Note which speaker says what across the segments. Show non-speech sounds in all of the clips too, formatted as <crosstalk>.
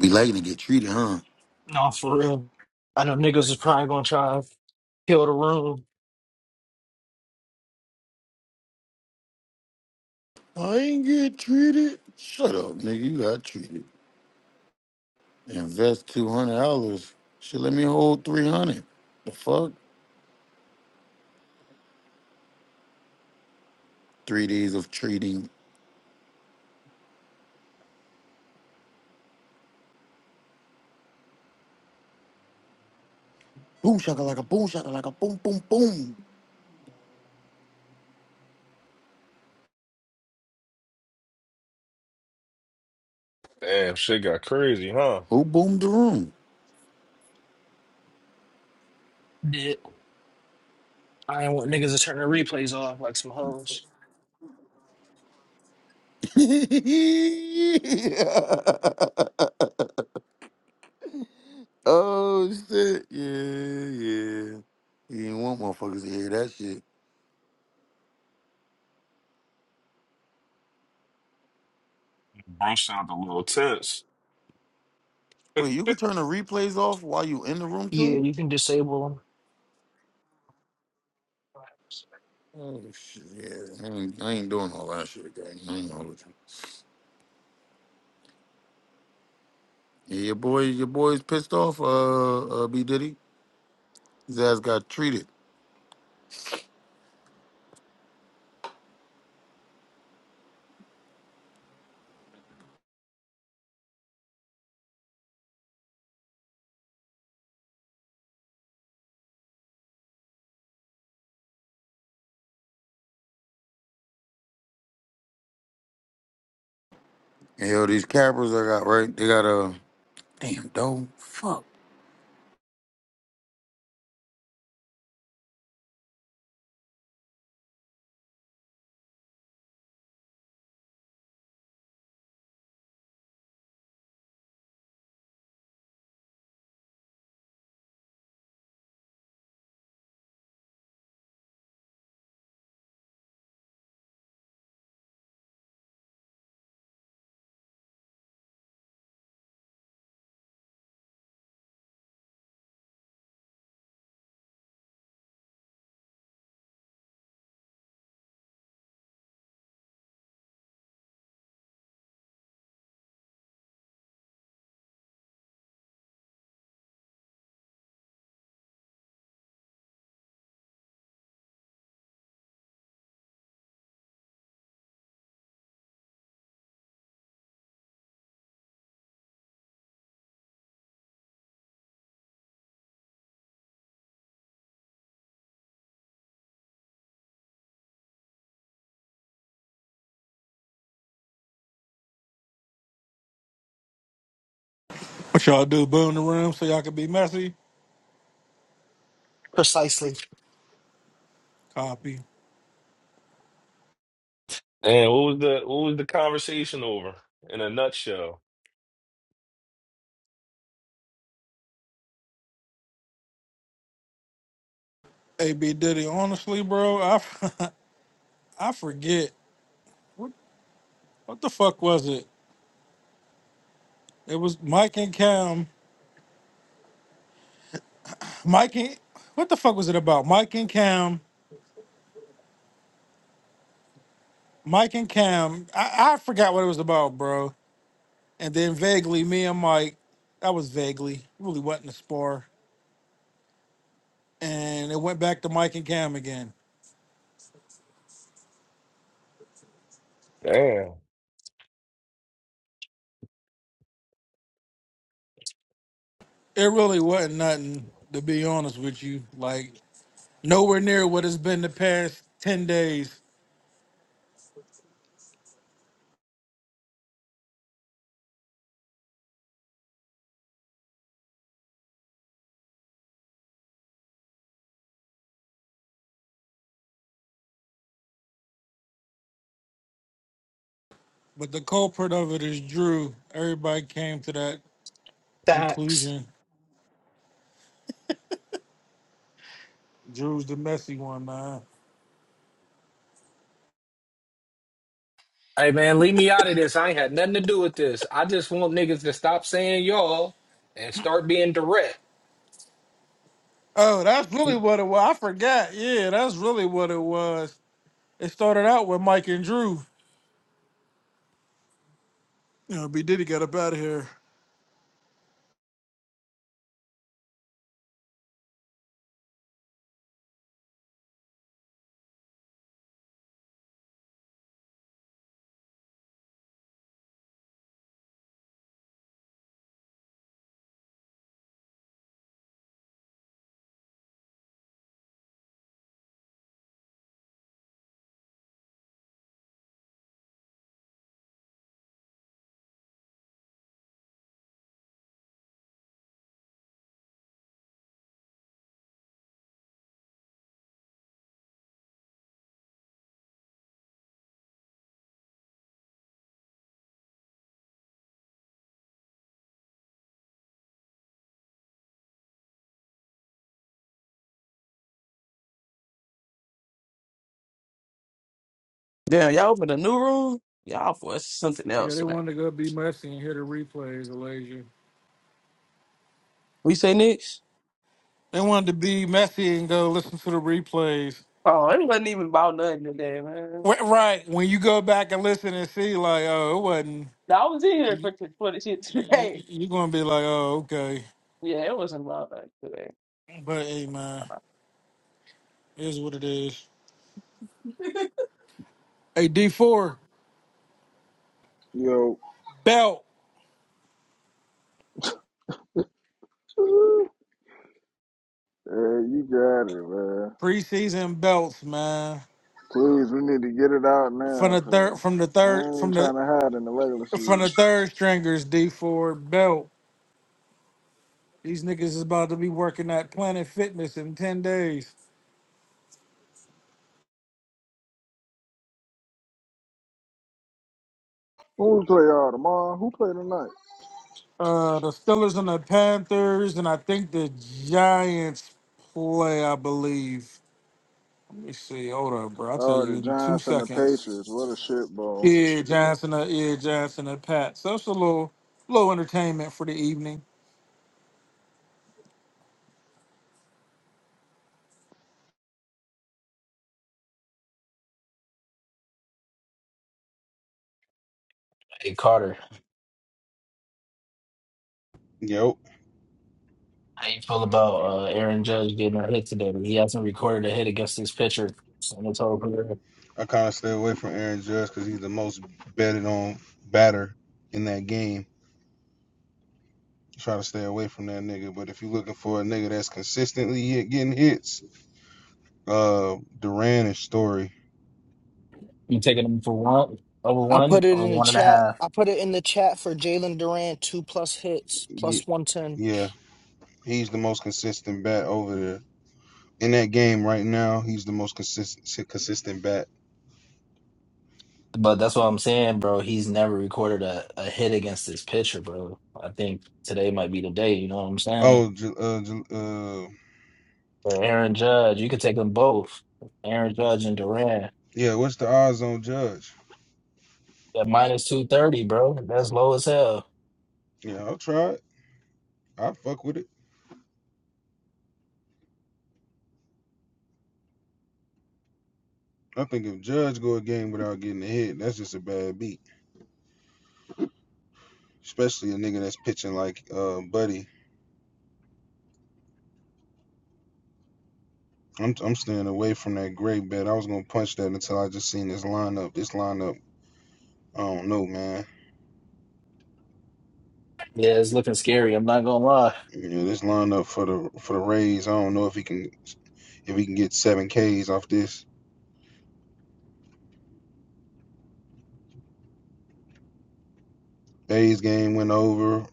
Speaker 1: Be liking to get treated, huh?
Speaker 2: No, for real. I know niggas is probably gonna try to kill the room.
Speaker 1: I ain't get treated. Shut up, nigga. You got treated. Invest two hundred dollars. Shit, let me hold three hundred. The fuck? Three days of treating. Boom shaka like a boom shaka like a boom boom boom.
Speaker 3: Damn, shit got crazy, huh?
Speaker 1: Who boomed the room?
Speaker 2: Yeah. I ain't want niggas to turn the replays off like some hoes.
Speaker 1: <laughs> oh shit! Yeah, yeah. You didn't want motherfuckers to hear that shit.
Speaker 3: Bro sound a little tense.
Speaker 1: Wait, you could turn the replays off while you in the room
Speaker 2: Yeah,
Speaker 1: too?
Speaker 2: you can disable them.
Speaker 1: Oh shit, yeah. I ain't, I ain't doing all that shit, gang. I ain't all that. Yeah, your boy, your boy's pissed off. Uh, uh B Diddy, his ass got treated. And yo, these cappers I got right, they got a uh, damn dog. Fuck.
Speaker 4: What y'all do? Boo in the room so y'all can be messy.
Speaker 2: Precisely.
Speaker 4: Copy.
Speaker 3: Damn, what was the what was the conversation over in a nutshell?
Speaker 4: AB Diddy. Honestly, bro, I f- <laughs> I forget what the fuck was it. It was Mike and Cam. Mike and what the fuck was it about? Mike and Cam. Mike and Cam. I, I forgot what it was about, bro. And then vaguely, me and Mike. That was vaguely. Really wasn't a spar. And it went back to Mike and Cam again.
Speaker 3: Damn.
Speaker 4: It really wasn't nothing. To be honest with you, like nowhere near what it's been the past ten days. But the culprit of it is Drew. Everybody came to that
Speaker 2: Facts.
Speaker 4: conclusion. Drew's the messy one, man.
Speaker 5: Hey man, leave me out of this. I ain't had nothing to do with this. I just want niggas to stop saying y'all and start being direct.
Speaker 4: Oh, that's really what it was. I forgot. Yeah, that's really what it was. It started out with Mike and Drew. You know, B Diddy got up out of here.
Speaker 6: Damn, y'all opened a new room? Y'all for something
Speaker 4: Yeah,
Speaker 6: else,
Speaker 4: they
Speaker 6: man.
Speaker 4: wanted to go be messy and hear the replays, Elijah.
Speaker 6: We say next?
Speaker 4: They wanted to be messy and go listen to the replays.
Speaker 6: Oh, it wasn't even about nothing today, man.
Speaker 4: Wh- Right. When you go back and listen and see, like, oh, it wasn't.
Speaker 6: I was in here
Speaker 4: You're
Speaker 6: for, for the shit <laughs> today.
Speaker 4: going to be like, oh, okay.
Speaker 6: Yeah, it wasn't about nothing today.
Speaker 4: But hey, man, it is what it is. Hey D4
Speaker 7: Yo,
Speaker 4: belt
Speaker 7: yeah, you got it, man.
Speaker 4: preseason belts, man.
Speaker 7: Please, we need to get it out
Speaker 4: From
Speaker 7: now,
Speaker 4: the
Speaker 7: cause
Speaker 4: third, from the third,
Speaker 7: I ain't
Speaker 4: from the
Speaker 7: trying to hide in the regular
Speaker 4: from
Speaker 7: season.
Speaker 4: the third stringers, D4 belt. These niggas is about to be working at Planet Fitness in ten days.
Speaker 7: Who we play all tomorrow? Who play tonight?
Speaker 4: Uh, the Steelers and the Panthers, and I think the Giants play. I believe. Let me see. Hold up, bro. I'll tell
Speaker 7: Oh,
Speaker 4: you
Speaker 7: the
Speaker 4: in two
Speaker 7: Giants and the
Speaker 4: seconds.
Speaker 7: Patriots. What a shit bowl.
Speaker 4: Yeah, Johnson. Uh, yeah, Johnson and Pat. So it's a little little entertainment for the evening.
Speaker 8: Hey Carter,
Speaker 9: Yep.
Speaker 8: how you feel about uh, Aaron Judge getting a hit today? He hasn't recorded a hit against this pitcher in his whole career.
Speaker 9: I kind of stay away from Aaron Judge because he's the most betted on batter in that game. Try to stay away from that nigga. But if you're looking for a nigga that's consistently hit, getting hits, uh, Duran and Story,
Speaker 8: You taking him for one over
Speaker 2: I
Speaker 8: one
Speaker 2: put it
Speaker 8: or
Speaker 2: in the
Speaker 8: one and a
Speaker 2: chat.
Speaker 8: half?
Speaker 2: I put it in the chat for Jalen Durant, two plus hits, plus 110.
Speaker 9: yeah, he's the most consistent bat over there in that game right now. He's the most consistent consistent bat.
Speaker 8: But that's what I'm saying, bro. He's never recorded a, a hit against this pitcher, bro. I think today might be the day. You know what I'm saying?
Speaker 9: Oh, uh, uh,
Speaker 8: For Aaron Judge, you could take them both, Aaron Judge and Duran.
Speaker 9: yeah. What's the odds on Judge?
Speaker 8: At minus two thirty, bro. That's low as hell.
Speaker 9: Yeah, I'll try it. I fuck with it. I think if Judge go a game without getting a hit, that's just a bad beat. especially a nigga that's pitching like uh, Buddy. I'm I'm staying away from that great bet. I was gonna punch that until I just seen this lineup. This lineup, I don't know, man.
Speaker 8: Yeah, it's looking scary. I'm not gonna lie.
Speaker 9: You know, this lineup for the for the Rays, I don't know if he can if he can get seven Ks off this. A's game went over.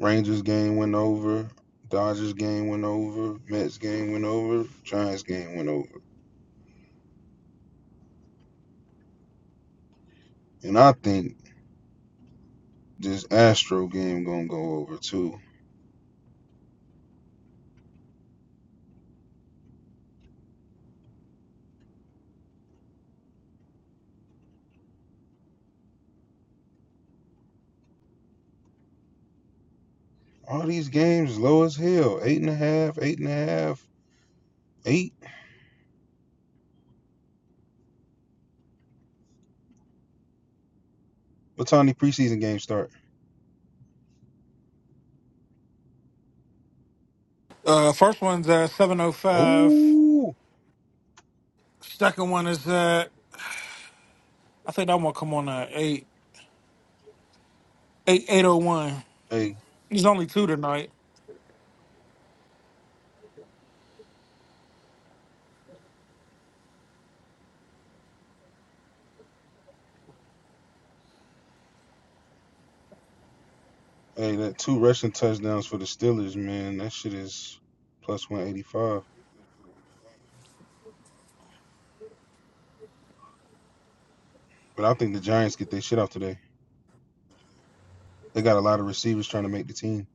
Speaker 9: Rangers game went over. Dodgers game went over. Mets game went over. Giants game went over. And I think this Astro game gonna go over too. All these games low as hell. Eight and a half, eight and a half, Eight? What time the preseason games start?
Speaker 4: Uh, first one's at seven oh five.
Speaker 9: Oh,
Speaker 4: Second one is uh I think that one come on at eight eight eight oh one.
Speaker 9: hey,
Speaker 4: There's only two tonight.
Speaker 9: hey, that two rushing touchdowns for the Steelers, man. That shit is plus one eighty five. But I think the Giants get their shit out today. They got a lot of receivers trying to make the team.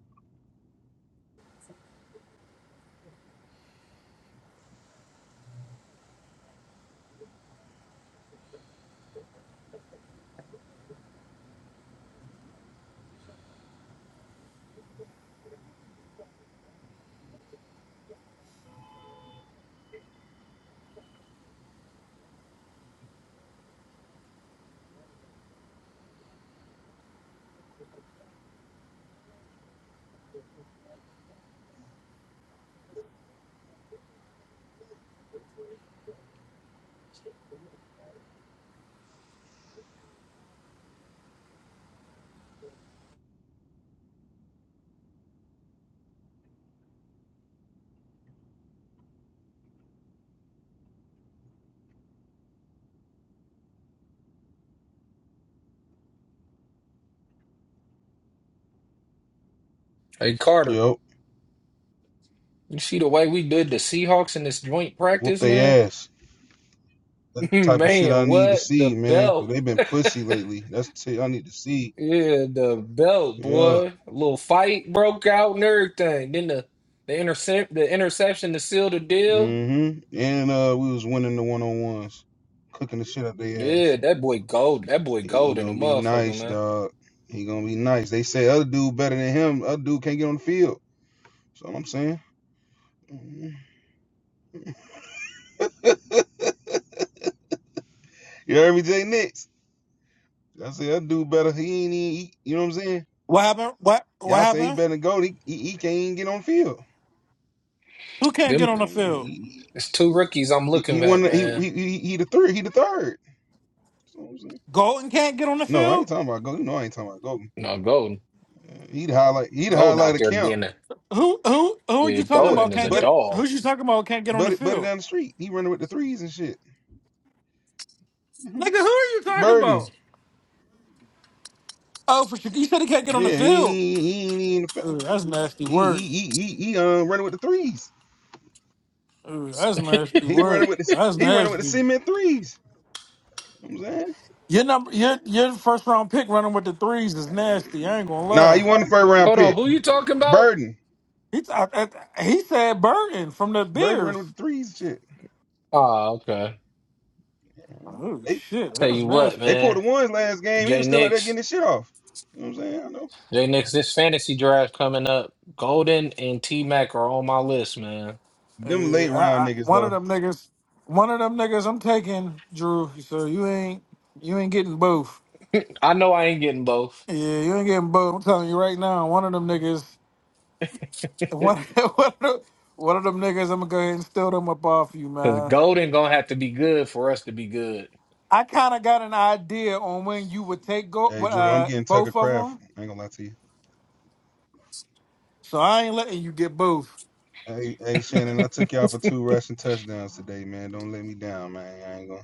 Speaker 5: Hey Carter,
Speaker 9: Yep,
Speaker 5: you see the way we did the Seahawks in this joint
Speaker 9: whoop
Speaker 5: practice, man?
Speaker 9: their ass. That
Speaker 5: <laughs>
Speaker 9: type of shit
Speaker 5: man,
Speaker 9: I need to
Speaker 5: what? The
Speaker 9: see, man. Cause
Speaker 5: belt.
Speaker 9: they've been pussy lately. That's the shit I need to see.
Speaker 5: Yeah, the belt,
Speaker 9: Yeah.
Speaker 5: boy. A little fight broke out and everything. Then the the intercept the interception to seal the deal.
Speaker 9: Mm-hmm. And uh, we was winning the one on ones, cooking the shit out their ass.
Speaker 5: Yeah, that boy gold. That boy
Speaker 9: He, he
Speaker 5: gold in a
Speaker 9: gonna be
Speaker 5: motherfucker,
Speaker 9: nice,
Speaker 5: man.
Speaker 9: dog. He gonna be nice. They say other dude better than him. Other dude can't get on the field. That's all I'm saying. Mhm. You heard me, Jay Nix? I say other dude better. He ain't even. He, you know what I'm saying?
Speaker 4: What happened? What what
Speaker 9: Y'all say he
Speaker 4: happened?
Speaker 9: better than go. He, he he can't even get on the field.
Speaker 4: Who can't get
Speaker 5: Them
Speaker 4: on the
Speaker 9: Uh,
Speaker 4: field?
Speaker 9: He
Speaker 5: it's two rookies I'm
Speaker 9: he, he
Speaker 5: looking
Speaker 9: won.
Speaker 5: at,
Speaker 9: He,
Speaker 5: man.
Speaker 9: he he he the third. He the third. So I'm saying.
Speaker 4: Golden can't get on the
Speaker 9: No, I
Speaker 4: field?
Speaker 9: ain't talking about go. You know I ain't talking about go.
Speaker 5: No, golden.
Speaker 9: Uh, he the highlight. He the
Speaker 5: Golden
Speaker 9: highlight
Speaker 5: out
Speaker 9: of
Speaker 5: there
Speaker 9: camp.
Speaker 5: being a
Speaker 4: Who who who are
Speaker 5: Yeah,
Speaker 4: you talking
Speaker 9: Uh,
Speaker 4: about
Speaker 5: Golden is a
Speaker 4: can't
Speaker 9: but
Speaker 4: get
Speaker 5: dog.
Speaker 4: who's you talking about can't get on the
Speaker 9: but but
Speaker 4: field?
Speaker 9: down the street. He running with the threes and shit. <laughs>
Speaker 4: Nigga, who are you talking
Speaker 9: Burden.
Speaker 4: about? Oh, for sure. You said he can't get on the
Speaker 9: Yeah,
Speaker 4: field.
Speaker 9: he he ain't even
Speaker 4: Ooh, that's nasty
Speaker 9: he
Speaker 4: work.
Speaker 9: he he he, he um running with the threes.
Speaker 4: Ooh, that's nasty
Speaker 9: He running
Speaker 4: work.
Speaker 9: with the
Speaker 4: That's
Speaker 9: he running with the
Speaker 4: nasty.
Speaker 9: cement threes. You know what I'm saying,
Speaker 4: Your number your your first round pick running with the threes is nasty, I ain't gonna
Speaker 9: nah, he
Speaker 4: lie.
Speaker 9: won the first round
Speaker 5: Hold on,
Speaker 9: pick.
Speaker 5: who you talking about?
Speaker 9: Burden,
Speaker 4: He, I, I- he said burning from the
Speaker 9: Burden
Speaker 4: beers.
Speaker 9: running with the threes. and Shit,
Speaker 5: Oh, okay.
Speaker 4: Oh
Speaker 9: they
Speaker 4: shit,
Speaker 5: Tell
Speaker 4: that's
Speaker 5: you what,
Speaker 9: they
Speaker 4: nasty.
Speaker 9: pulled the
Speaker 5: man.
Speaker 9: ones last game. He was
Speaker 5: J
Speaker 9: still out there
Speaker 5: Nix.
Speaker 9: getting his shit off. You know what I'm saying? I know
Speaker 5: J Nix, this fantasy draft coming up. Golden and T Mac are on my list, man.
Speaker 4: Uh,
Speaker 9: them late
Speaker 4: I,
Speaker 9: round
Speaker 4: I,
Speaker 9: niggas
Speaker 4: one of
Speaker 9: though.
Speaker 4: them niggas, one of them niggas, I'm taking Drew. So you ain't, you ain't getting both.
Speaker 5: I know I ain't getting both.
Speaker 4: Yeah, you ain't getting both. I'm telling you right now, one of them niggas, one, <laughs> one, of, them, one of them niggas, I'm gonna go ahead and steal them up off you,
Speaker 5: Cause
Speaker 4: man.
Speaker 5: Golden gonna have to be good for us to be good.
Speaker 4: I kind of got an idea on when you would take go,
Speaker 9: Hey Drew, I'm
Speaker 4: uh,
Speaker 9: getting Tucker
Speaker 4: both of
Speaker 9: Craft.
Speaker 4: them,
Speaker 9: I ain't gonna lie to you.
Speaker 4: so I ain't letting you get both.
Speaker 9: Hey, hey Shannon, I took y'all for two rushing touchdowns today, man. Don't let me down, man. I ain't gonna.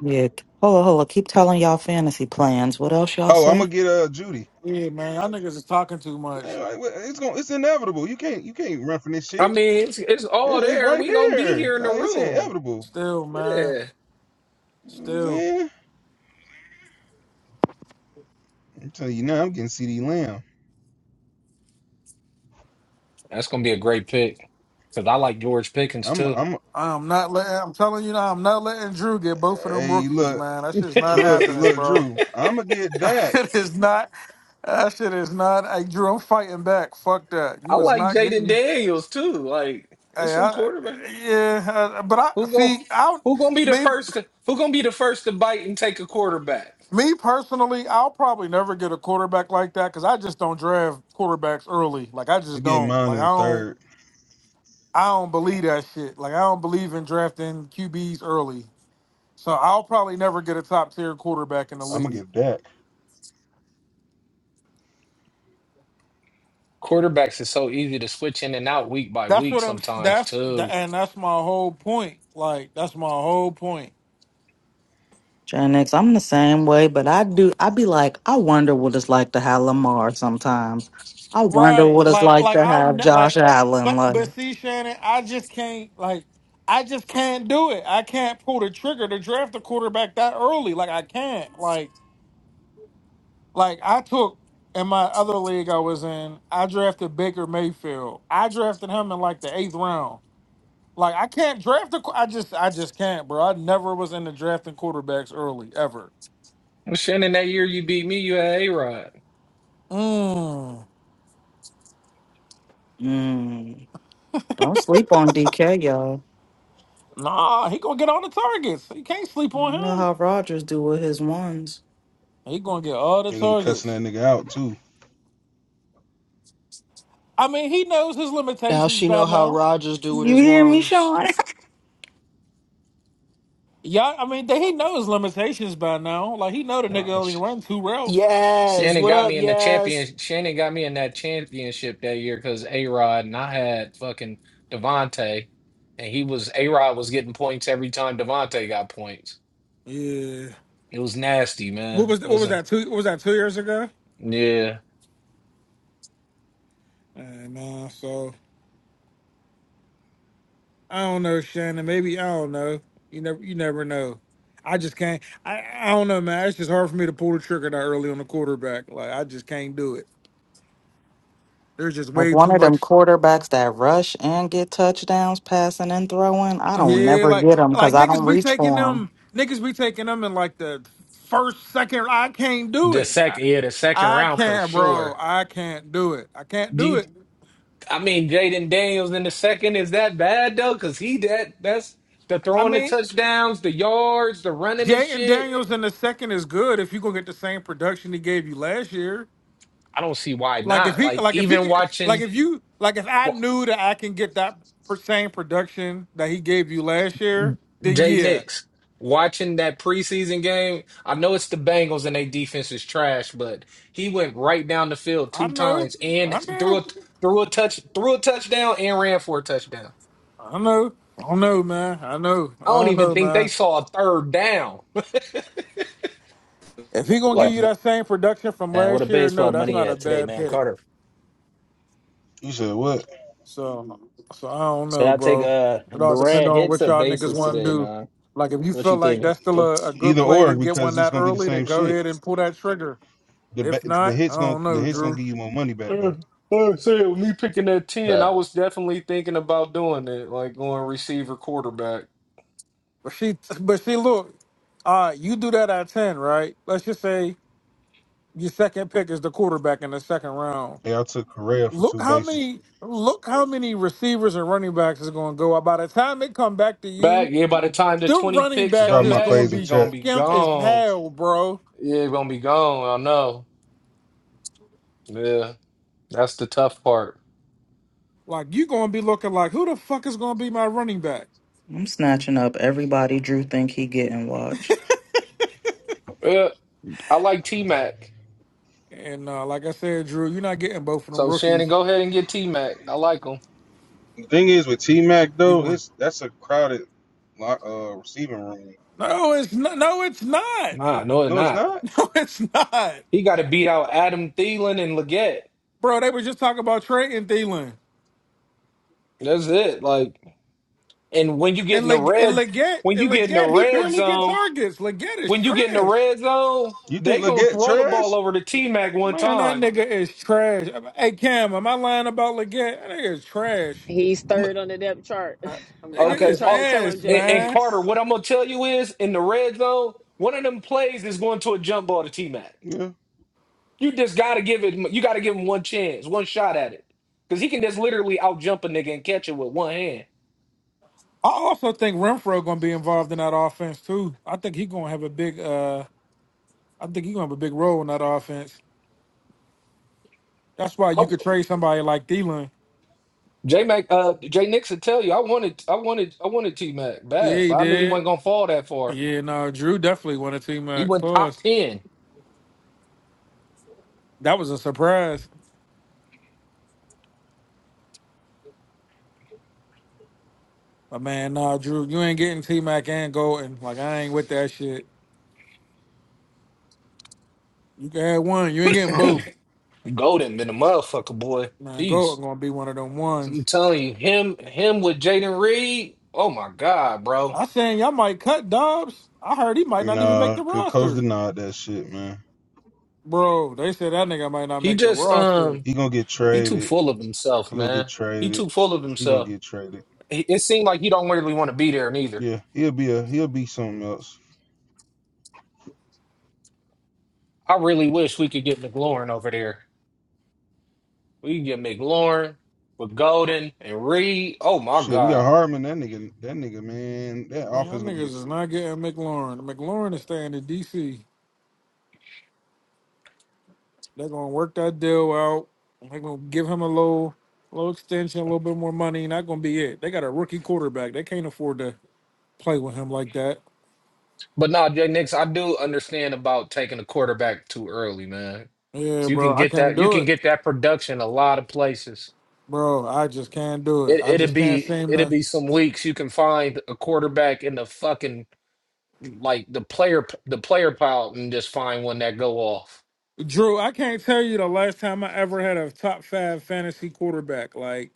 Speaker 10: Yeah. Hold on, hold on. Keep telling y'all fantasy plans. What else y'all
Speaker 9: Oh, I'm gonna
Speaker 10: say?
Speaker 9: get uh Judy.
Speaker 4: Yeah, man, y'all niggas is talking too
Speaker 9: Yeah,
Speaker 4: much.
Speaker 9: like, well, it's going it's inevitable. You can't you can't run from this
Speaker 5: I
Speaker 9: shit.
Speaker 5: mean, it's it's all
Speaker 9: It's
Speaker 5: there.
Speaker 9: right
Speaker 5: We gonna be
Speaker 9: there.
Speaker 5: here in the
Speaker 9: Like it's
Speaker 5: room.
Speaker 9: inevitable.
Speaker 4: Still, man.
Speaker 5: Yeah.
Speaker 9: You know what I'm
Speaker 4: Still,
Speaker 9: saying? I'm telling you now, I'm getting CD Lamb.
Speaker 5: That's gonna be a great pick. Cause I like George Pickens
Speaker 9: I'm
Speaker 5: too.
Speaker 9: I'm
Speaker 4: I'm not letting. I'm telling you now, I'm not letting Drew get both of them
Speaker 9: hey
Speaker 4: rookies,
Speaker 9: look
Speaker 4: man. That shit's not
Speaker 9: look
Speaker 4: happening,
Speaker 9: look
Speaker 4: bro. <laughs>
Speaker 9: Drew. I'ma get
Speaker 4: That
Speaker 9: Dak.
Speaker 4: shit is not. That shit is not. Hey, Drew, I'm fighting back. Fuck that.
Speaker 5: I
Speaker 4: You is
Speaker 5: like
Speaker 4: not
Speaker 5: Jaden
Speaker 4: getting.
Speaker 5: Daniels too. Like, it's
Speaker 4: Hey,
Speaker 5: some
Speaker 4: I,
Speaker 5: quarterback.
Speaker 4: yeah, uh, but I
Speaker 5: Who go?
Speaker 4: see. I
Speaker 5: Who gonna be the
Speaker 4: me
Speaker 5: first? To, who gonna be the first to bite and take a quarterback?
Speaker 4: me personally, I'll probably never get a quarterback like that because I just don't draft quarterbacks early. Like I
Speaker 9: I'm
Speaker 4: just
Speaker 9: getting
Speaker 4: don't.
Speaker 9: mine
Speaker 4: Like
Speaker 9: in
Speaker 4: I
Speaker 9: the
Speaker 4: don't.
Speaker 9: third.
Speaker 4: I don't believe that shit. Like I don't believe in drafting QBs early. So I'll probably never get a top tier quarterback in the
Speaker 9: I'ma
Speaker 4: league.
Speaker 9: get Dak.
Speaker 5: Quarterbacks is so easy to switch in and out week by
Speaker 4: That's
Speaker 5: week
Speaker 4: what I'm.
Speaker 5: sometimes
Speaker 4: That's the,
Speaker 5: too.
Speaker 4: and that's my whole point. Like that's my whole point.
Speaker 10: Gen X, I'm the same way, but I do. I be like, I wonder what it's like to have Lamar sometimes. I wonder
Speaker 4: Right.
Speaker 10: what it's
Speaker 4: Like
Speaker 10: like
Speaker 4: like
Speaker 10: to
Speaker 4: I'll
Speaker 10: have
Speaker 4: ne-
Speaker 10: Josh
Speaker 4: like.
Speaker 10: Allen.
Speaker 4: But but
Speaker 10: Like,
Speaker 4: see Shannon, I just can't like. I just can't do it. I can't pull the trigger to draft a quarterback that early. Like I can't. Like like I took in my other league I was in. I drafted Baker Mayfield. I drafted him in like the eighth round. Like I can't draft a. qu- I just I just can't, bro. I never was into drafting quarterbacks early ever.
Speaker 5: Well, Shannon, that year you beat me, you had a rod.
Speaker 4: Mm,
Speaker 10: mm, don't sleep on DK, y'all.
Speaker 4: nah, he gonna get all the targets. You can't sleep
Speaker 10: You
Speaker 4: on
Speaker 10: know
Speaker 4: him.
Speaker 10: how Rodgers do with his ones.
Speaker 4: He gonna get all the
Speaker 9: They're gonna be cussing
Speaker 4: targets.
Speaker 9: that nigga out too.
Speaker 4: I mean, he knows his
Speaker 2: Now
Speaker 4: limitations
Speaker 2: she
Speaker 4: by
Speaker 2: know how
Speaker 4: now.
Speaker 2: Rogers do with
Speaker 10: You
Speaker 2: his
Speaker 10: hear me,
Speaker 2: ones.
Speaker 10: Sean? <laughs>
Speaker 4: Yeah, I mean, they- he knows his limitations by now. Like he know the
Speaker 5: No,
Speaker 4: nigga only
Speaker 5: Sh-
Speaker 4: run two routes.
Speaker 2: Yes.
Speaker 5: Shannon
Speaker 2: What
Speaker 5: got
Speaker 2: up,
Speaker 5: me in the
Speaker 2: yes?
Speaker 5: champion. Shannon got me in that championship that year because a rod and I had fucking Devontae, and he was a rod was getting points every time Devontae got points.
Speaker 4: Yeah.
Speaker 5: It was nasty,
Speaker 4: What
Speaker 5: man.
Speaker 4: was
Speaker 5: It
Speaker 4: what
Speaker 5: was
Speaker 4: was
Speaker 5: a
Speaker 4: that two? What was that two years ago?
Speaker 5: yeah.
Speaker 4: And uh, so. I don't know, Shannon. Maybe I don't know. You never you never know. I just can't. I, I don't know, man. It's just hard for me to pull the trigger that early on the quarterback. Like I just can't do it. There's just
Speaker 10: Like
Speaker 4: way
Speaker 10: one
Speaker 4: too
Speaker 10: of
Speaker 4: much.
Speaker 10: them quarterbacks that rush and get touchdowns, passing and throwing. I don't
Speaker 4: Yeah,
Speaker 10: never
Speaker 4: like
Speaker 10: get them
Speaker 4: like
Speaker 10: because I don't
Speaker 4: niggas be
Speaker 10: reach
Speaker 4: taking
Speaker 10: for them.
Speaker 4: them. Niggas be taking them in like the first second. I can't do
Speaker 5: The
Speaker 4: it. I,
Speaker 5: second yeah, the second
Speaker 4: I
Speaker 5: round for
Speaker 4: can't, bro.
Speaker 5: sure.
Speaker 4: I can't do it. I can't
Speaker 5: Do.
Speaker 4: do
Speaker 5: you
Speaker 4: it.
Speaker 5: I mean, Jaden Daniels in the second is that bad though? Because he that that's the
Speaker 4: I
Speaker 5: throwing the
Speaker 4: mean,
Speaker 5: touchdowns, the yards, the running the
Speaker 4: Jay and
Speaker 5: shit.
Speaker 4: Daniels in the second is good if you gonna get the same production he gave you last year.
Speaker 5: I don't see why
Speaker 4: Like if
Speaker 5: not.
Speaker 4: he,
Speaker 5: Like
Speaker 4: like if he,
Speaker 5: even
Speaker 4: could- like
Speaker 5: watching
Speaker 4: if you, like if I
Speaker 5: wa-
Speaker 4: knew that I can get that per- same production that he gave you last year, then
Speaker 5: Jay
Speaker 4: yeah,
Speaker 5: Nix, watching that preseason game. I know it's the Bengals and their defense is trash, but he went right down the field
Speaker 4: I
Speaker 5: two
Speaker 4: know,
Speaker 5: times and
Speaker 4: I
Speaker 5: threw
Speaker 4: know,
Speaker 5: a threw a touch threw a touchdown and ran for a touchdown.
Speaker 4: I know, I don't know, man, I know, I
Speaker 5: I don't
Speaker 4: don't
Speaker 5: even
Speaker 4: know,
Speaker 5: think they
Speaker 4: man.
Speaker 5: saw a third down. <laughs>
Speaker 4: If he gonna give
Speaker 8: Wow,
Speaker 5: Like
Speaker 4: you that same production from
Speaker 8: man, what
Speaker 4: last
Speaker 8: a
Speaker 4: year, no,
Speaker 8: baseball
Speaker 4: that's
Speaker 8: money
Speaker 4: not a
Speaker 8: at today,
Speaker 4: bad
Speaker 8: man,
Speaker 4: pick.
Speaker 8: Carter.
Speaker 9: You said what?
Speaker 4: So, so I don't
Speaker 8: So
Speaker 4: know,
Speaker 8: I take
Speaker 4: bro.
Speaker 8: uh
Speaker 4: It all depends
Speaker 8: Durant
Speaker 4: on
Speaker 8: hits
Speaker 4: what
Speaker 8: or
Speaker 4: y'all niggas
Speaker 8: bases
Speaker 4: want to
Speaker 8: today,
Speaker 4: do.
Speaker 8: man.
Speaker 4: Like if you
Speaker 8: What
Speaker 4: feel
Speaker 8: you
Speaker 4: like
Speaker 8: thinking?
Speaker 4: that's still
Speaker 8: What
Speaker 4: a, a good
Speaker 9: Either
Speaker 4: play
Speaker 9: or
Speaker 4: to get one
Speaker 9: because it's
Speaker 4: that
Speaker 9: gonna be the
Speaker 4: early, then
Speaker 9: same
Speaker 4: go
Speaker 9: shit.
Speaker 4: ahead and pull that trigger.
Speaker 9: The ba-
Speaker 4: If
Speaker 9: the
Speaker 4: not, I
Speaker 9: hits gonna
Speaker 4: don't
Speaker 9: the
Speaker 4: know,
Speaker 9: hits gonna
Speaker 4: Drew.
Speaker 9: give you more money back
Speaker 5: Uh,
Speaker 9: though.
Speaker 5: uh, so with me picking that ten, I
Speaker 8: that?
Speaker 5: was definitely thinking about doing it, like going receiver quarterback.
Speaker 4: But she, but see, look, uh, you do that at ten, right? Let's just say your second pick is the quarterback in the second round.
Speaker 9: Hey, I took Correa for
Speaker 4: Look
Speaker 9: two
Speaker 4: how
Speaker 9: bases.
Speaker 4: many, look how many receivers and running backs is going to go. By the time they come back to
Speaker 5: Back,
Speaker 4: you,
Speaker 5: yeah, by the time the
Speaker 4: them
Speaker 5: twenty
Speaker 4: running
Speaker 5: picks
Speaker 9: I'm
Speaker 4: backs
Speaker 5: come
Speaker 9: dropping
Speaker 4: is
Speaker 9: my
Speaker 5: back,
Speaker 4: going to
Speaker 9: plays in
Speaker 4: be
Speaker 9: chat.
Speaker 5: gonna be
Speaker 4: skimp as
Speaker 5: gone.
Speaker 4: hell, bro.
Speaker 5: Yeah, gonna be gone. I know. Yeah. That's the tough part.
Speaker 4: Like you going to be looking like, who the fuck is going to be my running back?
Speaker 10: I'm snatching up everybody Drew think he getting watch.
Speaker 5: Yeah, I like T Mac.
Speaker 4: And uh, like I said, Drew, you're not getting both of them
Speaker 5: So Shannon,
Speaker 4: rookies.
Speaker 5: go ahead and get T Mac. I like him.
Speaker 9: The thing is with T Mac
Speaker 4: You
Speaker 9: though,
Speaker 4: going?
Speaker 9: it's that's a crowded uh receiving room.
Speaker 4: No, it's not. No, it's not.
Speaker 5: Nah, no, it's
Speaker 9: No, it's
Speaker 5: not.
Speaker 9: not.
Speaker 4: <laughs> No, it's not,
Speaker 5: He gotta beat out Adam Thielen and Leggett.
Speaker 4: bro. They were just talking about Trey and Thielen.
Speaker 5: That's it. Like and when you get
Speaker 4: And
Speaker 5: in the
Speaker 4: Leg and
Speaker 5: red
Speaker 4: Leggett
Speaker 5: when you
Speaker 4: and
Speaker 5: get in the
Speaker 4: Leggett, he
Speaker 5: red
Speaker 4: barely gets
Speaker 5: zone,
Speaker 4: targets. Leggett is
Speaker 5: when you get in the
Speaker 4: trash.
Speaker 5: red zone,
Speaker 9: You think
Speaker 5: they gonna
Speaker 9: Leggett
Speaker 5: throw the ball
Speaker 9: trash?
Speaker 5: over to T Mac one
Speaker 4: Man, that
Speaker 5: time.
Speaker 4: nigga is trash. Hey Cam, am I lying about Leggett? That nigga is trash.
Speaker 11: He's
Speaker 5: I'm,
Speaker 11: third on the depth chart. <laughs>
Speaker 4: Uh,
Speaker 11: I'm-
Speaker 4: Nigga
Speaker 11: I've been
Speaker 5: okay,
Speaker 4: is
Speaker 11: trying to
Speaker 5: all,
Speaker 11: tell him,
Speaker 4: ass,
Speaker 11: J
Speaker 5: and, and
Speaker 4: man.
Speaker 5: Carter,
Speaker 11: Nix.
Speaker 5: what I'm gonna tell you is in the red zone, one of them plays is going to a jump ball to T Mac.
Speaker 9: Yeah.
Speaker 5: You just gotta give it. You gotta give him one chance, one shot at it, because he can just literally out jump a nigga and catch it with one hand.
Speaker 4: I also think Renfro gonna be involved in that offense too. I think he gonna have a big uh I think he gonna have a big role in that offense. That's why
Speaker 5: I-
Speaker 4: you could trade somebody like Thielen.
Speaker 5: J Mac, uh, J Nixon, tell you, I wanted, I wanted, I wanted T Mac
Speaker 4: Yeah,
Speaker 5: bad,
Speaker 4: he
Speaker 5: but I knew he
Speaker 4: did.
Speaker 5: wasn't gonna fall that far.
Speaker 4: Yeah, no, Drew definitely won a team
Speaker 5: He
Speaker 4: at
Speaker 5: went top
Speaker 4: pause.
Speaker 5: ten,
Speaker 4: That was a surprise. But man, nah, Drew, you ain't getting T Mac and Golden. Like I ain't with that shit. You can have one, you ain't getting both.
Speaker 5: golden been a motherfucker, boy.
Speaker 4: Man,
Speaker 5: Peace.
Speaker 4: Golden gonna be one of them ones.
Speaker 5: I'm telling you, him him with Jaden Reed. Oh my God, bro.
Speaker 4: I saying y'all might cut Dobbs. I heard he might not even make
Speaker 9: Nah,
Speaker 4: the
Speaker 9: cause coach
Speaker 4: roster.
Speaker 9: denied that shit, man.
Speaker 4: Bro, they said that nigga might not
Speaker 5: He
Speaker 4: make the
Speaker 5: just
Speaker 4: roster.
Speaker 5: um
Speaker 9: He gonna get
Speaker 5: he too
Speaker 9: traded.
Speaker 5: full of himself,
Speaker 9: He gonna get
Speaker 5: man. He too
Speaker 9: traded.
Speaker 5: full of
Speaker 9: He gonna
Speaker 5: himself.
Speaker 9: get traded.
Speaker 5: It it seemed like he don't really want to be there neither.
Speaker 9: Yeah, he'll be a he'll be something else.
Speaker 5: I really wish we could get McLaurin over there. We can get McLaurin with Golden and Reed. Oh my
Speaker 9: Shit, we got
Speaker 5: God.
Speaker 9: Hartman. That nigga, that nigga, man. That
Speaker 4: Man, y'all
Speaker 9: offense gonna be.
Speaker 4: niggas is not getting McLaurin. McLaurin is staying in DC. They're gonna work that deal out. They're gonna give him a little little extension, a little bit more money, and that gonna be it. They got a rookie quarterback. They can't afford to play with him like that.
Speaker 5: But nah, Jay Nix, I do understand about taking a quarterback too early, man.
Speaker 4: Yeah,
Speaker 5: So you
Speaker 4: bro,
Speaker 5: can
Speaker 4: I
Speaker 5: get
Speaker 4: can't
Speaker 5: that you
Speaker 4: do
Speaker 5: can
Speaker 4: it.
Speaker 5: get that production a lot of places.
Speaker 4: Bro, I just can't do it.
Speaker 5: It,
Speaker 4: I
Speaker 5: it'd
Speaker 4: just can't
Speaker 5: be
Speaker 4: seem
Speaker 5: it'd
Speaker 4: to.
Speaker 5: be some weeks you can find a quarterback in the fucking like the player p- the player pile and just find one that go off.
Speaker 4: Drew, I can't tell you the last time I ever had a top five fantasy quarterback, like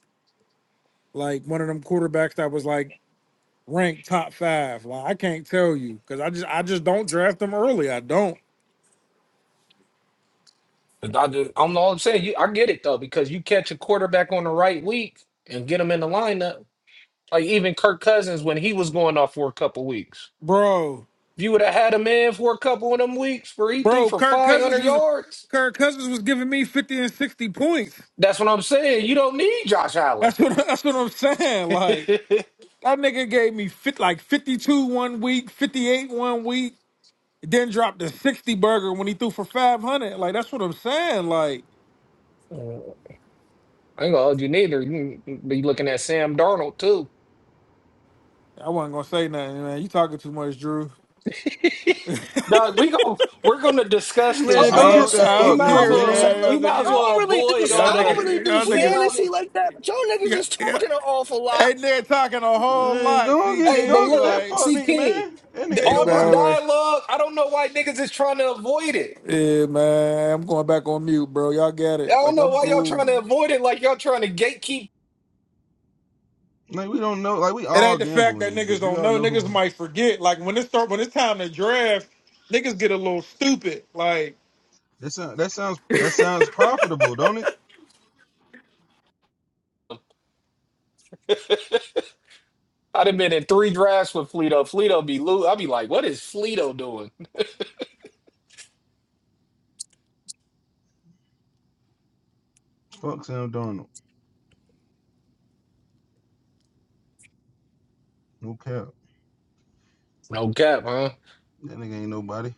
Speaker 4: like one of them quarterbacks that was like ranked top five. Like I can't tell you because I just I just don't draft them early. I don't,
Speaker 5: 'Cause I just, I'm all I'm saying. You, I get it though because you catch a quarterback on the right week and get him in the lineup. Like even Kirk Cousins when he was going off for a couple weeks,
Speaker 4: bro.
Speaker 5: if you would have had him in for a couple of them weeks where he threw
Speaker 4: Bro,
Speaker 5: for
Speaker 4: Kirk
Speaker 5: 500
Speaker 4: Cousins was
Speaker 5: yards,
Speaker 4: Kirk Cousins was giving me fifty and sixty points.
Speaker 5: that's what I'm saying. You don't need Josh Allen.
Speaker 4: That's what <laughs> that's what I'm
Speaker 5: <laughs>
Speaker 4: saying.
Speaker 5: I
Speaker 4: Like that nigga gave me fit like fifty two one week, fifty eight one week. Then dropped the 60 burger when he threw for 500. Like, that's what I'm saying. Like,
Speaker 5: ain't gonna hold you neither. You can be looking at Sam Darnold too.
Speaker 4: I wasn't going to say nothing, man. You talking too much, Drew.
Speaker 5: Doug, we go. We're gonna discuss
Speaker 2: I
Speaker 5: this,
Speaker 9: Man,
Speaker 2: was
Speaker 4: I
Speaker 9: go
Speaker 2: gonna
Speaker 5: man.
Speaker 9: get
Speaker 4: don't,
Speaker 9: that
Speaker 4: I
Speaker 2: say,
Speaker 5: We
Speaker 9: fuck
Speaker 4: don't
Speaker 2: I
Speaker 5: might as
Speaker 9: nigga,
Speaker 4: care,
Speaker 2: was gonna say,
Speaker 5: well.
Speaker 9: man.
Speaker 2: look,
Speaker 5: We
Speaker 4: man. Y'all
Speaker 5: might as
Speaker 2: I
Speaker 4: niggas,
Speaker 5: well
Speaker 2: don't really do,
Speaker 5: avoid
Speaker 4: y'all
Speaker 5: all
Speaker 2: I don't
Speaker 5: the.
Speaker 2: really
Speaker 4: niggas,
Speaker 2: do
Speaker 4: y'all
Speaker 5: We
Speaker 4: niggas,
Speaker 5: might as
Speaker 2: fantasy
Speaker 5: well.
Speaker 2: like that, but y'all niggas
Speaker 4: yeah,
Speaker 2: is
Speaker 4: yeah.
Speaker 2: talking an awful lot.
Speaker 4: Hey, nigga talking a whole
Speaker 9: Man,
Speaker 4: lot,
Speaker 9: go
Speaker 4: C
Speaker 9: get
Speaker 5: Hey, but
Speaker 9: go
Speaker 4: King.
Speaker 9: get that
Speaker 5: look,
Speaker 4: Like,
Speaker 9: fuck
Speaker 5: see,
Speaker 9: nigga,
Speaker 5: King,
Speaker 9: man. That nigga ain't
Speaker 4: hey,
Speaker 5: all this
Speaker 9: nobody.
Speaker 4: man.
Speaker 5: dialogue. I don't know why niggas is trying to avoid it.
Speaker 4: Yeah, man. I'm going back on mute, bro. Y'all get
Speaker 5: I
Speaker 4: it.
Speaker 5: don't
Speaker 4: Like,
Speaker 5: know
Speaker 4: I'm
Speaker 5: why y'all trying
Speaker 4: cool.
Speaker 5: to avoid it. Like y'all trying to gatekeep.
Speaker 9: Like we don't know. Like we
Speaker 4: It ain't
Speaker 9: all
Speaker 4: the fact
Speaker 9: gamble in
Speaker 4: that
Speaker 9: this
Speaker 4: niggas
Speaker 9: bitch. We
Speaker 4: don't
Speaker 9: all
Speaker 4: know.
Speaker 9: know
Speaker 4: Niggas
Speaker 9: who
Speaker 4: might forget. Like when it start, when it's time to draft, niggas get a little stupid. Like
Speaker 9: That sounds. that sounds that sounds profitable, don't it?
Speaker 5: I'd have been in three drafts with Fleeto. Fleeto be loot. I'd be like, what is Fleeto doing?
Speaker 9: Fuck Sam Darnold. No cap.
Speaker 5: No cap, huh?
Speaker 9: That nigga ain't nobody.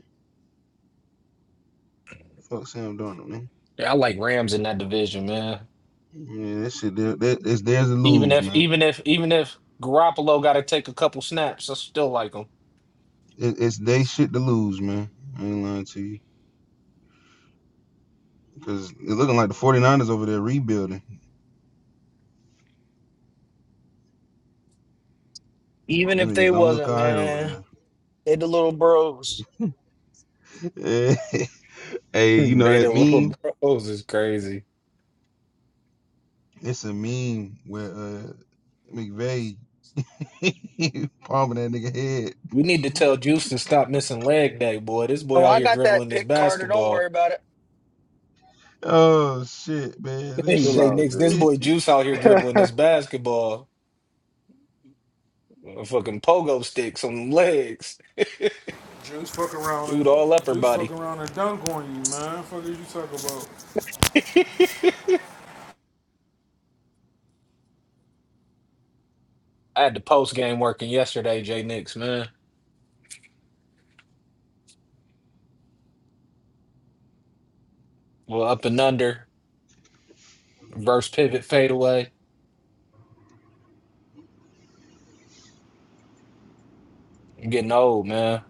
Speaker 9: Fuck Sam Darnold, man.
Speaker 5: Yeah, I like Rams in that division, man.
Speaker 9: Yeah, that shit there that it's theirs to
Speaker 5: Even
Speaker 9: lose,
Speaker 5: if,
Speaker 9: man.
Speaker 5: even if, even if Garoppolo got to take a couple snaps, I still like him.
Speaker 9: It, it's they shit to lose, man. I ain't lying to you. Cause it's looking like the Forty ers over there rebuilding.
Speaker 2: Even if
Speaker 9: Them niggas
Speaker 2: they
Speaker 9: don't look
Speaker 2: wasn't,
Speaker 9: alright
Speaker 2: man,
Speaker 9: over
Speaker 2: they the little bros.
Speaker 9: there. <laughs>
Speaker 5: <laughs>
Speaker 9: hey, you know that
Speaker 5: Beta little
Speaker 9: meme?
Speaker 5: bros is crazy.
Speaker 9: It's a meme where uh McVay <laughs> palming that nigga head.
Speaker 5: We need to tell Juice to stop missing leg day, boy. This boy
Speaker 2: So
Speaker 5: out
Speaker 2: I
Speaker 5: here
Speaker 2: got
Speaker 5: dribbling
Speaker 2: that
Speaker 5: this
Speaker 2: pick, Carter. Don't
Speaker 5: basketball.
Speaker 2: worry
Speaker 5: <laughs>
Speaker 2: about it.
Speaker 9: Oh shit, man. That
Speaker 5: Hey,
Speaker 7: Chill
Speaker 5: Jay
Speaker 7: out,
Speaker 5: Nix, this
Speaker 7: Drew.
Speaker 9: shit.
Speaker 5: boy Juice out here dribbling
Speaker 7: <laughs>
Speaker 5: this basketball. A fucking pogo sticks on them legs.
Speaker 4: Juice fuck around and
Speaker 5: Dude, all upper
Speaker 4: Juice fuck
Speaker 5: body.
Speaker 4: around and dunk on you, man. Fuck is you talk about?
Speaker 5: I had the post game working yesterday, Jay Nix, man. Well, up and under, reverse pivot fadeaway. I'm getting old, man.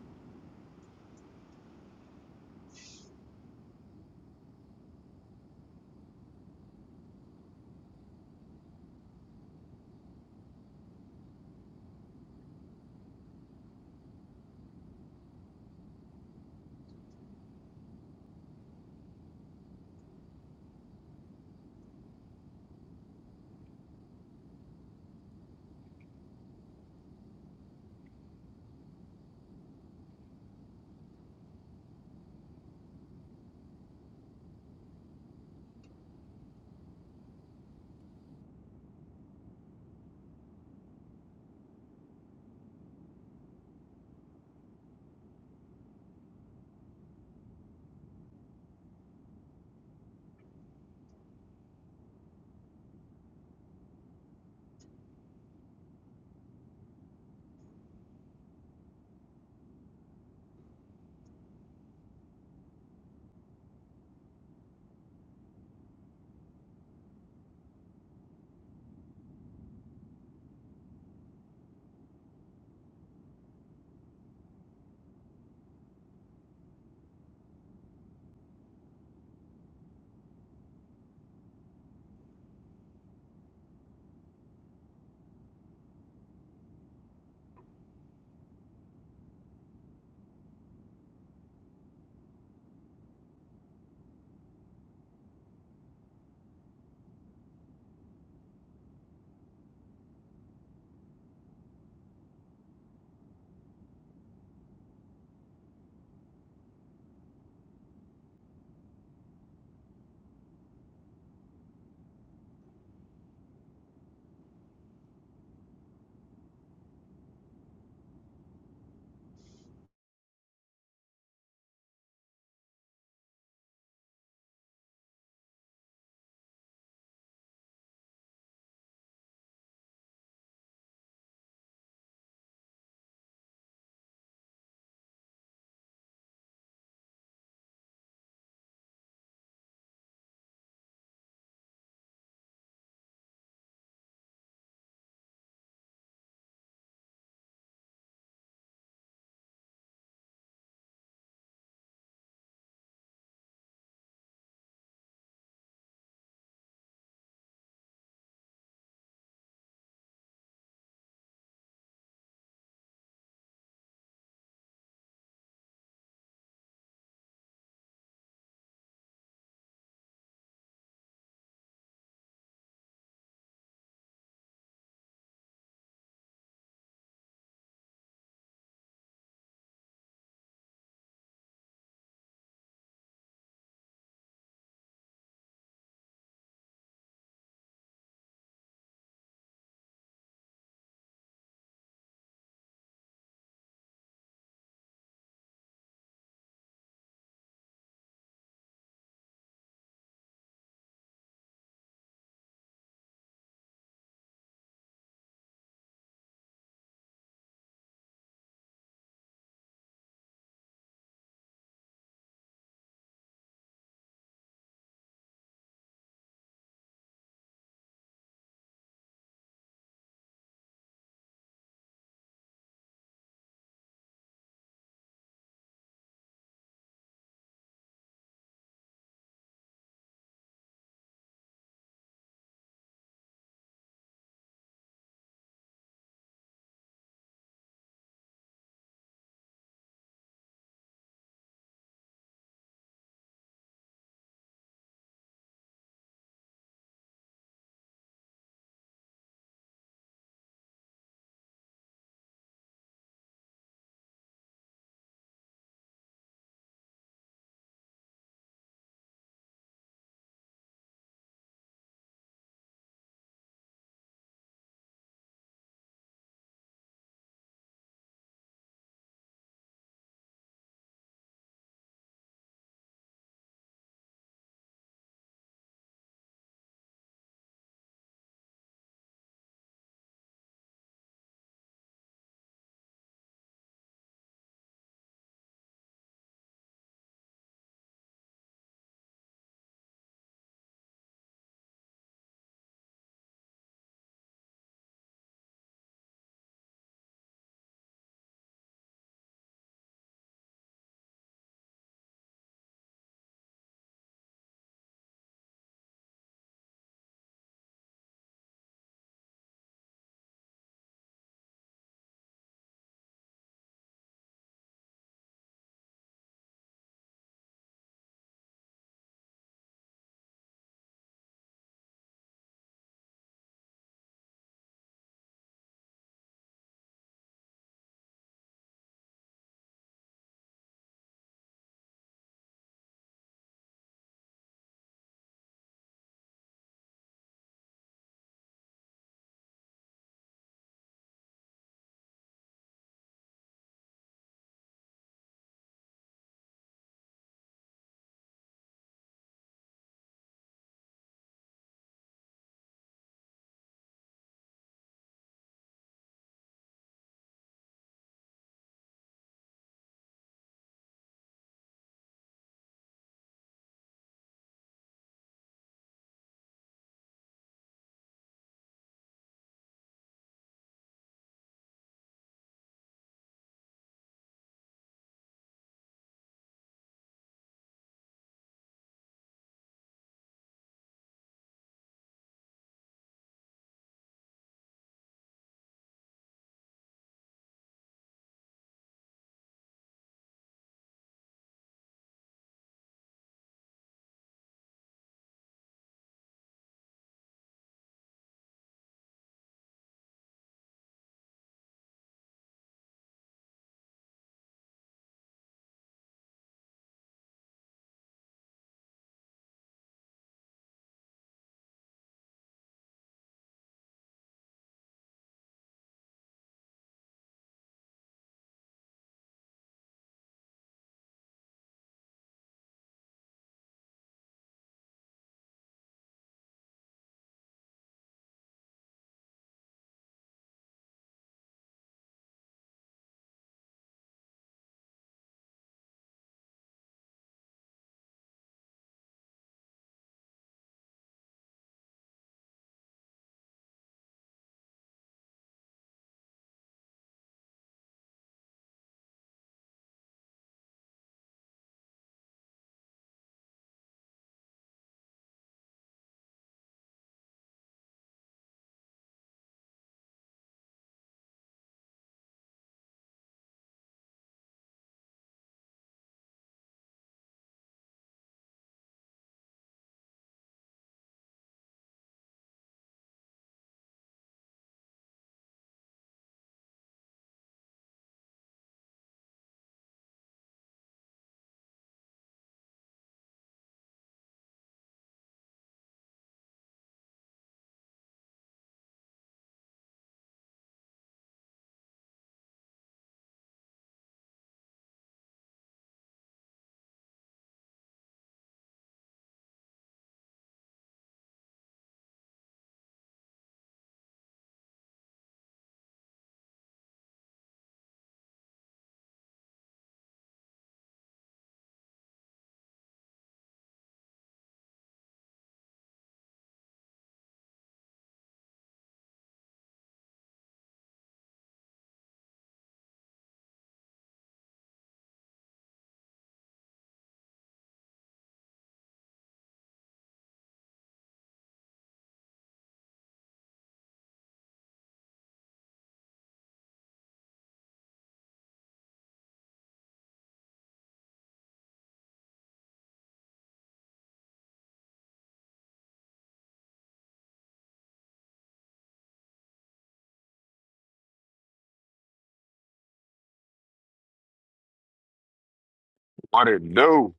Speaker 12: What it do?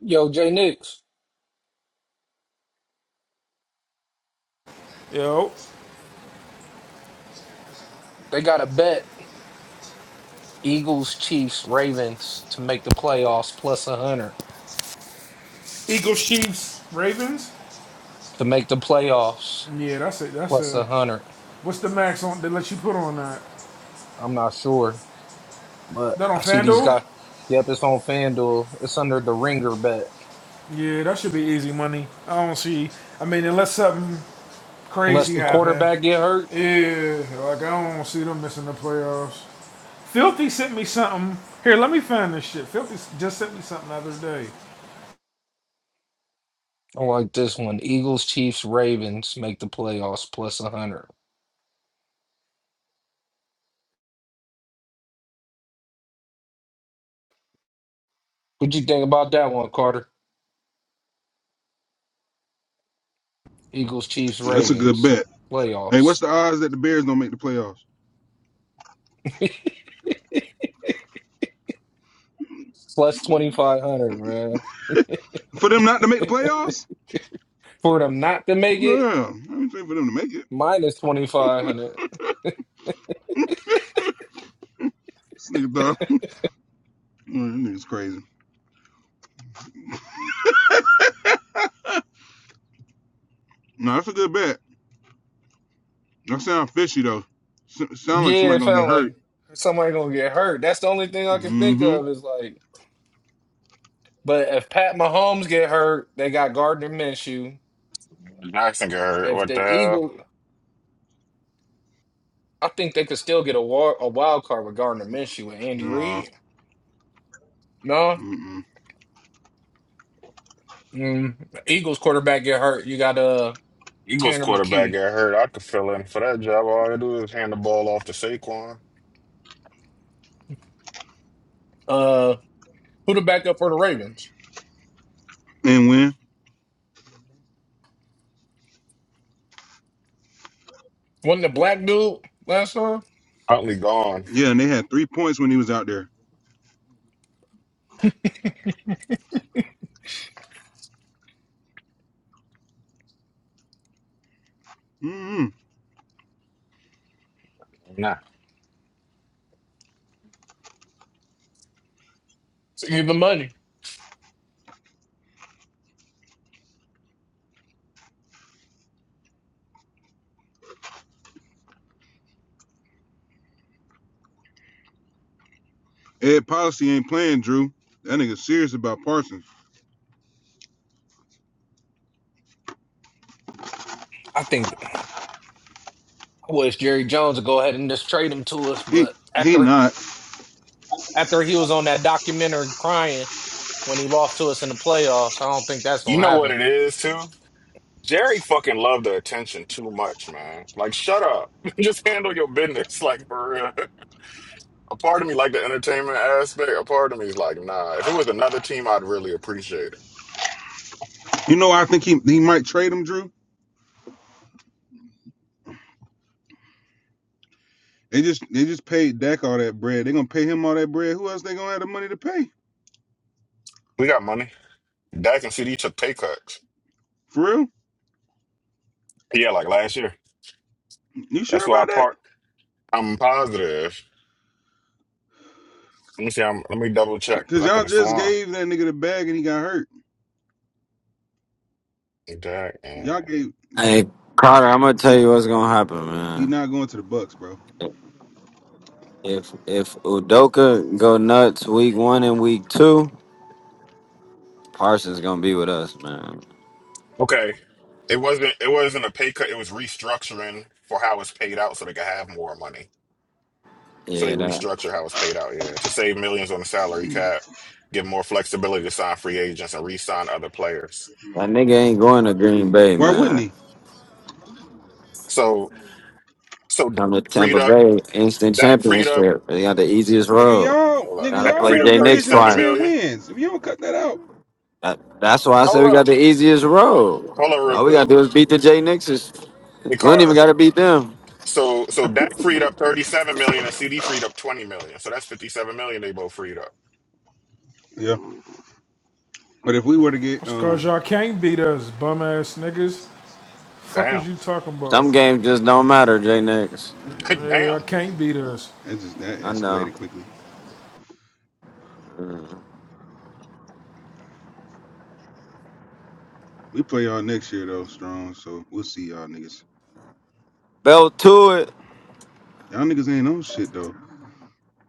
Speaker 5: Yo, Jay Nix,
Speaker 4: Yo,
Speaker 5: they got a bet Eagles, Chiefs, Ravens to make the playoffs plus 100
Speaker 4: Eagles, Chiefs, Ravens.
Speaker 5: to make the playoffs.
Speaker 4: Yeah, that's it. That's
Speaker 5: plus
Speaker 4: a.
Speaker 5: a hundred.
Speaker 4: What's the max on that let you put on that?
Speaker 5: I'm not sure, but
Speaker 4: That on
Speaker 5: I see these
Speaker 4: Fanduel?
Speaker 5: guys. Yep, it's on FanDuel. It's under the ringer bet.
Speaker 4: Yeah, that should be easy money. I don't see. I mean, unless something
Speaker 5: Unless
Speaker 4: crazy
Speaker 5: the
Speaker 4: happen.
Speaker 5: quarterback get hurt,
Speaker 4: Yeah, like I don't see them missing the playoffs. Filthy sent me something. Here, let me find this shit. Filthy just sent me something the other day.
Speaker 5: I like this one. Eagles, Chiefs, Ravens make the playoffs plus a hundred. What you think about that one, Carter? Eagles, Chiefs,
Speaker 9: <laughs> That's a good
Speaker 5: Ravens
Speaker 9: bet. Hey, what's
Speaker 5: playoffs
Speaker 9: the odds that the Bears don't make the playoffs?
Speaker 5: <laughs> plus twenty five hundred, man.
Speaker 9: For them not to make the playoffs?
Speaker 5: For them not to make it,
Speaker 9: Yeah, I ain't saying for them to make it.
Speaker 5: minus twenty five hundred.
Speaker 9: This nigga thought, <laughs> this nigga's crazy. No, that's a good bet. That sound fishy though. S- sound like
Speaker 5: Yeah,
Speaker 9: somebody
Speaker 5: it
Speaker 9: gonna get
Speaker 5: felt
Speaker 9: hurt.
Speaker 5: like somebody gonna get hurt. That's the only thing I can think
Speaker 9: Mm-hmm.
Speaker 5: of is like But if Pat Mahomes get hurt, they got Gardner Minshew.
Speaker 12: Jackson got hurt.
Speaker 5: If
Speaker 12: What the
Speaker 5: the
Speaker 12: hell?
Speaker 5: Eagles, I think they could still get a war, a wild card with Gardner Minshew and Andy
Speaker 9: Nah.
Speaker 5: Reid. No,
Speaker 9: Mm-mm.
Speaker 5: mm, Eagles quarterback get hurt, you got uh
Speaker 12: Eagles
Speaker 5: Tanner
Speaker 12: quarterback
Speaker 5: McKee.
Speaker 12: got hurt. I could fill in for that job. All I do is hand the ball off to Saquon.
Speaker 5: Uh, who the backup for the Ravens?
Speaker 9: And win.
Speaker 5: Wasn't the black dude last time?
Speaker 12: Huntley gone.
Speaker 9: Yeah, and they had three points when he was out there. Mm-hmm.
Speaker 12: Nah.
Speaker 5: It's the money.
Speaker 9: Ed Policy ain't playing, Drew. That nigga's serious about Parsons.
Speaker 5: I think I wish Jerry Jones would go ahead and just trade him to us.
Speaker 9: He
Speaker 5: But
Speaker 9: he
Speaker 5: after
Speaker 9: not.
Speaker 5: after he was on that documentary crying when he lost to us in the playoffs, I don't think that's
Speaker 12: You
Speaker 5: gonna
Speaker 12: know what
Speaker 5: happen.
Speaker 12: it is too? Jerry fucking loved the attention too much, man. Like, shut up. <laughs> Just handle your business. <laughs> Like for real. A part of me like the entertainment aspect. A part of me is like, nah. If it was another team, I'd really appreciate it.
Speaker 9: You know, I think he he might trade him, Drew. They just they just paid Dak all that bread. They gonna pay him all that bread. Who else they gonna have the money to pay?
Speaker 12: We got money. Dak and CD took pay cuts.
Speaker 9: For real?
Speaker 12: Yeah, like last year.
Speaker 9: You sure
Speaker 12: That's why I
Speaker 9: about that?
Speaker 12: part. I'm positive. Let me see. I'm, let me double check
Speaker 9: Because
Speaker 12: because I could
Speaker 9: y'all
Speaker 12: have
Speaker 9: just
Speaker 12: sworn
Speaker 9: gave that nigga the bag and he got hurt.
Speaker 12: Jack
Speaker 9: Y'all
Speaker 12: and
Speaker 9: gave
Speaker 13: Hey Carter, I'm gonna tell you what's gonna happen,
Speaker 9: he
Speaker 13: man.
Speaker 9: not going to the Bucks, bro.
Speaker 13: If if Udoka go nuts week one and week two, Parsons gonna be with us, man.
Speaker 12: okay. It wasn't. It wasn't a pay cut. It was restructuring for how it's paid out, so they could have more money. So they
Speaker 13: Yeah, that
Speaker 12: restructure how it's paid out. Yeah, to save millions on the salary cap, give more flexibility to sign free agents and re-sign other players.
Speaker 13: that nigga ain't going to Green Bay,
Speaker 9: Why wouldn't
Speaker 13: man.
Speaker 9: he?
Speaker 12: So so Dak
Speaker 13: Come to
Speaker 12: freed
Speaker 13: Tampa
Speaker 12: up.
Speaker 13: Bay, instant
Speaker 12: Dak freed up.
Speaker 13: championship. They got the easiest
Speaker 9: Nigga,
Speaker 13: road.
Speaker 9: y'all,
Speaker 12: Hold up.
Speaker 9: nigga,
Speaker 13: Gotta
Speaker 12: Dak
Speaker 9: y'all
Speaker 13: play
Speaker 12: freed
Speaker 9: won the
Speaker 12: up
Speaker 13: Jay Nix
Speaker 9: division with
Speaker 12: thirty-seven
Speaker 13: twice.
Speaker 9: ten
Speaker 12: million.
Speaker 9: wins. If you don't cut that out,
Speaker 13: That, that's why I said
Speaker 12: Hold
Speaker 13: we got
Speaker 12: up.
Speaker 13: the easiest road.
Speaker 12: Hold up, real
Speaker 13: All we
Speaker 12: quick.
Speaker 13: gotta do is beat the Jay Nixes. We
Speaker 12: Hey
Speaker 13: don't even
Speaker 12: Carter.
Speaker 13: gotta beat them.
Speaker 12: So so Dak freed up 37 million and CD freed up 20 million. So that's 57 million they both freed up.
Speaker 9: yeah. But if we were to get
Speaker 4: That's cause
Speaker 9: um,
Speaker 4: y'all can't beat us, bum ass niggas. Fuck
Speaker 12: Damn.
Speaker 4: is you talking about?
Speaker 13: Some games just don't matter, Jay Nix.
Speaker 9: yeah,
Speaker 12: <laughs>
Speaker 4: Yeah, I
Speaker 12: Damn.
Speaker 4: can't beat us.
Speaker 9: that just that
Speaker 13: I know.
Speaker 9: escalated quickly. We play y'all next year though, strong. So we'll see y'all niggas.
Speaker 13: Belt to it.
Speaker 9: Y'all niggas ain't on shit though.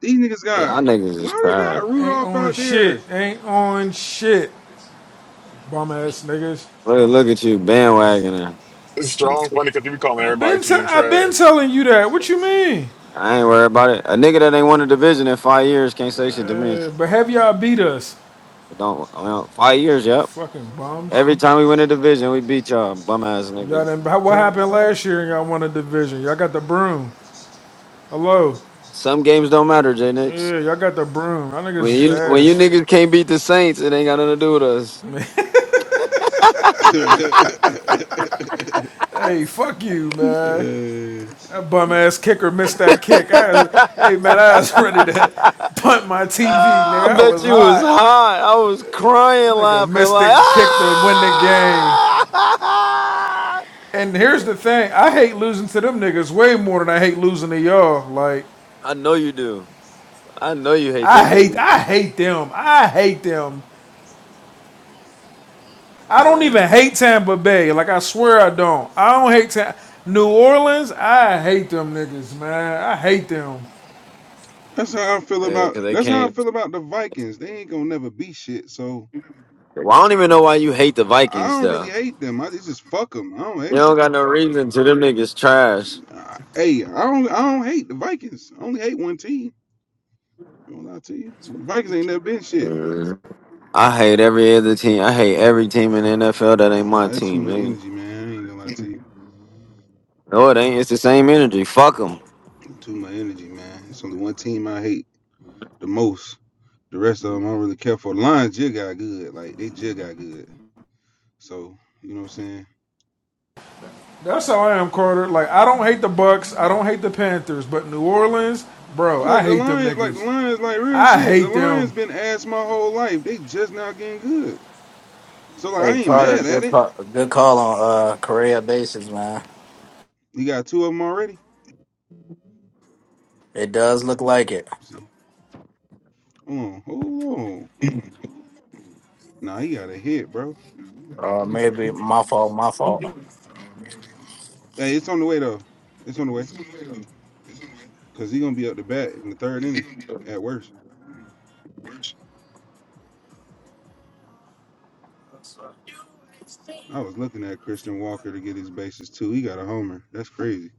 Speaker 9: These niggas got
Speaker 13: Y'all niggas is
Speaker 9: why they
Speaker 13: tired.
Speaker 9: got
Speaker 4: Ain't
Speaker 9: Rudolph
Speaker 4: on
Speaker 9: out
Speaker 4: shit.
Speaker 9: there?
Speaker 4: Ain't on shit. Bum ass niggas.
Speaker 13: Look, look at you bandwagoning.
Speaker 12: It's strong funny because you be calling
Speaker 4: I've
Speaker 12: everybody
Speaker 4: been t-
Speaker 12: team
Speaker 4: I've been
Speaker 12: trash.
Speaker 4: telling you that. What you mean?
Speaker 13: I ain't worried about it. A nigga that ain't won a division in five years can't say shit to me.
Speaker 4: Uh,
Speaker 13: It
Speaker 4: but have y'all beat us?
Speaker 13: Don't well, five years,
Speaker 4: The
Speaker 13: yep.
Speaker 4: Fucking bums.
Speaker 13: Every time we win a division, we beat y'all, bum ass
Speaker 4: Y'all
Speaker 13: niggas.
Speaker 4: done, what happened last year and y'all won a division? Y'all got the broom. Hello.
Speaker 13: Some games don't matter, J Nix.
Speaker 4: Yeah, y'all got the broom. Y'all
Speaker 13: When
Speaker 4: niggas is
Speaker 13: you when you
Speaker 4: ass.
Speaker 13: niggas can't beat the Saints, it ain't got nothing to do with us.
Speaker 4: <laughs>
Speaker 9: <laughs>
Speaker 4: hey, fuck you, man.
Speaker 9: uh,
Speaker 4: That bum ass kicker missed that kick. I was, hey man, I was <laughs> ready to punt my TV,
Speaker 13: Ah,
Speaker 4: nigga.
Speaker 13: I
Speaker 4: I
Speaker 13: bet
Speaker 4: was
Speaker 13: you was
Speaker 4: hot.
Speaker 13: hot. I was crying,
Speaker 4: Nigga
Speaker 13: laughing
Speaker 4: missed
Speaker 13: like
Speaker 4: the kick
Speaker 13: ah!
Speaker 4: to win the game.
Speaker 13: <laughs>
Speaker 4: And here's the thing, I hate losing to them niggas way more than I hate losing to y'all. Like
Speaker 13: I know you do. I know you hate
Speaker 4: I
Speaker 13: them
Speaker 4: hate,
Speaker 13: niggas,
Speaker 4: I hate them. I hate them. I don't even
Speaker 13: man.
Speaker 4: hate Tampa Bay. Like I swear I don't. I don't hate Tam- New Orleans. I hate them niggas, man. I hate them.
Speaker 9: That's how I feel
Speaker 13: Yeah,
Speaker 9: about
Speaker 13: cause they
Speaker 9: that's how I
Speaker 13: can't.
Speaker 9: feel about the Vikings. They ain't gonna never be shit. So
Speaker 13: Well, I don't even know why you hate the
Speaker 9: I
Speaker 13: Vikings
Speaker 9: don't really
Speaker 13: though.
Speaker 9: hate them. I just just fuck them. I don't hate
Speaker 13: You don't
Speaker 9: them.
Speaker 13: got no reason to. Them niggas trash.
Speaker 9: I, hey, I don't I don't hate the Vikings. I only hate one team. I Gonna lie to you, the Vikings ain't never been shit.
Speaker 13: Mm. I hate every other team. I hate every team in the NFL that ain't my
Speaker 9: Nah, that's too
Speaker 13: team,
Speaker 9: much
Speaker 13: nigga.
Speaker 9: energy, man. I ain't gonna lie to you.
Speaker 13: No, it ain't. It's the same energy. Fuck them.
Speaker 9: Too much energy, man. It's only one team I hate the most. The rest of them I don't really care for. The Lions just got good. Like they just got good. So you know what I'm saying.
Speaker 4: That's how I am, Carter. Like I don't hate the Bucks, I don't hate the Panthers, but New Orleans, bro, I
Speaker 9: Like the
Speaker 4: hate them
Speaker 9: Lions, like the
Speaker 4: niggas.
Speaker 9: Lions, like real
Speaker 4: I
Speaker 9: shit. The
Speaker 4: hate them.
Speaker 9: Lions been ass my whole life. They just now getting good. So like I
Speaker 8: Hey
Speaker 9: ain't
Speaker 8: Carter,
Speaker 9: mad at
Speaker 8: good
Speaker 9: it.
Speaker 8: call, good call on uh Korea bases, man.
Speaker 9: He got two of them already.
Speaker 8: It does look like it.
Speaker 9: Let's see, hold on, hold on. Nah, he got a hit, bro.
Speaker 8: Or maybe my fault, my fault.
Speaker 9: Hey, it's on the way though. It's on the way. Cause he gonna be up the bat in the third inning at worst. I was looking at Christian Walker to get his bases too. He got a homer. That's crazy.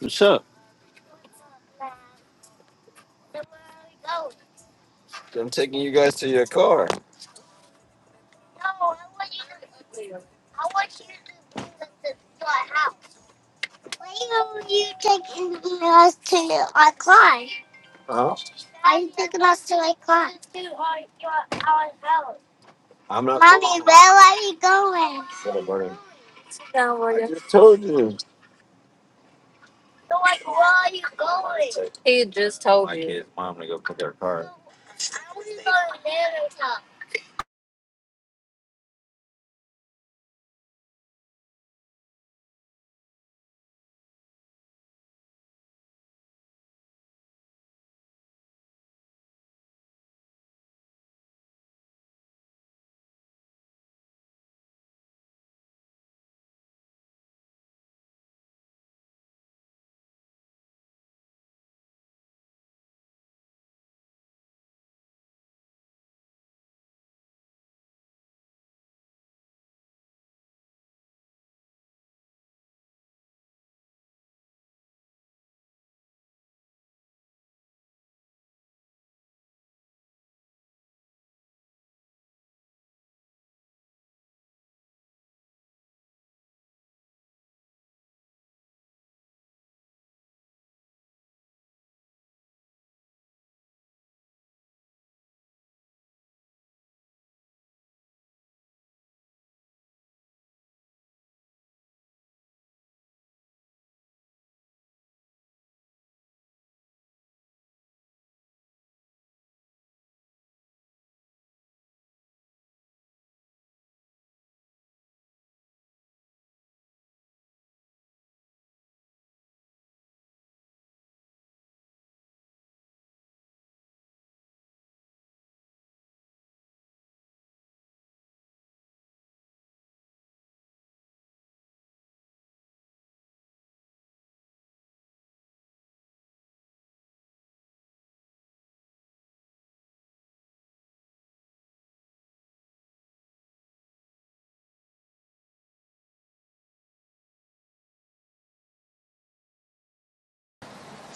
Speaker 13: What's up? I'm taking you guys to your car. I'm not. Mommy, where are we going? He just told me. My you. kid's mom to go put their car.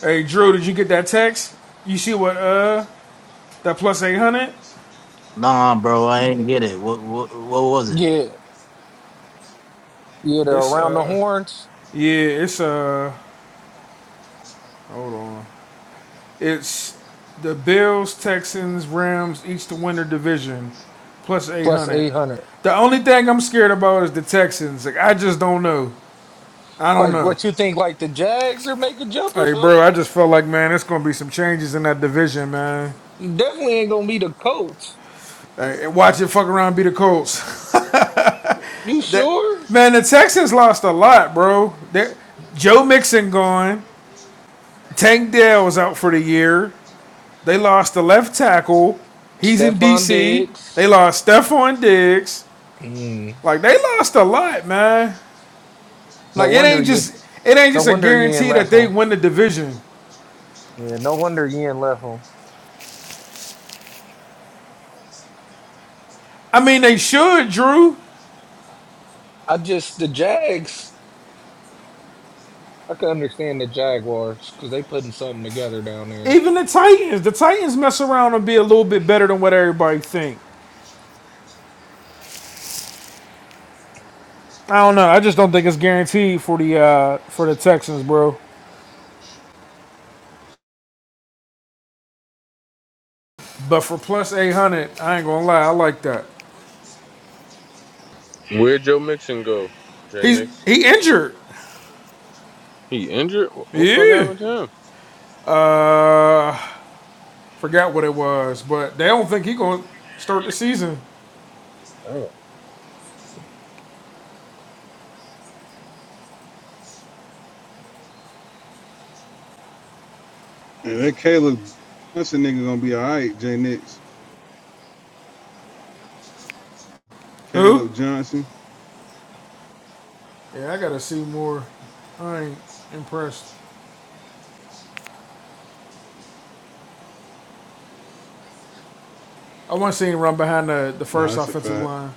Speaker 4: Hey, Drew, did you get that text? You see what? Uh, that plus eight hundred.
Speaker 8: Nah, bro, I ain't get it. What what what was it?
Speaker 5: Yeah, Yeah, the
Speaker 4: It's
Speaker 5: around the
Speaker 4: uh,
Speaker 5: horns
Speaker 4: yeah, it's uh, it's the Bills, Texans, Rams, each to win their division, plus eight
Speaker 5: plus
Speaker 4: hundred.
Speaker 5: eight hundred.
Speaker 4: The only thing I'm scared about is the Texans. Like I just don't know. I don't
Speaker 5: Like
Speaker 4: know.
Speaker 5: what you think? Like the Jags are making jump or
Speaker 4: Hey, bro, I
Speaker 5: something?
Speaker 4: just felt like man, it's gonna be some changes in that division, man.
Speaker 5: Definitely ain't gonna be the Colts.
Speaker 4: And watch it fuck around and be the Colts.
Speaker 5: You
Speaker 4: <laughs>
Speaker 5: sure?
Speaker 4: Man, the Texans lost a lot, bro. They, Joe Mixon gone. Tank Dell was out for the year. They lost the left tackle. He's in
Speaker 5: Stephon
Speaker 4: DC. They
Speaker 5: Diggs.
Speaker 4: lost Stephon Diggs.
Speaker 5: Mm.
Speaker 4: Like they lost a lot, man.
Speaker 5: No
Speaker 4: Like it
Speaker 5: wonder
Speaker 4: ain't
Speaker 5: you.
Speaker 4: just it ain't
Speaker 5: No
Speaker 4: just a
Speaker 5: wonder Ian
Speaker 4: guarantee that
Speaker 5: left
Speaker 4: they
Speaker 5: him.
Speaker 4: win the division.
Speaker 5: Yeah, no wonder Ian left him.
Speaker 4: I mean they should, Drew.
Speaker 5: I just the Jags. I can understand the Jaguars because they putting something together down there.
Speaker 4: Even the Titans. The Titans mess around and be a little bit better than what everybody think. I don't know. I just don't think it's guaranteed for the uh, for the Texans, bro. But for plus 800, I ain't gonna lie, I like that.
Speaker 14: Where'd Joe Mixon go, J
Speaker 4: He's
Speaker 14: Nix?
Speaker 4: he injured.
Speaker 14: He injured? What the fuck
Speaker 4: Yeah.
Speaker 14: happened to him?
Speaker 4: Forgot what it was, but they don't think he gonna start the season.
Speaker 14: Damn.
Speaker 9: And that Caleb Johnson nigga gonna be all right. Jay Nix,
Speaker 4: Who?
Speaker 9: Caleb Johnson.
Speaker 4: Yeah, I gotta see more. I ain't impressed. I want to see him run behind the, the
Speaker 9: Nah,
Speaker 4: first
Speaker 9: that's a
Speaker 4: offensive
Speaker 9: fact.
Speaker 4: line.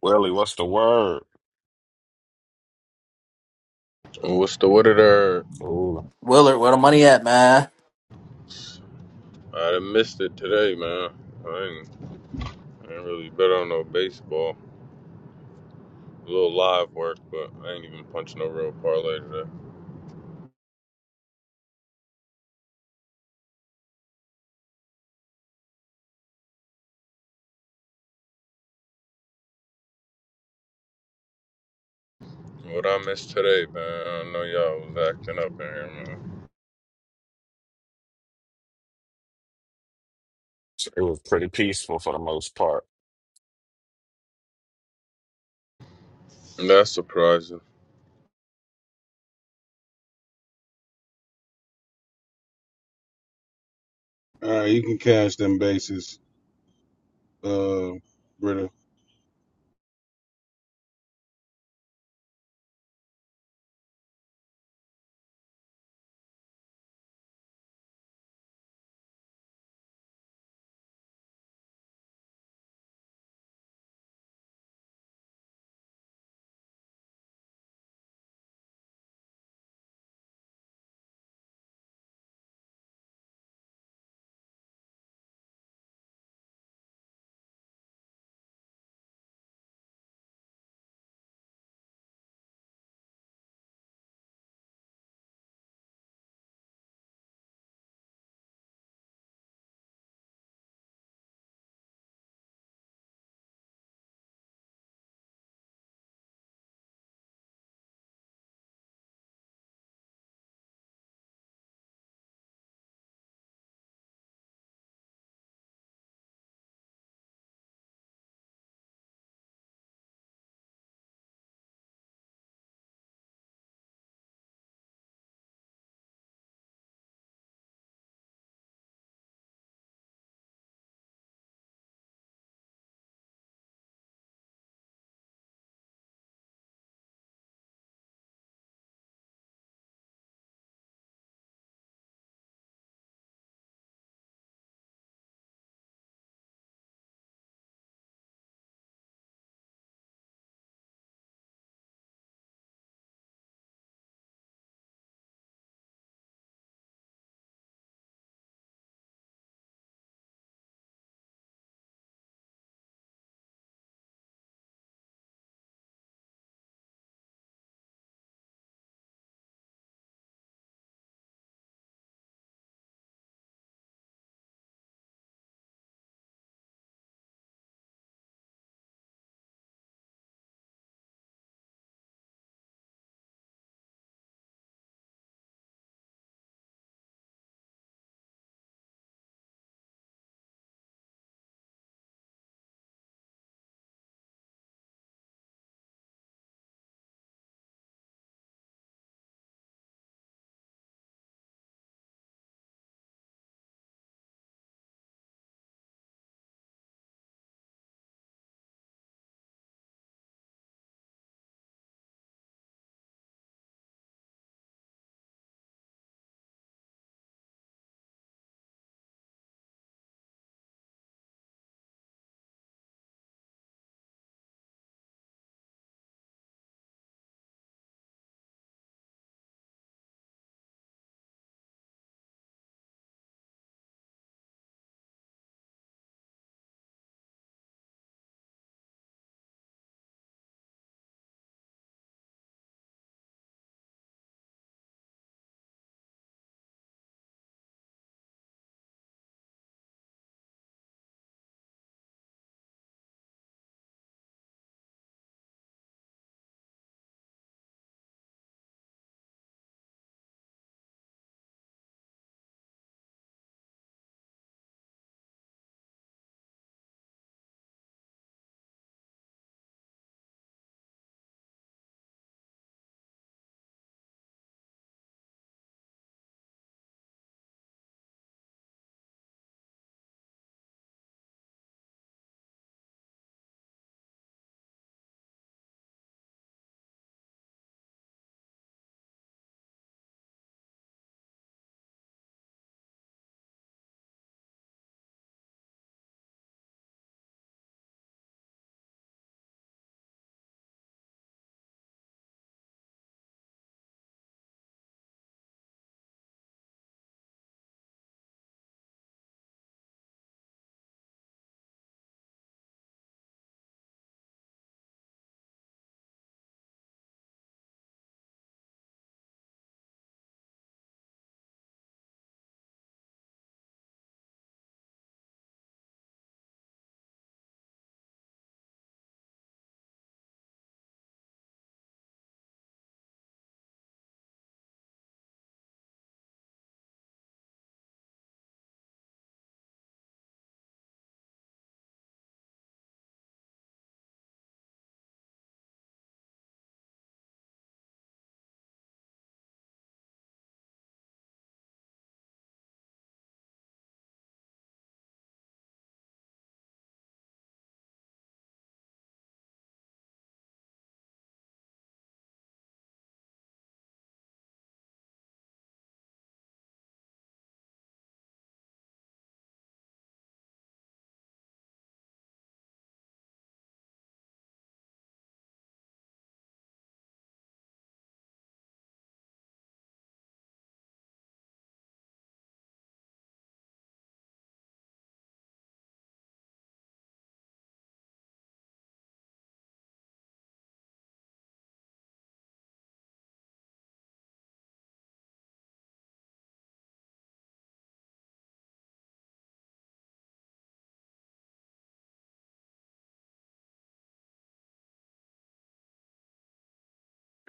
Speaker 12: Willie, what's the word?
Speaker 14: What's the what did I
Speaker 12: Ooh.
Speaker 8: Willard, where the money at, man?
Speaker 14: I done missed it today, man. I ain't, I ain't really bet on no baseball. A little live work, but I ain't even punching no real parlay today. What I missed today, man, I know y'all was acting up in here, man.
Speaker 12: So It was pretty peaceful for the most part.
Speaker 14: And that's surprising.
Speaker 9: All right, you can cash them bases. uh, Britta.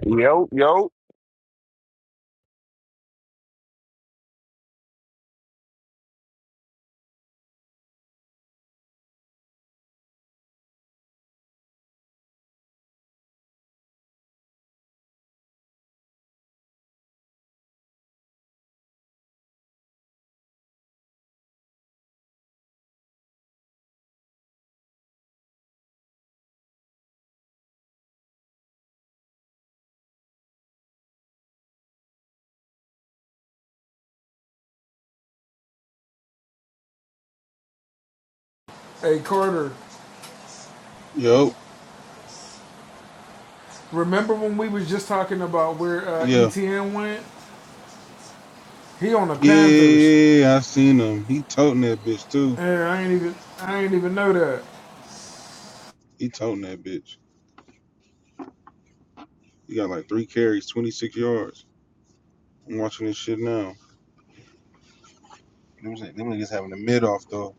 Speaker 12: Yo, yo.
Speaker 4: Hey Carter,
Speaker 9: Yo,
Speaker 4: remember when we was just talking about where
Speaker 9: yeah,
Speaker 4: uh,
Speaker 9: yeah, yeah, yeah.
Speaker 4: ETN went? He on the
Speaker 9: yeah,
Speaker 4: Panthers.
Speaker 9: yeah, yeah. I seen him. He toting that bitch too.
Speaker 4: And I ain't even I ain't even know that.
Speaker 9: He toting that bitch. He got like three carries, twenty six yards. I'm watching this shit now. Them, niggas- them niggas having a mid off though.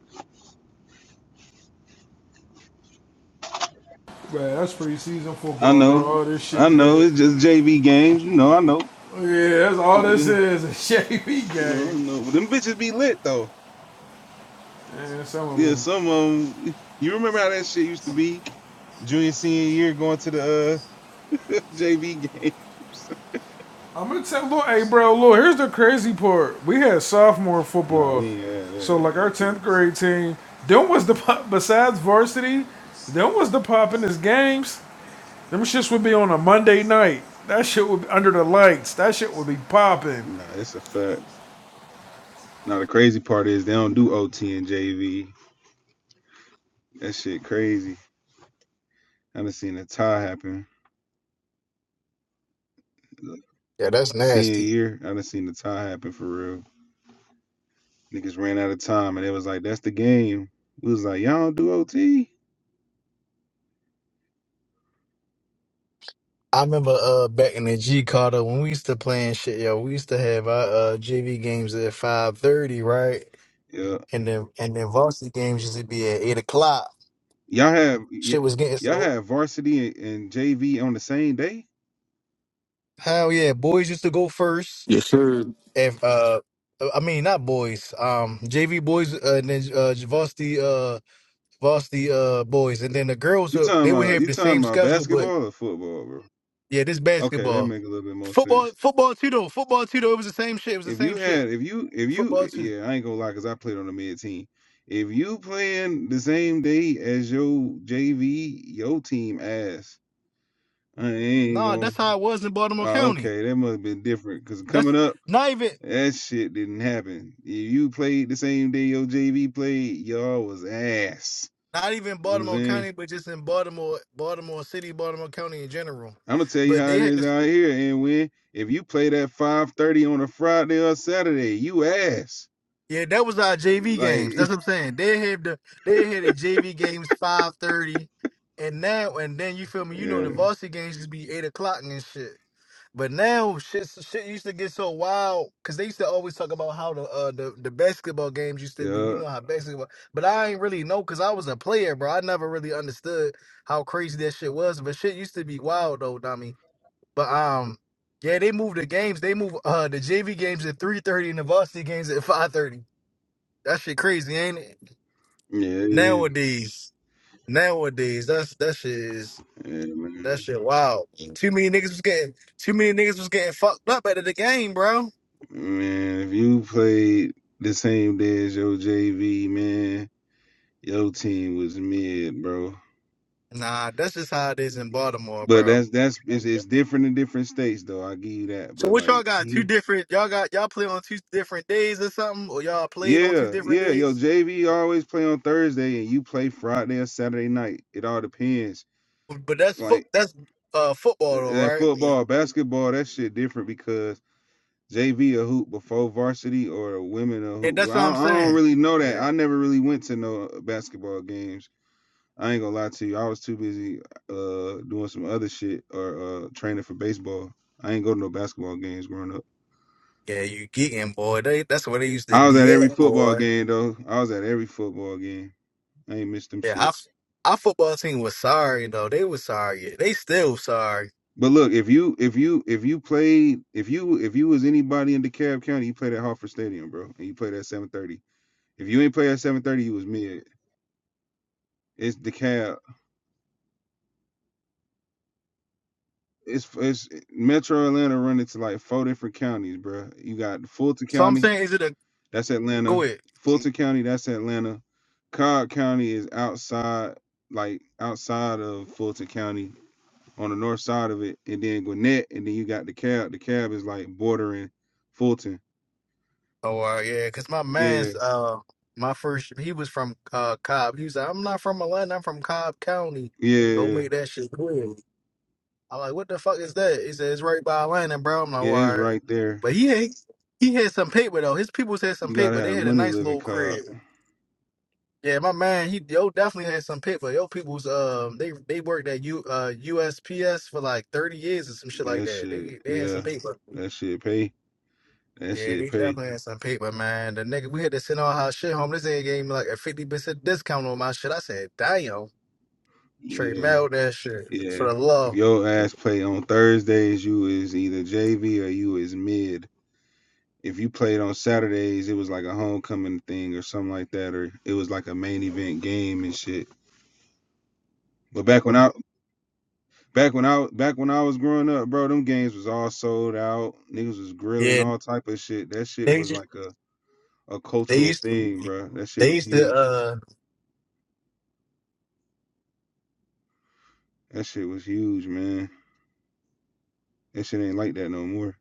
Speaker 4: Man, that's preseason
Speaker 9: I
Speaker 4: football, bro.
Speaker 9: know,
Speaker 4: All this shit,
Speaker 9: I know.
Speaker 4: man.
Speaker 9: It's just JV games, you know. I know,
Speaker 4: Oh, Yeah, that's all this
Speaker 9: yeah,
Speaker 4: is <laughs> a shady
Speaker 9: you know, I
Speaker 4: game.
Speaker 9: know. But them bitches be lit though.
Speaker 4: And some of
Speaker 9: Yeah,
Speaker 4: them.
Speaker 9: some of them. <laughs> You remember how that shit used to be? Junior senior year going to the uh, <laughs> JV games.
Speaker 4: I'm gonna tell Lil, hey bro, look, here's the crazy part. We had sophomore
Speaker 9: <laughs> Nah,
Speaker 4: football.
Speaker 9: we ain't had
Speaker 4: So like
Speaker 9: that.
Speaker 4: our
Speaker 9: Yeah.
Speaker 4: 10th grade team, them was the pop besides varsity, them was the poppin'est games. Them shits would be on a Monday night. That shit would be under the lights. That shit would be popping.
Speaker 9: Nah, it's a fact. Now the crazy part is they don't do OT and JV. That shit crazy. I done seen a tie happen.
Speaker 15: Yeah, that's
Speaker 9: Senior
Speaker 15: nasty.
Speaker 9: year, I done seen the tie happen for real. Niggas ran out of time and it was like, that's the game. We was like, y'all don't do OT?
Speaker 15: I remember uh back in the G Carter when we used to play and shit, yo, we used to have our uh JV games at five thirty, right?
Speaker 9: Yeah.
Speaker 15: And then and then varsity games used to be at eight o'clock.
Speaker 9: Y'all have y-
Speaker 15: Shit was getting
Speaker 9: y'all
Speaker 15: so
Speaker 9: have varsity and, and JV on the same day?
Speaker 15: hell yeah, boys used to go first.
Speaker 16: Yes, sir.
Speaker 15: If uh I mean not boys, um JV boys uh, and then uh varsity uh varsity uh boys and then the girls
Speaker 9: You
Speaker 15: would
Speaker 9: talking
Speaker 15: they would
Speaker 9: about
Speaker 15: have
Speaker 9: you
Speaker 15: the
Speaker 9: talking
Speaker 15: same
Speaker 9: about
Speaker 15: schedule but
Speaker 9: basketball or football, bro?
Speaker 15: yeah, this
Speaker 9: Okay, that
Speaker 15: basketball.
Speaker 9: make a little bit more
Speaker 15: Football
Speaker 9: sense.
Speaker 15: football too though, football too though, it was the same shit, it was the
Speaker 9: If
Speaker 15: same
Speaker 9: you
Speaker 15: shit.
Speaker 9: had, if you, if you,
Speaker 15: Football
Speaker 9: eh,
Speaker 15: too.
Speaker 9: yeah, I ain't gonna lie, cause I played on the mid team. If you playing the same day as your JV, your team ass, I ain't
Speaker 15: Nah,
Speaker 9: gonna.
Speaker 15: that's how it was in Baltimore
Speaker 9: Oh,
Speaker 15: County.
Speaker 9: okay, that must have been different, cause coming
Speaker 15: That's
Speaker 9: up,
Speaker 15: not even
Speaker 9: that shit didn't happen. If you played the same day your JV played, y'all was ass.
Speaker 15: not even
Speaker 9: You know what I'm
Speaker 15: Baltimore
Speaker 9: saying?
Speaker 15: County, but just in Baltimore, Baltimore City, Baltimore County in general.
Speaker 9: I'm gonna tell you
Speaker 15: But
Speaker 9: how
Speaker 15: they
Speaker 9: it
Speaker 15: had
Speaker 9: is
Speaker 15: to
Speaker 9: out here, and when if you play that 5:30 on a Friday or Saturday, you ass.
Speaker 15: Yeah, that was our JV
Speaker 9: Like,
Speaker 15: games. That's what
Speaker 9: <laughs>
Speaker 15: I'm saying. They had the they had the JV games five thirty, and now and then you feel me. You know
Speaker 9: yeah,
Speaker 15: the varsity games used to be eight o'clock and shit. But now shit shit used to get so wild because they used to always talk about how the uh the, the basketball games used to be. You
Speaker 9: yeah,
Speaker 15: know how basketball, but I ain't really know because I was a player, bro. I never really understood how crazy that shit was. But shit used to be wild though, dummy. But um, yeah, they moved the games. They move uh the JV games at three thirty and the varsity games at five thirty. That shit crazy, ain't it?
Speaker 9: yeah.
Speaker 15: Nowadays, nowadays, that's that shit is
Speaker 9: Yeah,
Speaker 15: that
Speaker 9: man.
Speaker 15: shit wild. Too many niggas was getting too many niggas was getting fucked up out of the game, bro.
Speaker 9: Man, if you played the same day as your JV, man, your team was mid, bro.
Speaker 15: Nah, that's just how it is in Baltimore,
Speaker 9: But
Speaker 15: bro.
Speaker 9: that's that's it's,
Speaker 15: Okay.
Speaker 9: it's different in different states, though. I give you that.
Speaker 15: So
Speaker 9: But
Speaker 15: what y'all
Speaker 9: like,
Speaker 15: got? Two
Speaker 9: he-
Speaker 15: different y'all got y'all play on two different days or something, or y'all played on two
Speaker 9: yeah,
Speaker 15: different
Speaker 9: yeah, yo,
Speaker 15: days?
Speaker 9: JV always play on Thursday, and you play Friday or Saturday night. It all depends.
Speaker 15: But that's foot
Speaker 9: Like
Speaker 15: that's uh football though,
Speaker 9: uh, uh,
Speaker 15: right? Yeah,
Speaker 9: football, basketball, that shit different because JV a hoop before varsity or women a
Speaker 15: Yeah,
Speaker 9: hoop.
Speaker 15: that's
Speaker 9: Well,
Speaker 15: what
Speaker 9: I, don't-
Speaker 15: I'm
Speaker 9: I don't
Speaker 15: saying.
Speaker 9: really know that.
Speaker 15: Yeah,
Speaker 9: I never really went to no basketball games I ain't gonna lie to you. I was too busy uh doing some other shit or uh training for baseball. I ain't go to no basketball games growing up.
Speaker 15: yeah, you geeking boy. They that's where they used to
Speaker 9: I was at
Speaker 15: be at,
Speaker 9: every football
Speaker 15: boy.
Speaker 9: game though. I was at every football game. I ain't missed them
Speaker 15: Yeah, our,
Speaker 9: shits.
Speaker 15: our football team was sorry though. They was sorry. Yeah, They still sorry.
Speaker 9: But look, if you if you if you played if you if you was anybody in DeKalb County, you played at Hartford Stadium, bro, and you played at 7:30. If you ain't play at 7:30, you was mid. It's DeKalb. It's it's Metro Atlanta running to like four different counties, bro. You got Fulton
Speaker 15: So I'm
Speaker 9: County.
Speaker 15: saying, is it a
Speaker 9: that's
Speaker 15: go
Speaker 9: Atlanta.
Speaker 15: ahead?
Speaker 9: Fulton County, that's Atlanta. Cobb County is outside, like outside of Fulton County on the north side of it, and then Gwinnett, and then you got the cab. The cab is like bordering Fulton.
Speaker 15: Oh uh, yeah, because my
Speaker 9: Yeah,
Speaker 15: man's uh my first he was from uh Cobb. He was like, I'm not from Atlanta, I'm from Cobb County. Go
Speaker 9: yeah,
Speaker 15: make that shit clear. I'm like, what the fuck is that? He said it's right by Atlanta, bro. I'm like, all
Speaker 9: yeah, it's
Speaker 15: right.
Speaker 9: right there.
Speaker 15: But he had he had some paper though. His people had some
Speaker 9: You gotta
Speaker 15: paper. They
Speaker 9: have
Speaker 15: had a
Speaker 9: money
Speaker 15: nice
Speaker 9: living
Speaker 15: little
Speaker 9: Cobb.
Speaker 15: crib. Yeah, my man, he yo definitely had some pick, but yo people's um they they worked at U uh USPS for like thirty years or some shit like
Speaker 9: That
Speaker 15: that.
Speaker 9: shit,
Speaker 15: They they had
Speaker 9: yeah,
Speaker 15: some paper.
Speaker 9: that shit pay. That
Speaker 15: Yeah,
Speaker 9: shit
Speaker 15: they
Speaker 9: pay.
Speaker 15: definitely had some paper, man. The nigga we had to send all our shit home. This nigga gave me like a fifty percent discount on my shit. I said, damn, Trey
Speaker 9: Yeah,
Speaker 15: mailed that shit
Speaker 9: yeah.
Speaker 15: for the
Speaker 9: If
Speaker 15: love.
Speaker 9: your ass play on Thursdays, you is either JV or you is mid. if you played on Saturdays, it was like a homecoming thing or something like that, or it was like a main event game and shit. But back when I back when I back when I was growing up, bro, them games was all sold out. Niggas was grilling
Speaker 15: Yeah,
Speaker 9: all type of shit. That shit
Speaker 15: they
Speaker 9: was
Speaker 15: just
Speaker 9: like a, a
Speaker 15: they
Speaker 9: cultural
Speaker 15: used to
Speaker 9: thing, bro. That shit
Speaker 15: they
Speaker 9: was
Speaker 15: used to
Speaker 9: huge.
Speaker 15: uh
Speaker 9: That shit was huge, man. That shit ain't like that no more.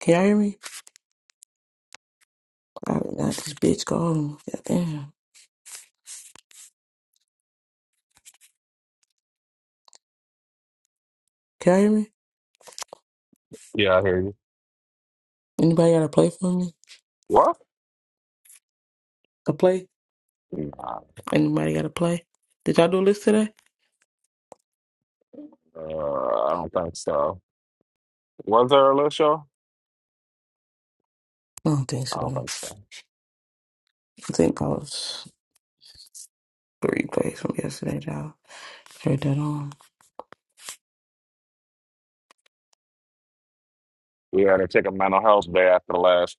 Speaker 6: Can y'all hear me? I got this bitch gone. Goddamn. Can y'all hear me?
Speaker 12: Yeah, I hear you.
Speaker 6: Anybody got to play for me?
Speaker 12: What?
Speaker 6: A play?
Speaker 12: Nah,
Speaker 6: Anybody got to play? Did y'all do a list today?
Speaker 12: uh, I don't think so. Was there a little show?
Speaker 6: I don't think so. I think I was three plays from yesterday, y'all. Heard that on.
Speaker 12: We had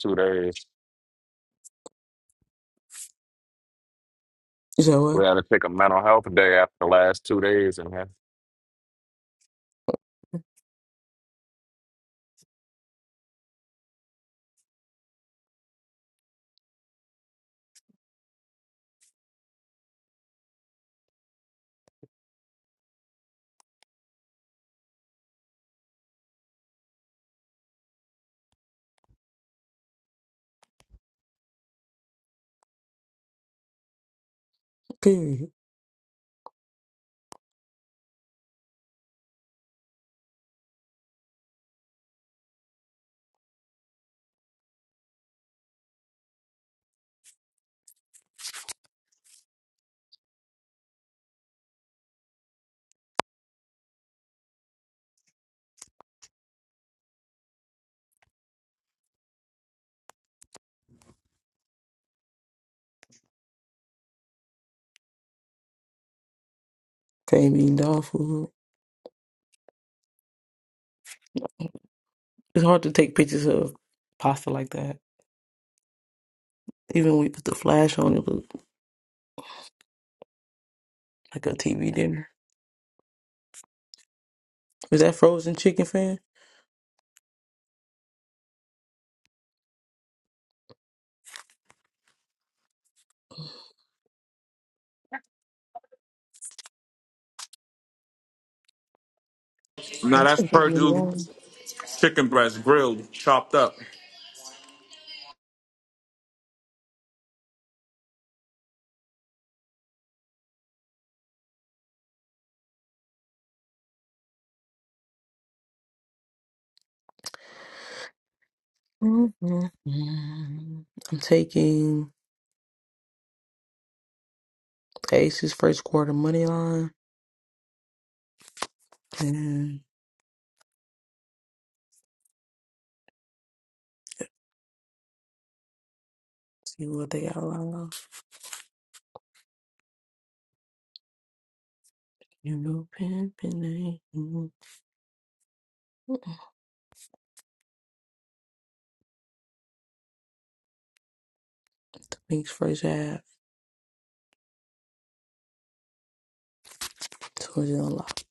Speaker 12: two days.
Speaker 6: Is that what?
Speaker 12: We had to take a mental health day after the last two days in here.
Speaker 6: Period. Can't be dog food. It's hard to take pictures of pasta like that. Even when we put the flash on, it looked like a TV dinner. Was that frozen chicken fan?
Speaker 17: Now
Speaker 6: That's
Speaker 17: that's
Speaker 6: what they be
Speaker 17: Purdue chicken breast grilled, chopped up.
Speaker 6: Mm-hmm. I'm taking the Aces first quarter money line and see what they got allowed. You know, pimping Thanks first half. So it's unlocked.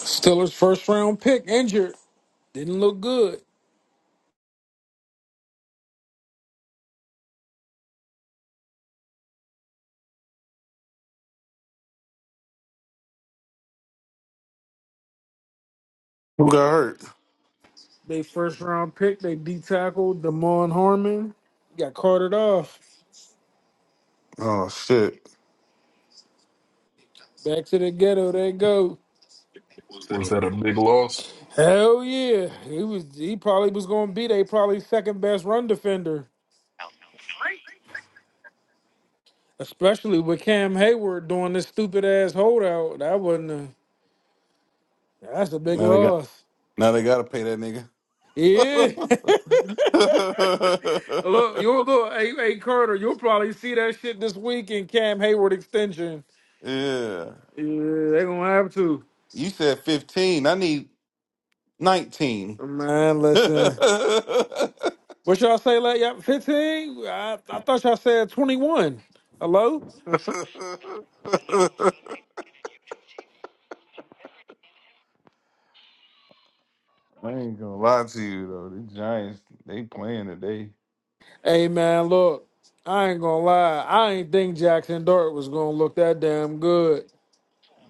Speaker 4: Steelers first round pick injured. Didn't look good.
Speaker 9: Who got hurt?
Speaker 4: They first round pick, they D tackled Damon Harmon. Got carted off.
Speaker 9: Oh shit!
Speaker 4: Back to the ghetto they go.
Speaker 18: Was that a big loss?
Speaker 4: Hell yeah. He was he probably was gonna be they probably second best run defender. Especially with Cam Hayward doing this stupid ass holdout. That wasn't a, that's a big
Speaker 9: Now they got
Speaker 4: loss.
Speaker 9: now they gotta pay that nigga.
Speaker 4: Yeah. <laughs> look, you'll look hey, hey Carter, you'll probably see that shit this week in Cam Hayward extension.
Speaker 9: <laughs> yeah.
Speaker 4: Yeah, they gonna have to.
Speaker 9: You said 15. I need 19.
Speaker 4: Man,
Speaker 9: <laughs> I
Speaker 4: listen. What y'all say like y'all 15? I, I thought y'all said 21. Hello?
Speaker 9: ain't gonna lie to you though. The Giants, they playing today.
Speaker 4: Hey man, look, I ain't gonna lie. I ain't think Jackson Dart was gonna look that damn good.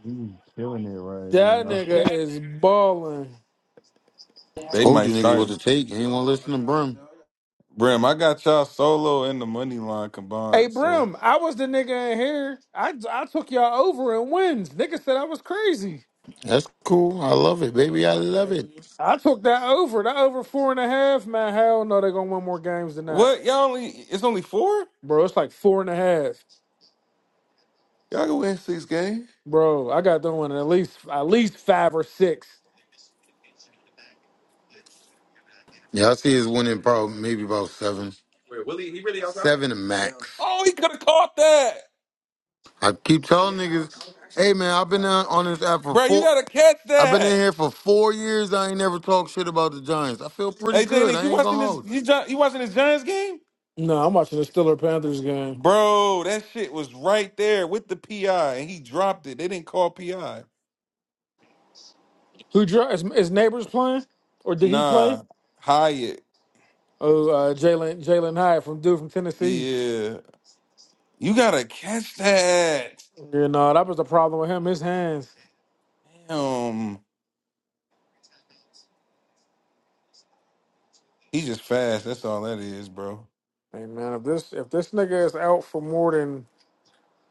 Speaker 9: You killing it right
Speaker 4: That
Speaker 9: now.
Speaker 4: nigga is balling.
Speaker 9: They
Speaker 1: Told
Speaker 9: might
Speaker 1: you niggas
Speaker 9: start.
Speaker 1: what to take. You ain't want to listen to Brim.
Speaker 9: Brim, I got y'all solo and the money line
Speaker 4: Hey
Speaker 9: combined. So
Speaker 4: Brim, I was the nigga in here. I I took y'all over in wins. Nigga said I was crazy.
Speaker 1: That's cool. I love it, baby. I love it.
Speaker 4: I took that over. That over four and a half, man. Hell no, they gonna win more games than that.
Speaker 9: what? Y'all only it's only four?
Speaker 4: Bro, it's like four and a half.
Speaker 9: Y'all can win six games.
Speaker 4: Bro, I got them winning at least at least five or six.
Speaker 1: Yeah, I see his winning probably maybe about seven. Wait, Willie, he really outside? Seven and max.
Speaker 9: Oh, he could have caught that.
Speaker 1: I keep telling niggas, hey man, I've been on on this app for
Speaker 9: Bro, you
Speaker 1: four.
Speaker 9: gotta catch
Speaker 1: I've been in
Speaker 9: that.
Speaker 1: here for four years. I ain't never talked shit about the Giants. I feel pretty
Speaker 9: Hey,
Speaker 1: good. I ain't gonna hold.
Speaker 9: this game?
Speaker 4: No, I'm watching the Stiller Panthers game.
Speaker 9: Bro, that shit was right there with the PI and he dropped it. They didn't call PI.
Speaker 4: Who dri- is, is neighbors playing? Or did he play?
Speaker 9: Nah, Hyatt.
Speaker 4: Oh, uh, Jalen Jalen Hyatt from dude from Tennessee.
Speaker 9: Yeah. You gotta catch that.
Speaker 4: You know that was the problem with him. His hands.
Speaker 9: Damn. He just fast. That's all that is, bro.
Speaker 4: Hey man, if this if this nigga is out for more than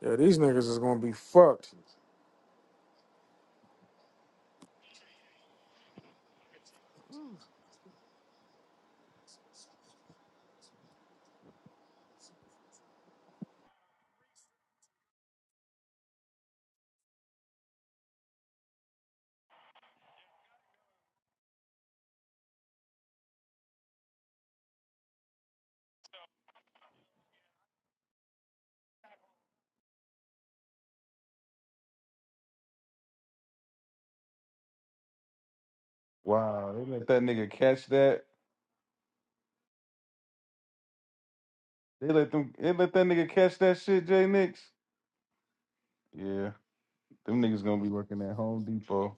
Speaker 4: yeah, these niggas is gonna be fucked.
Speaker 9: Wow. They let that nigga catch that. They let them they let that nigga catch that shit, J Nix. Yeah. Them niggas gonna be working at Home Depot.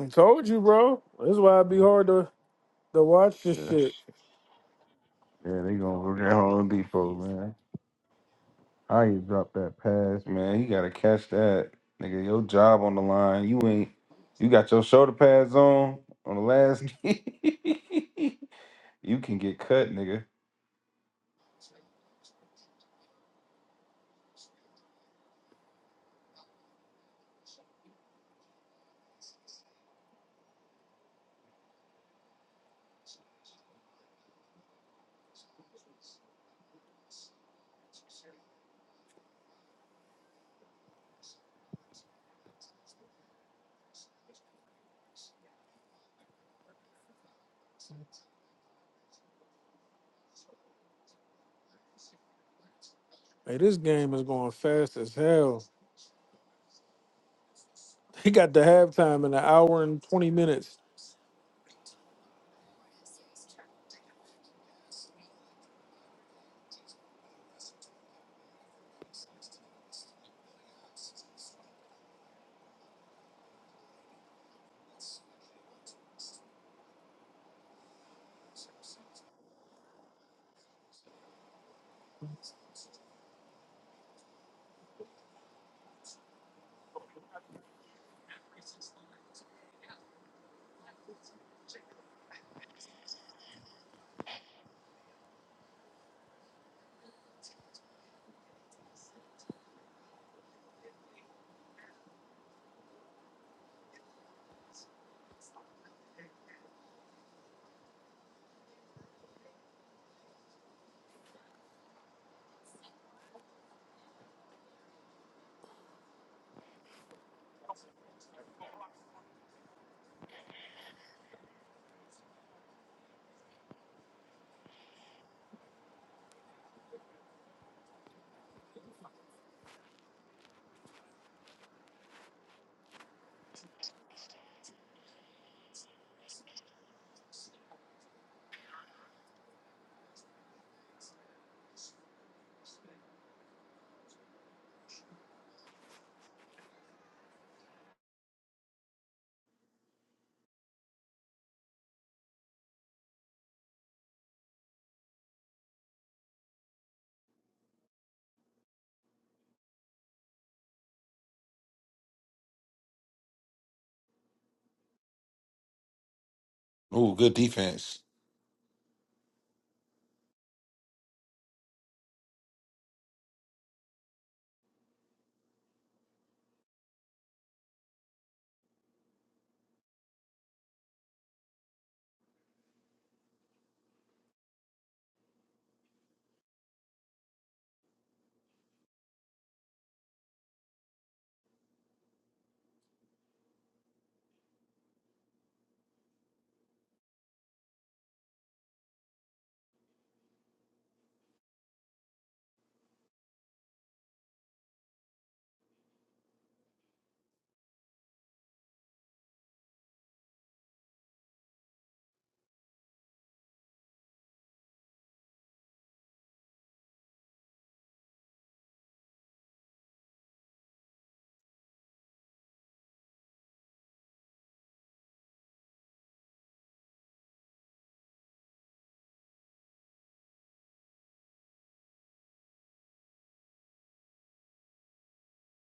Speaker 4: I told you, bro. This is why it be
Speaker 9: Yeah.
Speaker 4: hard to to watch this
Speaker 9: Yeah,
Speaker 4: shit.
Speaker 9: yeah they gonna work at Home Depot, man. How you drop that pass, man? You gotta catch that, nigga. Your job on the line. You ain't. You got your shoulder pads on on the last. <laughs> you can get cut, nigga.
Speaker 4: Hey, this game is going fast as hell. <laughs> He got the halftime in an hour and twenty minutes.
Speaker 9: Ooh, good defense.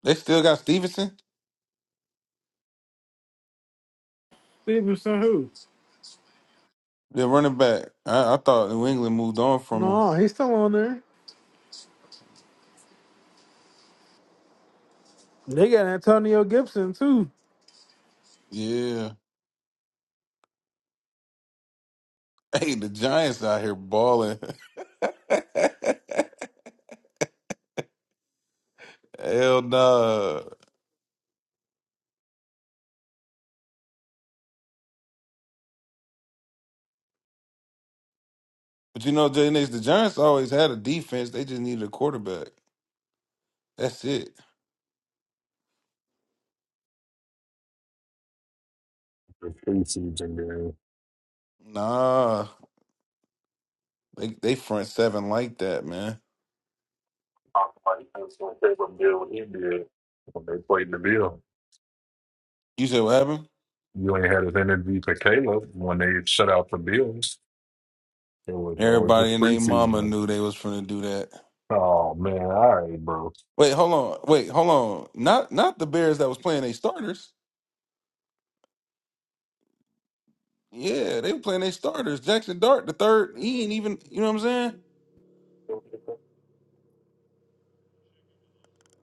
Speaker 9: They still got Stevenson,
Speaker 4: Stevenson who?
Speaker 9: their running back. I, I thought New England moved on from him.
Speaker 4: No, he's still on there. They got Antonio Gibson too.
Speaker 9: Yeah. <laughs> Hey, the Giants out here balling. <laughs> Hell nah. But you know, Jay Nix, the Giants always had a defense. They just needed a quarterback. That's it.
Speaker 18: the preseason game.
Speaker 9: Nah. They they front seven like that, man.
Speaker 18: I was Like, that's my favorite deal he did when they played the Bills.
Speaker 9: You said what happened?
Speaker 18: You ain't had his energy for Caleb when they shut out the Bills. It was always
Speaker 9: Everybody
Speaker 18: just
Speaker 9: and they mama
Speaker 18: preseason.
Speaker 9: knew they was finna do that.
Speaker 18: Oh man, all right, bro.
Speaker 9: Wait, hold on. Wait, hold on. Not not the Bears that was playing they starters. Yeah, they were playing their starters. Jackson Dart, the third, he ain't even you know what I'm saying?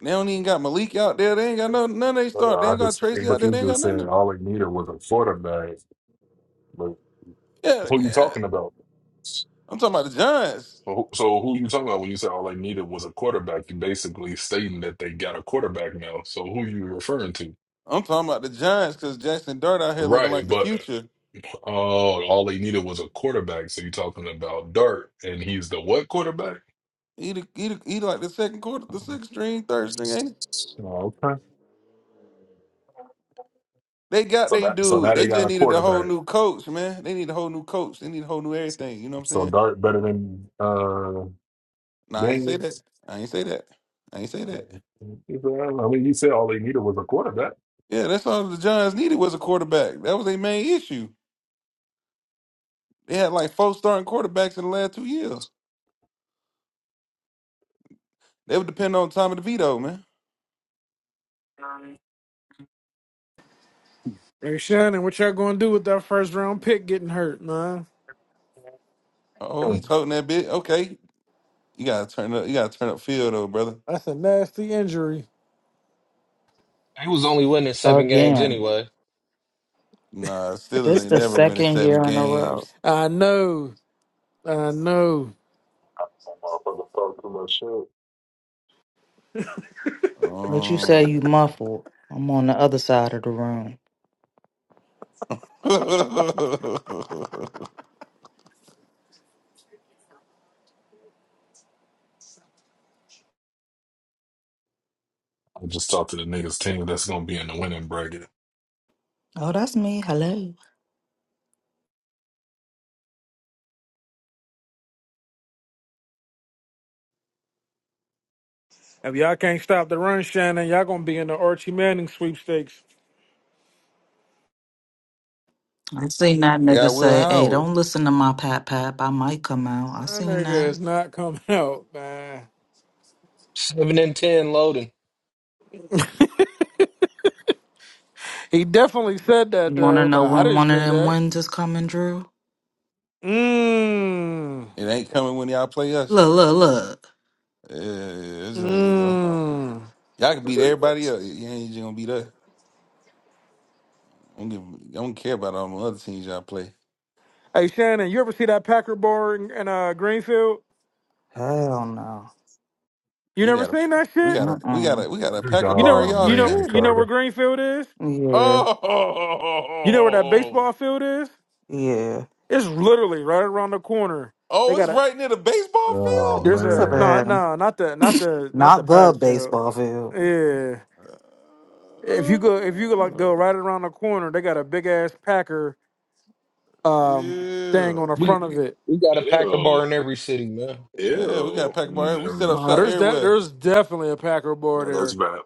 Speaker 9: They don't even got Malik out there. They ain't got no none of they
Speaker 18: But, uh,
Speaker 9: start. They
Speaker 18: I
Speaker 9: ain't got
Speaker 18: just,
Speaker 9: Tracy out
Speaker 18: but
Speaker 9: there.
Speaker 18: you
Speaker 9: They ain't got
Speaker 18: just
Speaker 9: none
Speaker 18: said
Speaker 9: of them.
Speaker 18: all they needed was a quarterback. But
Speaker 9: Yeah,
Speaker 18: who you
Speaker 9: yeah.
Speaker 18: talking about?
Speaker 9: I'm talking about the Giants.
Speaker 18: So so who you talking about when you said all they needed was a quarterback? You basically stating that they got a quarterback now. So who you referring to?
Speaker 9: I'm talking about the Giants because Jackson Dart out here looking like
Speaker 18: Right,
Speaker 9: the
Speaker 18: but
Speaker 9: future.
Speaker 18: Oh, all they needed was a quarterback. So you're talking about Dart, and he's the what quarterback?
Speaker 9: He, the, he, the, he like the second quarter, the sixth string, third string, ain't he?
Speaker 18: Oh, okay.
Speaker 9: They got
Speaker 18: So
Speaker 9: they
Speaker 18: that so now
Speaker 9: dude.
Speaker 18: they
Speaker 9: They
Speaker 18: got
Speaker 9: just
Speaker 18: a
Speaker 9: needed a whole
Speaker 18: quarterback.
Speaker 9: new coach, man. They need a whole new coach. They need a whole new everything. You know what I'm
Speaker 18: So
Speaker 9: saying?
Speaker 18: Dart better than uh
Speaker 9: Nah, I ain't say that.
Speaker 18: Daniels.
Speaker 9: I ain't say that. I ain't say that.
Speaker 18: I mean, you said all they needed was a quarterback.
Speaker 9: Yeah, that's all the Giants needed was a quarterback. That was their main issue. They had like four starting quarterbacks in the last two years. They would depend on Tommy DeVito, man.
Speaker 18: Hmm.
Speaker 4: Hey Shannon, what y'all gonna do with that first round pick getting hurt, man?
Speaker 9: Oh, he's toting that bit. Okay, you gotta turn up. You gotta turn up field though, brother.
Speaker 4: That's a nasty injury.
Speaker 5: They was only winning seven games
Speaker 10: Again.
Speaker 5: anyway.
Speaker 9: Nah, Steelers
Speaker 10: This
Speaker 9: ain't
Speaker 10: the
Speaker 9: never winning
Speaker 10: second
Speaker 9: seven
Speaker 10: year in a row.
Speaker 9: games.
Speaker 4: I know. I know.
Speaker 18: Motherfucker, fuck too much shit.
Speaker 10: But you say
Speaker 9: Um,
Speaker 10: you muffled. I'm on the other side of the room.
Speaker 9: <laughs>
Speaker 18: I just talked to the niggas team that's gonna be in the winning bracket.
Speaker 10: Oh, that's me. Hello.
Speaker 4: If y'all can't stop the run, Shannon, y'all gonna be in the Archie Manning sweepstakes.
Speaker 10: I seen that
Speaker 9: they
Speaker 10: nigga
Speaker 9: got Will
Speaker 10: say, "Hey,
Speaker 9: Howard.
Speaker 10: don't listen to my pap pap. I might come out." I
Speaker 4: That
Speaker 10: seen
Speaker 4: nigga
Speaker 10: that.
Speaker 4: is not coming <laughs> out, man.
Speaker 5: Seven and ten loading.
Speaker 4: He definitely said
Speaker 10: You
Speaker 4: that
Speaker 10: want to
Speaker 4: though.
Speaker 10: know
Speaker 4: Like I
Speaker 10: when
Speaker 4: didn't
Speaker 10: one of
Speaker 4: say
Speaker 10: them
Speaker 4: that.
Speaker 10: wins is coming, Drew?
Speaker 4: Mmm.
Speaker 9: It ain't coming when y'all play us.
Speaker 10: Look, look, look.
Speaker 9: Uh, it's just, you know,
Speaker 4: mmm.
Speaker 9: y'all
Speaker 18: The
Speaker 9: can beat everybody
Speaker 18: Ravens.
Speaker 9: else. You ain't just gonna beat us. I don't, give, I don't care about all the other teams y'all play.
Speaker 4: Hey Shannon, you ever see that Packer bar in, in uh, Greenfield?
Speaker 10: Hell no.
Speaker 4: You
Speaker 9: We
Speaker 4: never
Speaker 9: got a,
Speaker 4: seen that
Speaker 9: we
Speaker 4: shit?
Speaker 9: got a, we
Speaker 10: Uh-uh.
Speaker 9: got a, we got a pack of
Speaker 4: You know
Speaker 9: bar
Speaker 4: where
Speaker 9: in
Speaker 18: Oh
Speaker 9: y'all
Speaker 4: you know
Speaker 18: man,
Speaker 9: shit.
Speaker 4: you know where
Speaker 18: Carter.
Speaker 4: Greenfield is?
Speaker 10: Yeah,
Speaker 9: Oh, <laughs>
Speaker 4: You know where that baseball field is?
Speaker 10: yeah.
Speaker 4: It's literally right around the corner. They
Speaker 9: oh, it's
Speaker 4: got a
Speaker 9: right near the baseball
Speaker 18: Oh
Speaker 9: field.
Speaker 4: There's
Speaker 10: That's a
Speaker 4: a
Speaker 18: man.
Speaker 4: no,
Speaker 10: bad.
Speaker 4: no, not the not the not the
Speaker 10: Not the
Speaker 4: Paris field.
Speaker 10: baseball field.
Speaker 4: Yeah, if
Speaker 9: Uh,
Speaker 4: you go if you go like go right around the corner, they got a big ass Packer um thing
Speaker 9: yeah,
Speaker 4: on the
Speaker 5: We
Speaker 4: front of it.
Speaker 5: we got a Packer
Speaker 18: Ew.
Speaker 5: bar in every city, man.
Speaker 9: yeah, we got a
Speaker 18: Ew.
Speaker 9: pack of bar.
Speaker 18: And,
Speaker 9: We set
Speaker 18: um,
Speaker 9: up
Speaker 4: Nah,
Speaker 9: shop
Speaker 4: there's that.
Speaker 9: everywhere.
Speaker 4: There's definitely a Packer bar
Speaker 18: yeah, that's
Speaker 4: there.
Speaker 18: bad.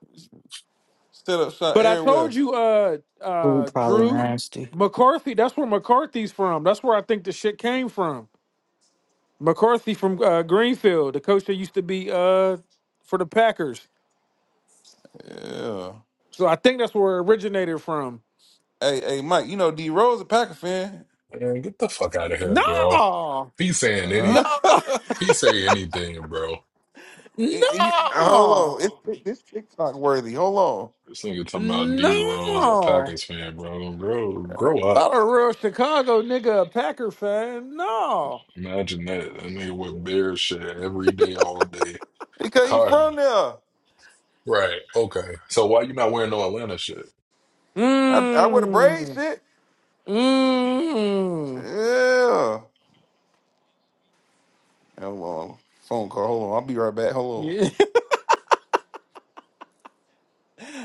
Speaker 9: Set up shop
Speaker 4: But I
Speaker 9: everywhere.
Speaker 4: told you, uh,
Speaker 10: Ooh,
Speaker 4: uh,
Speaker 10: probably
Speaker 4: Drew
Speaker 10: nasty.
Speaker 4: McCarthy. That's where McCarthy's from. That's where I think the shit came from. McCarthy from uh, Greenfield, the coach that used to be uh for the Packers.
Speaker 9: Yeah.
Speaker 4: So I think that's where it originated from.
Speaker 9: Hey, hey, Mike. You know D Rose a Packer fan.
Speaker 18: Man, get the fuck out of here, bro.
Speaker 4: No,
Speaker 18: He's saying
Speaker 9: Uh,
Speaker 18: any,
Speaker 4: no. <laughs>
Speaker 9: <laughs>
Speaker 18: he say anything, bro.
Speaker 9: you, you-
Speaker 4: No,
Speaker 9: hold on. It's this TikTok worthy. Hold on.
Speaker 18: This nigga talking about D Rose, a
Speaker 4: no,
Speaker 18: Packers fan, bro. Grow, grow
Speaker 4: not
Speaker 18: up.
Speaker 4: a real Chicago nigga, a Packer fan. No.
Speaker 18: Imagine that. That nigga with bear shit every day, all day.
Speaker 9: Because he
Speaker 18: Carter,
Speaker 9: from there.
Speaker 18: Right. Okay. So why you not wearing no Atlanta shit?
Speaker 9: I, I would have braced
Speaker 4: Mmm.
Speaker 9: it.
Speaker 4: Mmm.
Speaker 9: Yeah. Hold on. Phone call. Hold on. I'll be right back. Hold
Speaker 4: Yeah.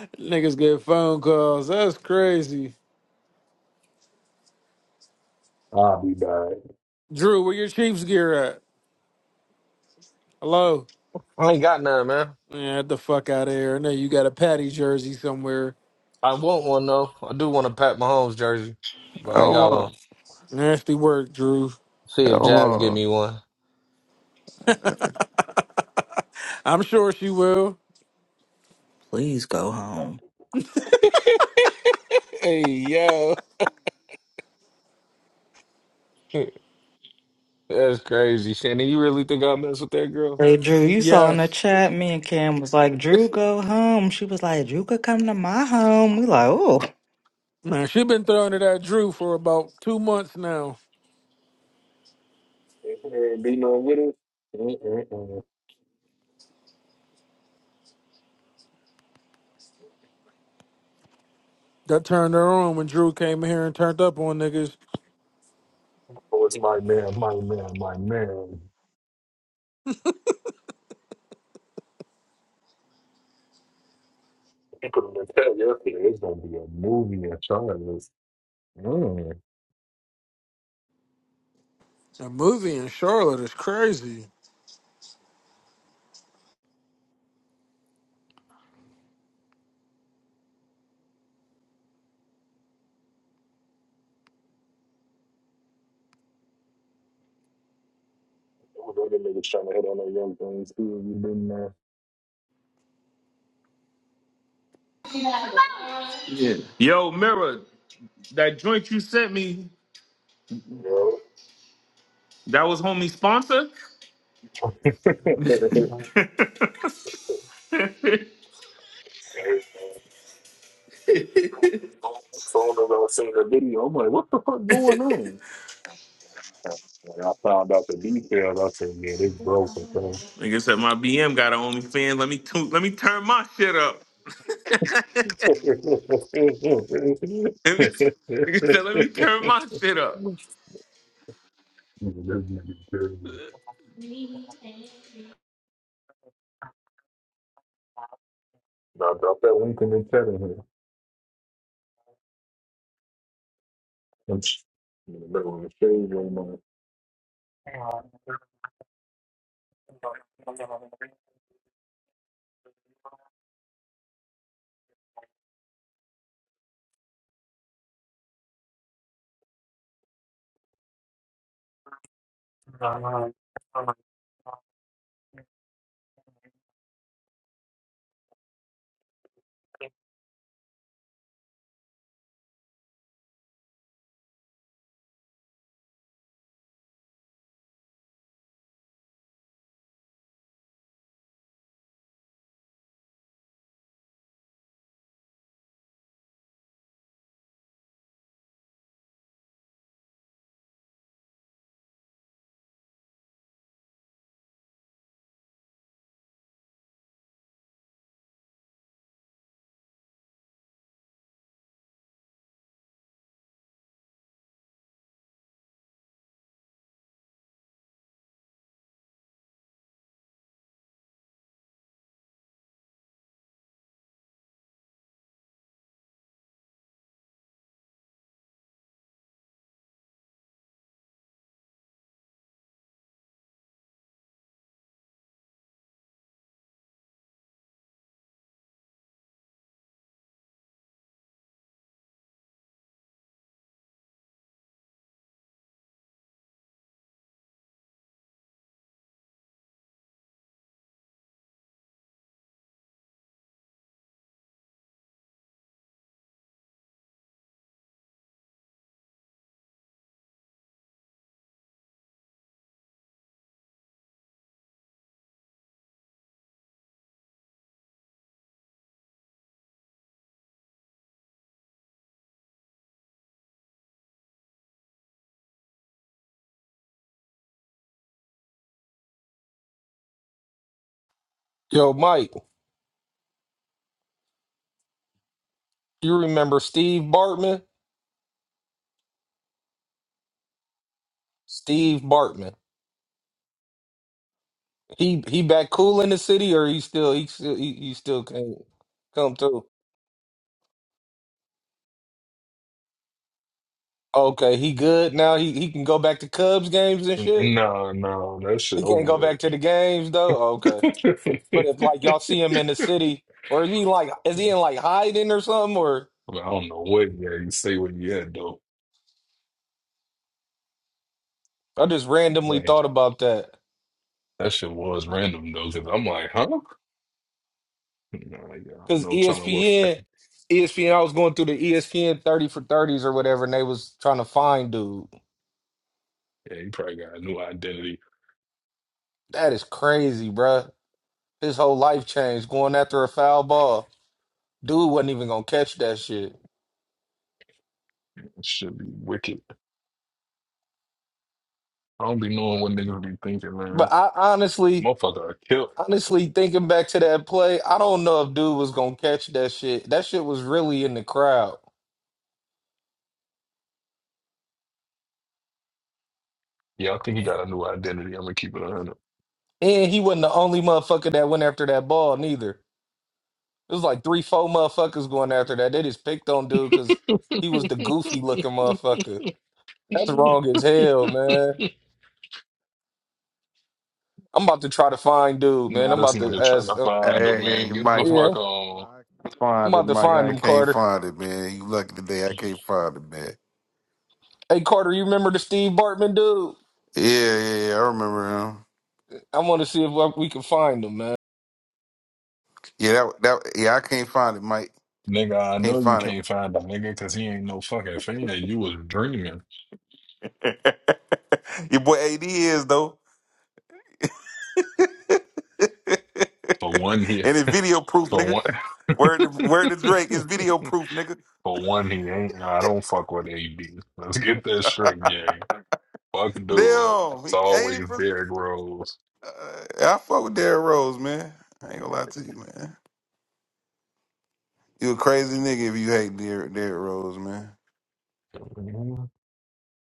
Speaker 4: <laughs> Niggas get phone calls. That's crazy.
Speaker 18: I'll be back.
Speaker 4: Drew, where your Chiefs gear at? Hello.
Speaker 5: I ain't got none, man.
Speaker 4: Yeah, get the fuck out of here. I know you got a Patty jersey somewhere.
Speaker 5: I want one though. I do want a Pat Mahomes jersey, but
Speaker 9: on.
Speaker 5: I ain't got
Speaker 9: Hold
Speaker 5: one.
Speaker 9: on.
Speaker 4: Nasty work, Drew.
Speaker 5: See if
Speaker 9: Hold
Speaker 5: Jazz give me one.
Speaker 9: on.
Speaker 4: I'm sure she will.
Speaker 10: Please go home.
Speaker 5: <laughs> Hey yo, <laughs> that's crazy, Shannon. You really think I mess with that girl?
Speaker 10: Hey, Drew, you saw in the
Speaker 4: Yes.
Speaker 10: chat, me and Cam was like,
Speaker 5: <laughs>
Speaker 10: Drew, go home. She was like, Drew could come to my home. We like, oh.
Speaker 4: Man, she been throwing it at Drew for about two months now.
Speaker 18: Ain't Be no with it. Mm-mm-mm.
Speaker 4: That turned her on when Drew came in here and turned up on niggas.
Speaker 18: Oh, it's my man, my man, my man. He put him in the tag yesterday. It's gonna be a movie in China.
Speaker 4: The movie in Charlotte is crazy.
Speaker 18: With other niggas trying to hit on their young things too. You been there?
Speaker 17: Yo, Mirror, that joint you sent me,
Speaker 18: Yeah.
Speaker 17: that was homie sponsor.
Speaker 18: <laughs> Soon as I seen the video, I'm like, what the fuck going on? Yeah. When I found out the details, I said, yeah, they broke it, bro.
Speaker 17: Nigga said my BM got an OnlyFans. Let me tu- let me turn my shit up. <laughs> Let me, nigga said let me turn my shit up.
Speaker 18: <laughs> Now drop that link in the chat in here. I'm just in the middle of the shade room.
Speaker 5: Yo, Mike, you remember Steve Bartman? Steve Bartman. He he back cool in the city, or he still he still he, he still can't come through. Okay, he good now. He he can go back to Cubs games and shit.
Speaker 18: man. Nah, nah, that
Speaker 5: He
Speaker 18: shit
Speaker 5: can't go
Speaker 18: over
Speaker 5: back to the games though. Okay, But if like y'all
Speaker 18: with.
Speaker 5: see him in the city, or is he like is
Speaker 18: <laughs>
Speaker 5: he in like hiding or something? Or
Speaker 18: But I don't know what yeah you say what you had though.
Speaker 5: I just randomly
Speaker 18: Right.
Speaker 5: thought about that
Speaker 18: That shit was random though, because I'm like, huh? Nah, yeah,
Speaker 5: because
Speaker 18: no telling what. fa-
Speaker 5: ESPN, ESPN. I was going through the ESPN thirty for thirties or whatever, and they was trying to find dude.
Speaker 18: Yeah, he probably got a new identity.
Speaker 5: That is crazy, bruh. His whole life changed going after a foul ball. Dude wasn't even gonna catch that shit.
Speaker 18: should be wicked. I don't be knowing what niggas be thinking, man.
Speaker 5: But I honestly,
Speaker 18: Motherfucker, I killed.
Speaker 5: honestly thinking back to that play, I don't know if dude was gonna catch that shit. That shit was really in the crowd.
Speaker 18: Yeah, I think he got a new identity. I'm gonna keep it on him.
Speaker 5: And he wasn't the only motherfucker that went after that ball neither. It was like three, four motherfuckers going after that. They just picked on dude because he was the goofy looking motherfucker. That's
Speaker 18: <laughs>
Speaker 5: wrong as hell, man. I'm about to try to find dude, man.
Speaker 18: now
Speaker 5: I'm
Speaker 18: this
Speaker 5: about to
Speaker 18: nigga trying to
Speaker 5: ask. Uh,
Speaker 18: find him,
Speaker 9: Hey, hey,
Speaker 18: man. Get the
Speaker 9: Mike.
Speaker 5: yeah,
Speaker 18: fuck on.
Speaker 9: I can't
Speaker 5: I'm
Speaker 9: find it,
Speaker 5: about to
Speaker 9: Mike.
Speaker 5: find
Speaker 9: I
Speaker 5: him,
Speaker 9: can't
Speaker 5: Carter.
Speaker 9: find it, man. You lucky today. I can't find it, man.
Speaker 5: Hey, Carter, you remember the Steve Bartman dude?
Speaker 9: Yeah, yeah, yeah. I remember him.
Speaker 5: I want to see if uh, we can find him, man.
Speaker 9: Yeah, that, that. Yeah, I can't find it, Mike.
Speaker 18: Nigga, I
Speaker 9: Can't
Speaker 18: know you
Speaker 9: find
Speaker 18: can't find him, nigga, because he ain't no fucking fan. You was dreaming.
Speaker 9: it. <laughs> Your boy AD is though. <laughs> and
Speaker 18: For one, here.
Speaker 9: it's
Speaker 18: <laughs>
Speaker 9: video proof, nigga.
Speaker 18: For one.
Speaker 9: Word to, word to Drake is
Speaker 18: <laughs>
Speaker 9: video proof, nigga.
Speaker 18: For one, he ain't. I don't fuck with AD. Let's get that straight, gang. Fuck dude.
Speaker 9: Damn,
Speaker 18: It's
Speaker 9: he ain't
Speaker 18: always
Speaker 9: even.
Speaker 18: Derrick Rose.
Speaker 9: Uh, I fuck with Derrick Rose, man. I ain't gonna lie to you, man. You a crazy nigga if you hate Derrick, Derrick Rose, man.
Speaker 18: Mhm.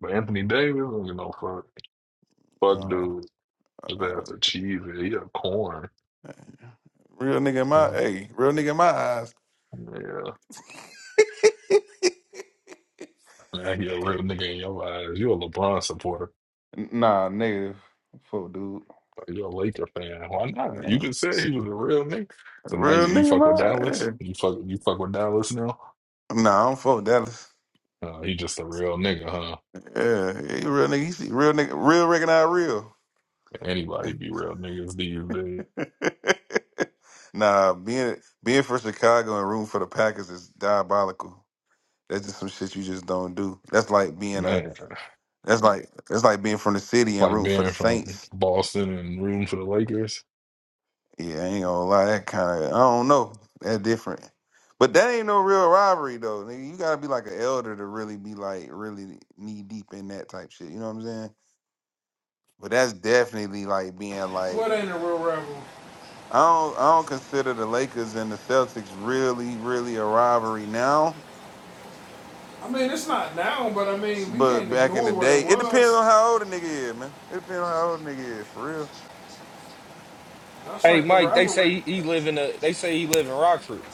Speaker 18: But Anthony Davis, I don't give no fuck. Fuck
Speaker 9: Uh,
Speaker 18: dude. His
Speaker 9: uh,
Speaker 18: ass a cheese. He a corn.
Speaker 9: real nigga in my
Speaker 18: Mhm.
Speaker 9: hey, real nigga in my eyes.
Speaker 18: Yeah.
Speaker 9: <laughs>
Speaker 18: Now he a real nigga in your eyes. You a LeBron supporter.
Speaker 9: Nah, negative. Fuck, dude.
Speaker 18: Like, You a Laker fan. Why not? You
Speaker 9: Uh,
Speaker 18: just said he was a real nigga. So now
Speaker 9: real
Speaker 18: you, you
Speaker 9: nigga, in
Speaker 18: fuck with
Speaker 9: my
Speaker 18: Dallas?
Speaker 9: yeah.
Speaker 18: You fuck you fuck with Dallas now?
Speaker 9: Nah, I don't fuck with Dallas.
Speaker 18: Uh, he just a real nigga, huh?
Speaker 9: Yeah, he real nigga. He see real nigga. Real recognize real.
Speaker 18: Anybody be real niggas these days.
Speaker 9: <laughs> nah, being being from Chicago and rooting for the Packers is diabolical. That's just some shit you just don't do. That's like being a
Speaker 18: Man.
Speaker 9: that's like that's like being from the city and
Speaker 18: like
Speaker 9: rooting for the
Speaker 18: being from
Speaker 9: Saints.
Speaker 18: Boston and rooting for the Lakers.
Speaker 9: Yeah, I ain't gonna lie, that kind of I don't know. That's different. But that ain't no real rivalry though. Nigga, you gotta be like an elder to really be like really knee deep in that type shit. You know what I'm saying? But that's definitely like being like
Speaker 4: What ain't a real rebel?
Speaker 9: I don't I don't consider the Lakers and the Celtics really, really a rivalry now
Speaker 4: I mean, it's not now, but I mean, we
Speaker 9: But
Speaker 4: can't
Speaker 9: back in
Speaker 4: ignore
Speaker 9: the
Speaker 4: what it
Speaker 9: day, it depends
Speaker 4: was.
Speaker 9: on how old a nigga is, man. It depends on how old a nigga is, for real.
Speaker 4: That's
Speaker 5: Hey,
Speaker 4: like the
Speaker 5: Mike, they say
Speaker 4: rivalry.
Speaker 5: he, he live in a. They say he live in Rockford.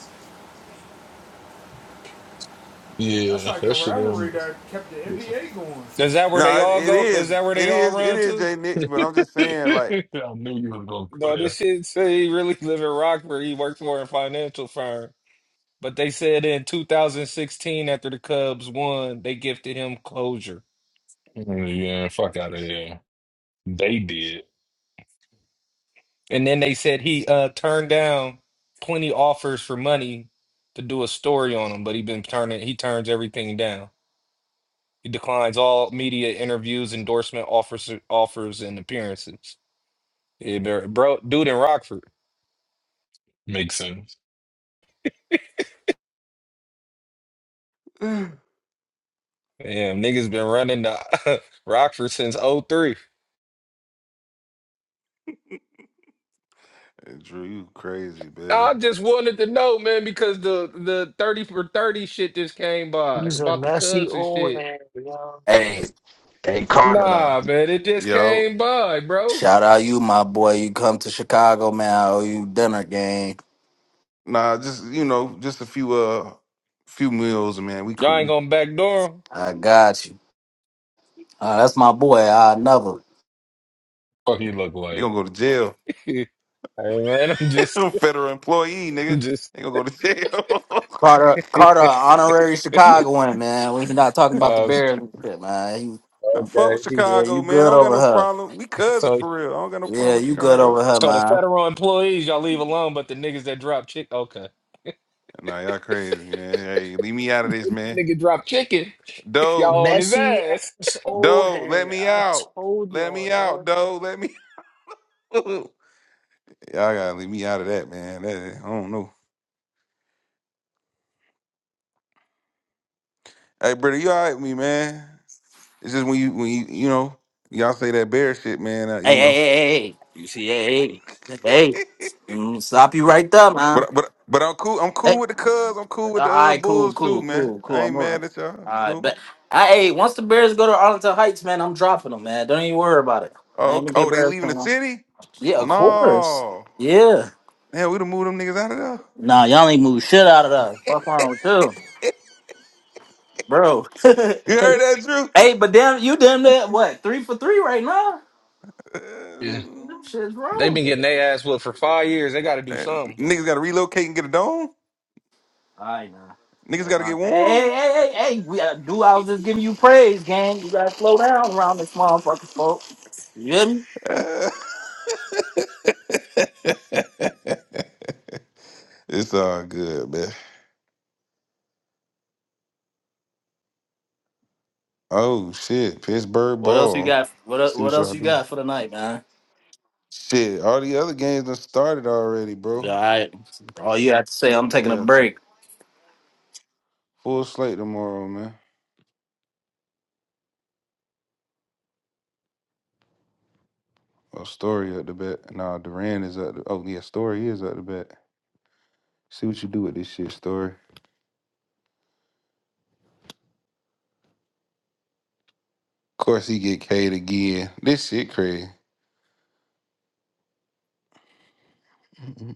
Speaker 4: That's
Speaker 18: Yeah,
Speaker 4: like the
Speaker 18: that should
Speaker 4: rivalry
Speaker 18: them.
Speaker 4: that kept the
Speaker 18: Yeah.
Speaker 4: NBA going.
Speaker 5: Is that where they
Speaker 9: No, it,
Speaker 5: all
Speaker 9: it
Speaker 5: go? Is
Speaker 9: is,
Speaker 5: that where
Speaker 9: it
Speaker 5: they all
Speaker 9: is, it
Speaker 5: run
Speaker 9: is
Speaker 5: to?
Speaker 9: Jay Nix,
Speaker 18: <laughs>
Speaker 9: but I'm just saying, like,
Speaker 18: I knew you was gonna put
Speaker 5: No, this
Speaker 18: it.
Speaker 5: shit say he really live in Rockford. He worked for a financial firm. But they said in 2016, after the Cubs won, they gifted him closure.
Speaker 18: Mm, Yeah, fuck out of here. They did.
Speaker 5: And then they said he uh, turned down 20 offers for money to do a story on him, but he been turning he turns everything down. He declines all media interviews, endorsement offers, offers and appearances. Yeah, bro, bro- dude in Rockford.
Speaker 18: Makes sense.
Speaker 5: Damn, niggas been running to <laughs> Rockford since '03.
Speaker 9: Hey, Drew, you crazy, man.
Speaker 5: I just wanted to know, man, because the the thirty for thirty shit just came by
Speaker 2: He's a
Speaker 5: about the
Speaker 2: messy
Speaker 5: Cubs and
Speaker 2: old
Speaker 5: shit.
Speaker 2: head, yo.
Speaker 8: Hey, hey Carter.
Speaker 9: Nah,
Speaker 5: Nah, man, it just
Speaker 9: you know,
Speaker 5: came by, bro.
Speaker 8: Shout out you, my boy. You come to Chicago, man. I owe you dinner, gang.
Speaker 9: nah, just you know, just a few, uh, few meals, man. We
Speaker 5: Y'all ain't
Speaker 9: cool.
Speaker 5: gonna backdoor him.
Speaker 8: I got you. Uh, that's my boy. I never.
Speaker 18: Fuck he look
Speaker 9: They
Speaker 18: like.
Speaker 9: gonna go to jail.
Speaker 5: <laughs> hey, man, I'm
Speaker 9: <laughs> I'm
Speaker 5: just,
Speaker 9: a Federal employee,
Speaker 5: I'm
Speaker 9: nigga.
Speaker 5: just.
Speaker 9: They gonna go to jail. <laughs>
Speaker 8: Carter, Carter, honorary Chicagoan, man. We not talking about the
Speaker 5: Uh,
Speaker 8: Bears and shit, man. You,
Speaker 9: I fuck with
Speaker 5: okay, he-
Speaker 8: yeah,
Speaker 9: Chicago,
Speaker 8: you
Speaker 9: man. I
Speaker 8: good
Speaker 9: don't got
Speaker 8: over
Speaker 9: no
Speaker 8: her.
Speaker 9: problem. We cousins
Speaker 5: so
Speaker 9: for real. I don't got no problem
Speaker 8: Yeah,
Speaker 9: with
Speaker 8: you good
Speaker 9: Chicago.
Speaker 8: over her,
Speaker 5: so the
Speaker 8: man.
Speaker 5: federal employees y'all leave alone, but the niggas that drop chick, okay,
Speaker 9: Nah, y'all crazy, man. Hey, leave me out of this, man.
Speaker 5: nigga drop chicken, <laughs>
Speaker 9: Doe,
Speaker 5: y'all on his
Speaker 2: Messy
Speaker 5: ass.
Speaker 2: ass old
Speaker 9: Doe, let
Speaker 2: head.
Speaker 9: me
Speaker 2: I
Speaker 9: out.
Speaker 2: told
Speaker 9: Let
Speaker 2: y'all,
Speaker 9: me out,
Speaker 2: yo.
Speaker 9: Doe. Let me <laughs> out. Y'all gotta leave me out of that, man. That, I don't know. Hey, brother, you all right with me, man? It's just when you when you you know y'all say that bear shit, man. Uh, you
Speaker 8: Hey, hey,
Speaker 9: know,
Speaker 8: hey, hey. hey. You see, hey, hey,
Speaker 9: <laughs>
Speaker 8: hey. Mm, stop you right there, man.
Speaker 9: but but but I'm cool. I'm
Speaker 8: Hey,
Speaker 9: cool with the Cubs. I'm
Speaker 8: uh,
Speaker 9: cool with
Speaker 8: all
Speaker 9: the uh,
Speaker 8: right, cool,
Speaker 9: Bulls too,
Speaker 8: cool,
Speaker 9: man.
Speaker 8: cool,
Speaker 9: I
Speaker 8: cool.
Speaker 9: ain't
Speaker 8: I'm all
Speaker 9: mad at y'all. You
Speaker 8: right,
Speaker 9: know.
Speaker 8: but I, hey, once the Bears go to Arlington Heights, man, I'm dropping them, man. Don't even worry about it. I
Speaker 9: Oh,
Speaker 8: ain't
Speaker 9: okay.
Speaker 8: gonna be a
Speaker 9: oh, they
Speaker 8: Bears
Speaker 9: leaving the
Speaker 8: fan. man.
Speaker 9: city?
Speaker 8: Yeah, of course.
Speaker 9: No,
Speaker 8: Yeah.
Speaker 9: man, we done moved them niggas out of there.
Speaker 8: Nah, y'all ain't move shit out of that. Fuck wrong with you, bro.
Speaker 9: You
Speaker 8: <laughs>
Speaker 9: heard that,
Speaker 8: Hey, but damn, you damn that what three for three right now?
Speaker 5: Yeah,
Speaker 9: Drew? <laughs>
Speaker 8: Them shit's
Speaker 5: they
Speaker 8: rolling.
Speaker 5: been getting their ass whooped for five years. They got to
Speaker 9: Uh,
Speaker 5: do
Speaker 9: uh,
Speaker 5: something.
Speaker 9: niggas gotta relocate and get a dome.
Speaker 8: All right now.
Speaker 9: Niggas
Speaker 8: Yeah,
Speaker 9: gotta get
Speaker 8: y'all- Hey, hey, hey,
Speaker 9: warm.
Speaker 8: hey, hey! hey, We, uh, do I was just giving you praise, gang. You gotta slow down around this motherfucker, folks. You hear me?
Speaker 9: <laughs> it's all good, man. Oh shit, Pittsburgh
Speaker 8: What else you
Speaker 9: ball.
Speaker 8: got? What el-
Speaker 9: See
Speaker 8: What
Speaker 9: what y'all
Speaker 8: else you
Speaker 9: do.
Speaker 8: got for the night, man?
Speaker 9: Shit, all the other games done started already,
Speaker 8: All
Speaker 9: bro.
Speaker 8: right. All you have to say, I'm taking a
Speaker 9: Yeah, it's a
Speaker 8: break.
Speaker 9: full slate tomorrow, man. Oh, Story at the bat. Nah, Duran is at the. Oh yeah, Story is at the bat. See what you do with this shit, Story. Of course he get K'd again. This shit crazy. Mhm.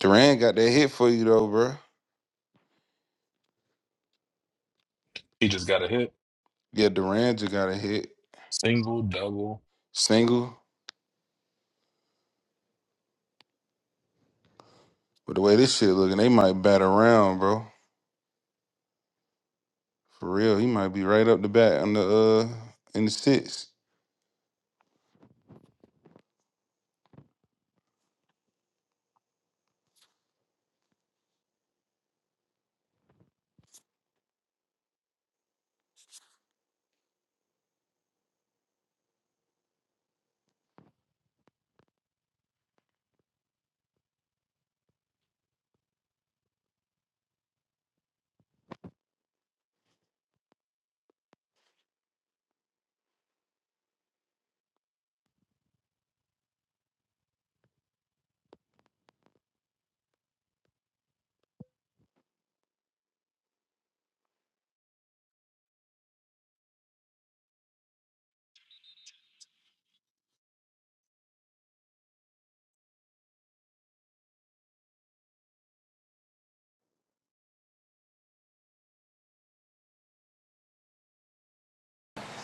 Speaker 9: Duran got that hit for you though, bro.
Speaker 18: He just got a hit.
Speaker 9: Yeah, Duran just got a hit
Speaker 18: Single, double.
Speaker 9: single. But the way this shit looking, they might bat around, bro. For real, he might be right up the bat on the uh in the six.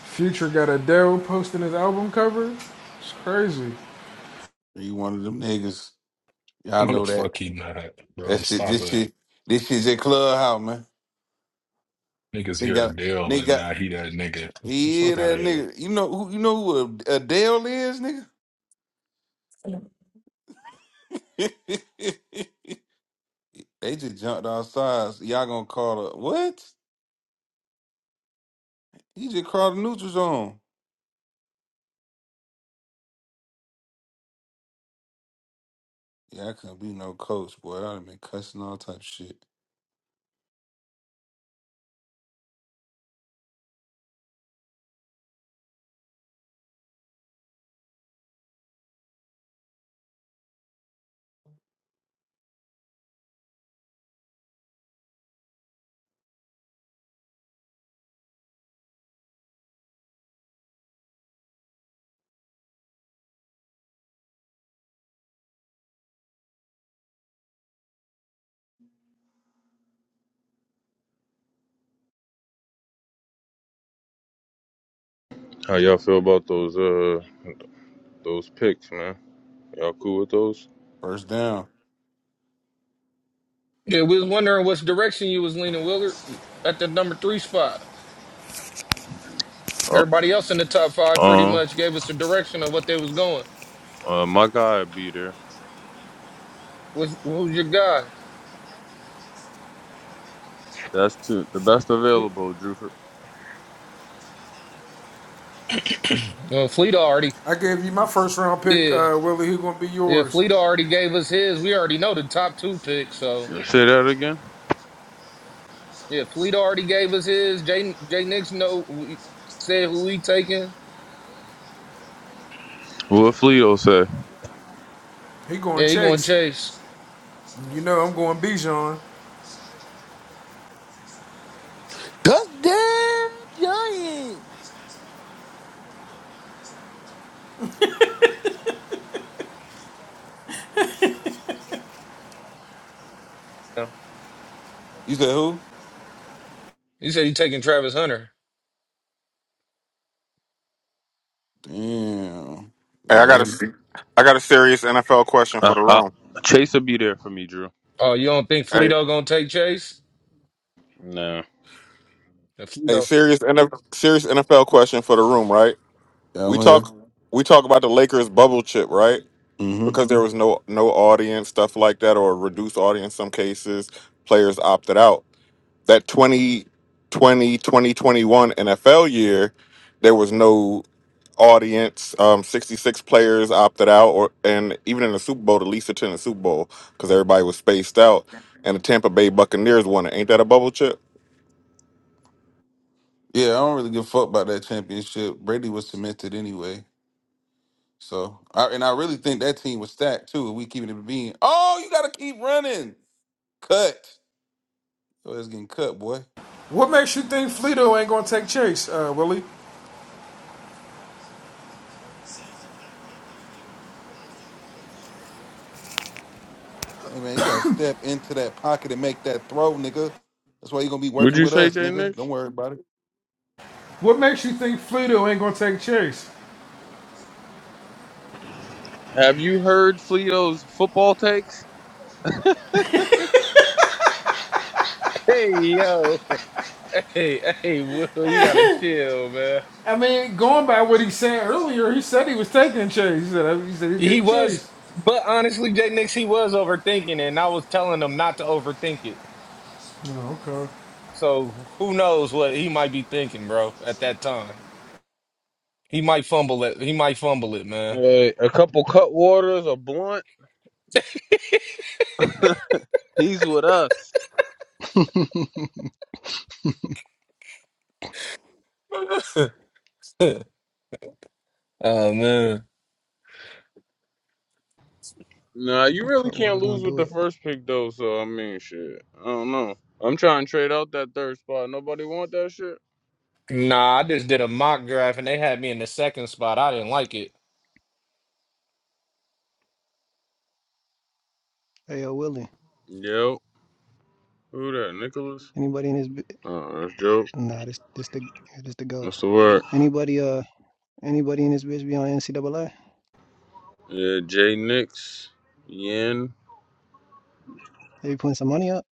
Speaker 4: Future got Adele posting his album cover. It's crazy.
Speaker 9: He one of them niggas. Y'all
Speaker 18: What the
Speaker 9: know that.
Speaker 18: fuck he not,
Speaker 9: That
Speaker 18: bro?
Speaker 9: shit.
Speaker 18: Stop
Speaker 9: This
Speaker 18: it.
Speaker 9: shit. This shit's at clubhouse, man.
Speaker 18: Niggas
Speaker 9: They
Speaker 18: hear a
Speaker 9: got.
Speaker 18: deal
Speaker 9: They
Speaker 18: and
Speaker 9: got.
Speaker 18: now he that nigga.
Speaker 9: Yeah,
Speaker 18: Fuck out
Speaker 9: that
Speaker 18: of
Speaker 9: nigga. You know who? You know who Adele is, nigga. <laughs> they just jumped our sides. Y'all gonna call the what? He just crawled the neutral zone. Yeah, I couldn't be no coach, boy. I'd have been cussing all type of shit.
Speaker 14: How y'all feel about those uh those picks, man? Y'all cool with those?
Speaker 9: First down.
Speaker 5: Yeah, we was wondering which direction you was leaning, Willard, at the number three spot.
Speaker 14: Uh
Speaker 5: Everybody else in the top five pretty
Speaker 14: uh,
Speaker 5: much gave us a direction of what they was going.
Speaker 14: uh my guy be there.
Speaker 5: What's, who's your guy?
Speaker 14: That's two the best
Speaker 4: He-
Speaker 14: available, Drew.
Speaker 18: here.
Speaker 5: Well, Fleet already.
Speaker 4: I gave you my first round pick,
Speaker 5: Yeah.
Speaker 4: uh, Willie. He gonna be
Speaker 5: Yeah,
Speaker 4: yours.
Speaker 5: Fleet already gave us his. We already know the top two picks, so
Speaker 14: Say that again.
Speaker 5: yeah, Fleet already gave us his. Jay Jay Nix know we said who he taking.
Speaker 14: What Fleeto say?
Speaker 4: He going
Speaker 5: Yeah, he gonna
Speaker 4: Chase.
Speaker 5: chase.
Speaker 4: You know I'm going Bijan.
Speaker 1: you. Cause Giants.
Speaker 5: Yeah.
Speaker 9: You said who?
Speaker 5: He said he taking Travis Hunter.
Speaker 9: Damn.
Speaker 12: Hey, I
Speaker 9: Yeah,
Speaker 12: got
Speaker 9: he-
Speaker 12: a, I got a serious NFL question
Speaker 14: Uh,
Speaker 12: for the
Speaker 14: uh,
Speaker 12: room.
Speaker 14: Chase will be there for me, Drew.
Speaker 5: Oh, you don't think
Speaker 12: Hey.
Speaker 5: Fleeto gonna take Chase?
Speaker 14: No.
Speaker 5: And
Speaker 12: A
Speaker 5: Fleeto.
Speaker 12: serious NFL, serious NFL question for the room, right? We
Speaker 9: I'm here.
Speaker 12: talk we talk about the Lakers bubble chip, right?
Speaker 9: hmm
Speaker 12: Because there was no no audience, stuff like that, or reduced audience. in Some cases, players opted out. That twenty twenty twenty twenty one NFL year, there was no audience. Um, Sixty six players opted out, or and even in the Super Bowl, the least attended Super Bowl because everybody was spaced out. And the Tampa Bay Buccaneers won it. Ain't that a bubble chip?
Speaker 9: Yeah, I don't really give a fuck about that championship. Brady was cemented anyway. So, I, and I really think that team was stacked too. If we keeping it being, oh, you gotta keep running. Cut. Oh, it's getting cut, boy.
Speaker 4: What makes you think Fleeto ain't gonna take Chase, uh, Willie?
Speaker 9: Hey man, you gotta step into that pocket and make that throw, nigga. That's why you gonna be
Speaker 14: Would
Speaker 9: working
Speaker 14: you
Speaker 9: with
Speaker 14: say,
Speaker 9: us,
Speaker 14: Jay
Speaker 9: nigga. Don't
Speaker 14: Nix?
Speaker 9: worry about it.
Speaker 4: What makes you think Fluto ain't gonna take Chase?
Speaker 14: Have you heard Fleeto's football takes?
Speaker 5: Hey yo. <laughs> Hey, hey, Will, you gotta chill, man.
Speaker 4: I mean, going by what he said earlier, he said he was taking Chase. He said he said he's
Speaker 5: He
Speaker 4: getting
Speaker 5: was,
Speaker 4: Chase.
Speaker 5: but honestly, Jay Nix, he was overthinking, it, and I was telling him not to overthink it. So who knows what he might be thinking, bro? At that time, he might fumble it. He might fumble it, man.
Speaker 14: Uh, a couple cut waters, a blunt. He's with us.
Speaker 19: <laughs>
Speaker 5: <laughs> oh man,
Speaker 14: Nah, you really can't
Speaker 19: Cutwater's gonna
Speaker 14: lose with
Speaker 19: do
Speaker 14: the
Speaker 19: it.
Speaker 14: first pick though. So I mean, shit. I don't know. I'm trying to trade out that third spot. Nobody want that shit.
Speaker 5: nah. I just did a mock draft, and they had me in the second spot. I didn't like it.
Speaker 19: Hey, yo, Willie.
Speaker 14: Yo, who that? Nicholas?
Speaker 19: Anybody in his bi-
Speaker 14: Oh, that's Joe.
Speaker 19: nah, this this the yeah, this the goat.
Speaker 14: What's the word?
Speaker 19: Anybody uh anybody in this bitch be on NCAA?
Speaker 14: Yeah, Jay Nix. Yen.
Speaker 19: They be putting some money up?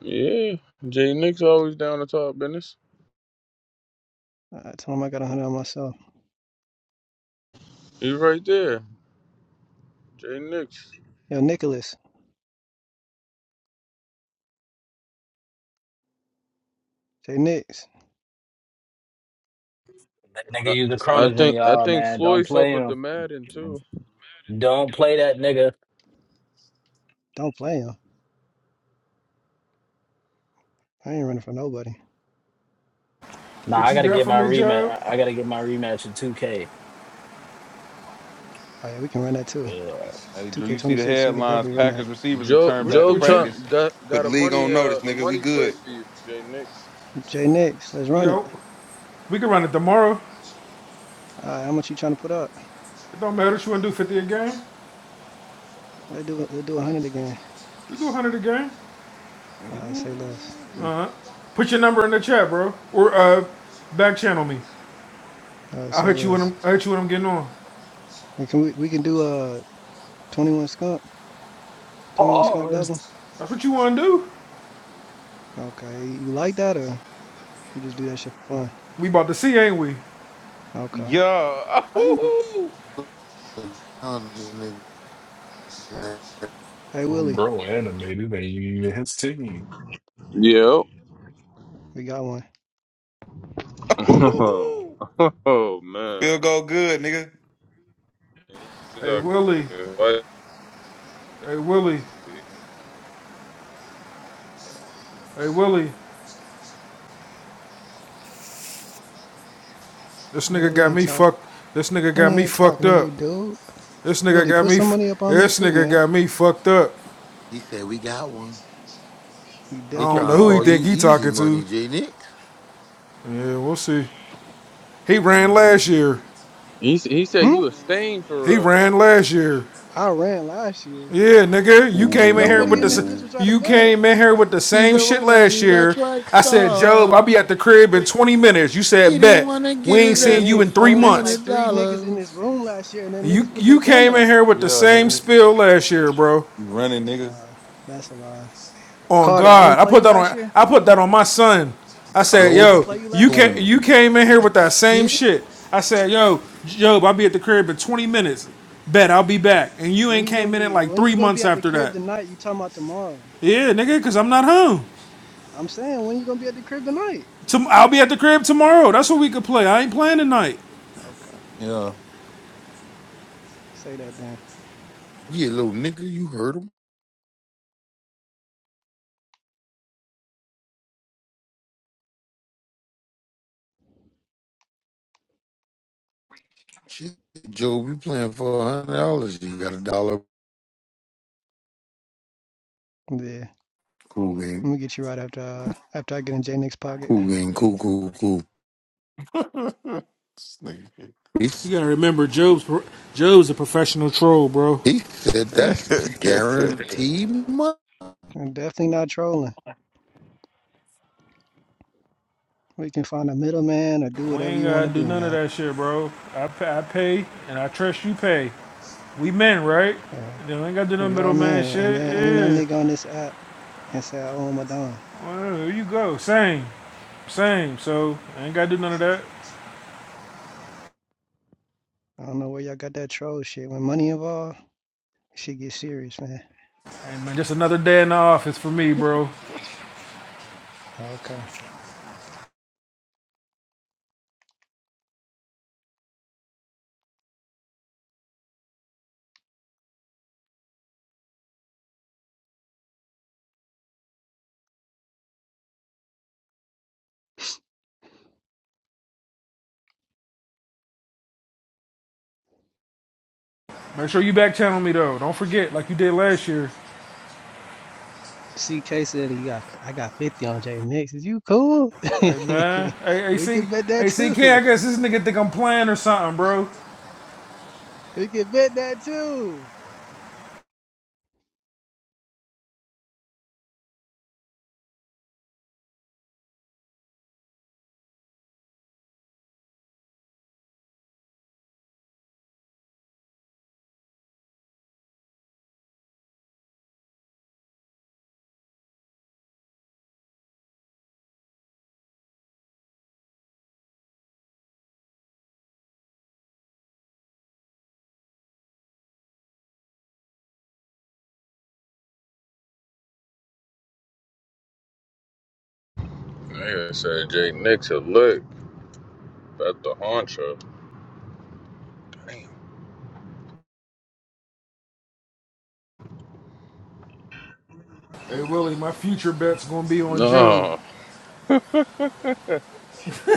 Speaker 14: Yeah, Jay Nix always down to talk business.
Speaker 19: I told him I got a hundred on myself.
Speaker 14: He's right there, Jay Nix.
Speaker 19: Yo, Nicholas, Jay Nicks,
Speaker 8: That nigga
Speaker 14: I,
Speaker 8: use the
Speaker 14: I
Speaker 8: Cronas in
Speaker 14: think I
Speaker 8: y'all,
Speaker 14: think
Speaker 8: man. Don't
Speaker 14: Floyd fuck
Speaker 8: play
Speaker 14: with the
Speaker 8: him.
Speaker 14: Madden too.
Speaker 8: Don't play that nigga.
Speaker 19: don't play him. I ain't running for nobody.
Speaker 8: Nah,
Speaker 4: What
Speaker 8: I
Speaker 4: you
Speaker 8: gotta
Speaker 4: got
Speaker 8: get
Speaker 4: for
Speaker 8: my
Speaker 4: me, Joe?
Speaker 8: rematch. I I gotta get my rematch in 2K.
Speaker 19: Oh yeah, we can run that too.
Speaker 8: Yeah. What
Speaker 9: Hey Drew, you see the
Speaker 19: 2K26, we could
Speaker 9: headlines?
Speaker 19: definitely run that.
Speaker 9: Packers receivers
Speaker 14: Job
Speaker 9: return
Speaker 4: What,
Speaker 9: back to
Speaker 14: Job
Speaker 4: what you,
Speaker 14: try,
Speaker 9: practice.
Speaker 14: got
Speaker 9: Put
Speaker 14: got
Speaker 9: the
Speaker 14: a
Speaker 9: league
Speaker 14: money
Speaker 9: on notice,
Speaker 14: uh, a
Speaker 9: nigga. We
Speaker 14: money play
Speaker 9: good.
Speaker 14: for you, Jay Nix.
Speaker 19: Jay Nix, let's run it.
Speaker 4: yo? We can run it tomorrow.
Speaker 19: All right, how much you trying to put up?
Speaker 4: It don't matter. What you wanna do 50 a game?
Speaker 19: Let's do let's do 100 again.
Speaker 4: You do 100 a game.
Speaker 19: All right, say less.
Speaker 9: Ooh.
Speaker 4: Uh huh. Put your number in the chat, bro, or uh, back channel me.
Speaker 19: All right,
Speaker 4: I'll
Speaker 19: say
Speaker 4: hit you when
Speaker 19: less.
Speaker 4: I'm I'll hit you when I'm getting on.
Speaker 19: And can we we can do uh 21 skunk, 21 skunk
Speaker 2: Pause.
Speaker 19: double?
Speaker 4: That's what you wanna do.
Speaker 19: Okay, you like that or you just do that shit for fun?
Speaker 4: We about to see, ain't we?
Speaker 19: Okay.
Speaker 9: Yeah.
Speaker 1: How you gonna tell the nigga that?
Speaker 19: Hey
Speaker 18: <clears throat>
Speaker 19: Willie,
Speaker 18: bro, animated ain't even his team.
Speaker 14: Yep.
Speaker 19: we got one.
Speaker 14: <laughs>
Speaker 9: <laughs>
Speaker 14: oh man.
Speaker 9: Still go good, nigga.
Speaker 14: He's
Speaker 4: Hey
Speaker 14: a
Speaker 4: Willie.
Speaker 14: good-
Speaker 4: Hey Willie. Hey Willie. This
Speaker 19: Hey,
Speaker 4: nigga
Speaker 19: Willie
Speaker 4: got
Speaker 19: ain't
Speaker 4: me
Speaker 19: talk.
Speaker 4: fucked. This nigga got
Speaker 19: Willie
Speaker 4: me
Speaker 19: ain't
Speaker 4: fucked
Speaker 19: talking to you,
Speaker 4: up.
Speaker 19: dude.
Speaker 4: This nigga
Speaker 19: Willie,
Speaker 4: got
Speaker 19: put
Speaker 4: me.
Speaker 19: some
Speaker 4: F-
Speaker 19: money up
Speaker 4: yeah,
Speaker 19: on me
Speaker 4: this
Speaker 19: too,
Speaker 4: nigga
Speaker 19: man.
Speaker 4: got me fucked up.
Speaker 1: He said we got one.
Speaker 19: We
Speaker 4: I
Speaker 1: He
Speaker 4: don't
Speaker 19: definitely
Speaker 1: trying
Speaker 4: know
Speaker 1: to
Speaker 4: who
Speaker 19: got
Speaker 4: he
Speaker 1: call
Speaker 19: one.
Speaker 4: think
Speaker 1: you
Speaker 4: he
Speaker 1: easy
Speaker 4: talking to.
Speaker 1: money, J Nick.
Speaker 4: Yeah, we'll see. He ran last
Speaker 9: Mm.
Speaker 4: year.
Speaker 14: He s- he said
Speaker 19: Hmm?
Speaker 14: you a stain for
Speaker 4: He
Speaker 14: real.
Speaker 9: Mm.
Speaker 4: ran last year.
Speaker 19: I ran last year.
Speaker 4: Yeah, nigga, you came in here
Speaker 19: Nobody
Speaker 4: with the
Speaker 19: in this bitch
Speaker 1: Ooh.
Speaker 19: was trying to
Speaker 4: you
Speaker 19: bet.
Speaker 4: came in here with the
Speaker 1: He's
Speaker 4: same
Speaker 1: a
Speaker 4: shit
Speaker 1: runner.
Speaker 4: last
Speaker 1: He's a
Speaker 4: year.
Speaker 1: track
Speaker 4: I said, Job, I'll
Speaker 1: star.
Speaker 4: be at the crib in 20 minutes. You
Speaker 1: He
Speaker 4: said,
Speaker 1: didn't
Speaker 4: bet.
Speaker 1: want to get
Speaker 4: We ain't
Speaker 1: his
Speaker 19: Jay
Speaker 4: seen
Speaker 1: ass
Speaker 4: you
Speaker 1: with
Speaker 4: in
Speaker 19: Nix, I
Speaker 4: three
Speaker 1: four
Speaker 19: bet
Speaker 4: months.
Speaker 19: like
Speaker 1: hundred
Speaker 19: three niggas in this
Speaker 1: dollars.
Speaker 19: room last year, and then
Speaker 4: You
Speaker 19: niggas put their
Speaker 4: you
Speaker 19: gun
Speaker 4: came
Speaker 19: up.
Speaker 4: in here with
Speaker 9: Yeah,
Speaker 4: the same
Speaker 9: nigga.
Speaker 4: spill last year, bro.
Speaker 9: You running,
Speaker 19: That's a
Speaker 9: nigga.
Speaker 19: lie. That's a lie.
Speaker 4: on
Speaker 19: Carter, I didn't
Speaker 4: God. I
Speaker 19: play
Speaker 4: put
Speaker 19: you
Speaker 4: that
Speaker 19: last
Speaker 4: on
Speaker 19: year.
Speaker 4: I put that on my son. I said,
Speaker 19: Carter, I
Speaker 1: Job
Speaker 19: didn't
Speaker 4: yo,
Speaker 19: play you
Speaker 4: you
Speaker 19: last year.
Speaker 4: came.
Speaker 1: doing
Speaker 4: you came in here with that same
Speaker 1: shit.
Speaker 4: shit. I said, yo, Job, I'll be at the crib in 20 minutes. Bet I'll be back. And you
Speaker 19: When
Speaker 4: ain't
Speaker 19: you gonna
Speaker 4: came in it
Speaker 19: be?
Speaker 4: like
Speaker 19: When
Speaker 4: three
Speaker 19: you gonna be
Speaker 4: months
Speaker 19: at the
Speaker 4: after
Speaker 19: crib
Speaker 4: that.
Speaker 19: tonight? You talking about tomorrow?
Speaker 4: Yeah, nigga, because I'm not home.
Speaker 19: I'm saying, when you gonna be at the crib tonight?
Speaker 4: Tom- I'll be at the crib tomorrow. That's what we could play. I ain't playing tonight.
Speaker 19: Okay,
Speaker 9: Yeah.
Speaker 19: say that then.
Speaker 1: Yeah, little nigga, you heard him. She said, Joe, we playing for a hundred dollars. You got a dollar.
Speaker 19: Yeah,
Speaker 1: Cool
Speaker 19: let
Speaker 1: game.
Speaker 19: me get you right after uh, after I get in J Nick's pocket.
Speaker 1: Cool game. Cool, cool, cool.
Speaker 9: <laughs> This
Speaker 1: He, s-
Speaker 4: You gotta remember, Job's Job's a professional troll, bro.
Speaker 1: he said that's
Speaker 9: nigga. <laughs>
Speaker 1: guaranteed money.
Speaker 19: I'm definitely not trolling. We can find a middleman or do
Speaker 4: We
Speaker 19: whatever
Speaker 4: ain't
Speaker 19: you want
Speaker 4: gotta
Speaker 19: to
Speaker 4: do
Speaker 19: do,
Speaker 4: none of
Speaker 19: man.
Speaker 4: that shit, bro. I pay, I pay and I trust you pay. We men, right?
Speaker 19: Yeah,
Speaker 4: Then we ain't gotta do no
Speaker 19: we are
Speaker 4: middleman
Speaker 19: men, and
Speaker 4: shit.
Speaker 19: there ain't no
Speaker 4: Yeah.
Speaker 19: nigga on this app can say I own my don.
Speaker 4: Well, here you go. Same. Same. So I ain't gotta do none of that.
Speaker 19: I don't know where y'all got that troll shit. When money involved, shit get serious, man.
Speaker 4: Hey man, just another day in the office for me, bro.
Speaker 19: Okay.
Speaker 4: Make sure you back channel me though. Don't forget, like you did last year.
Speaker 19: CK said he got I got 50 on J Nix. Is you cool? <laughs>
Speaker 4: Hey man. Hey, hey
Speaker 19: we
Speaker 4: see
Speaker 19: can bet
Speaker 4: hey
Speaker 19: that
Speaker 4: CK,
Speaker 19: too.
Speaker 4: guess this nigga think I'm playing or something, bro.
Speaker 19: We can bet that too.
Speaker 14: Nigga said Jay Nix a lick. About to haunt you.
Speaker 4: Hey Willie, my future bet's gonna be on Job.
Speaker 14: No.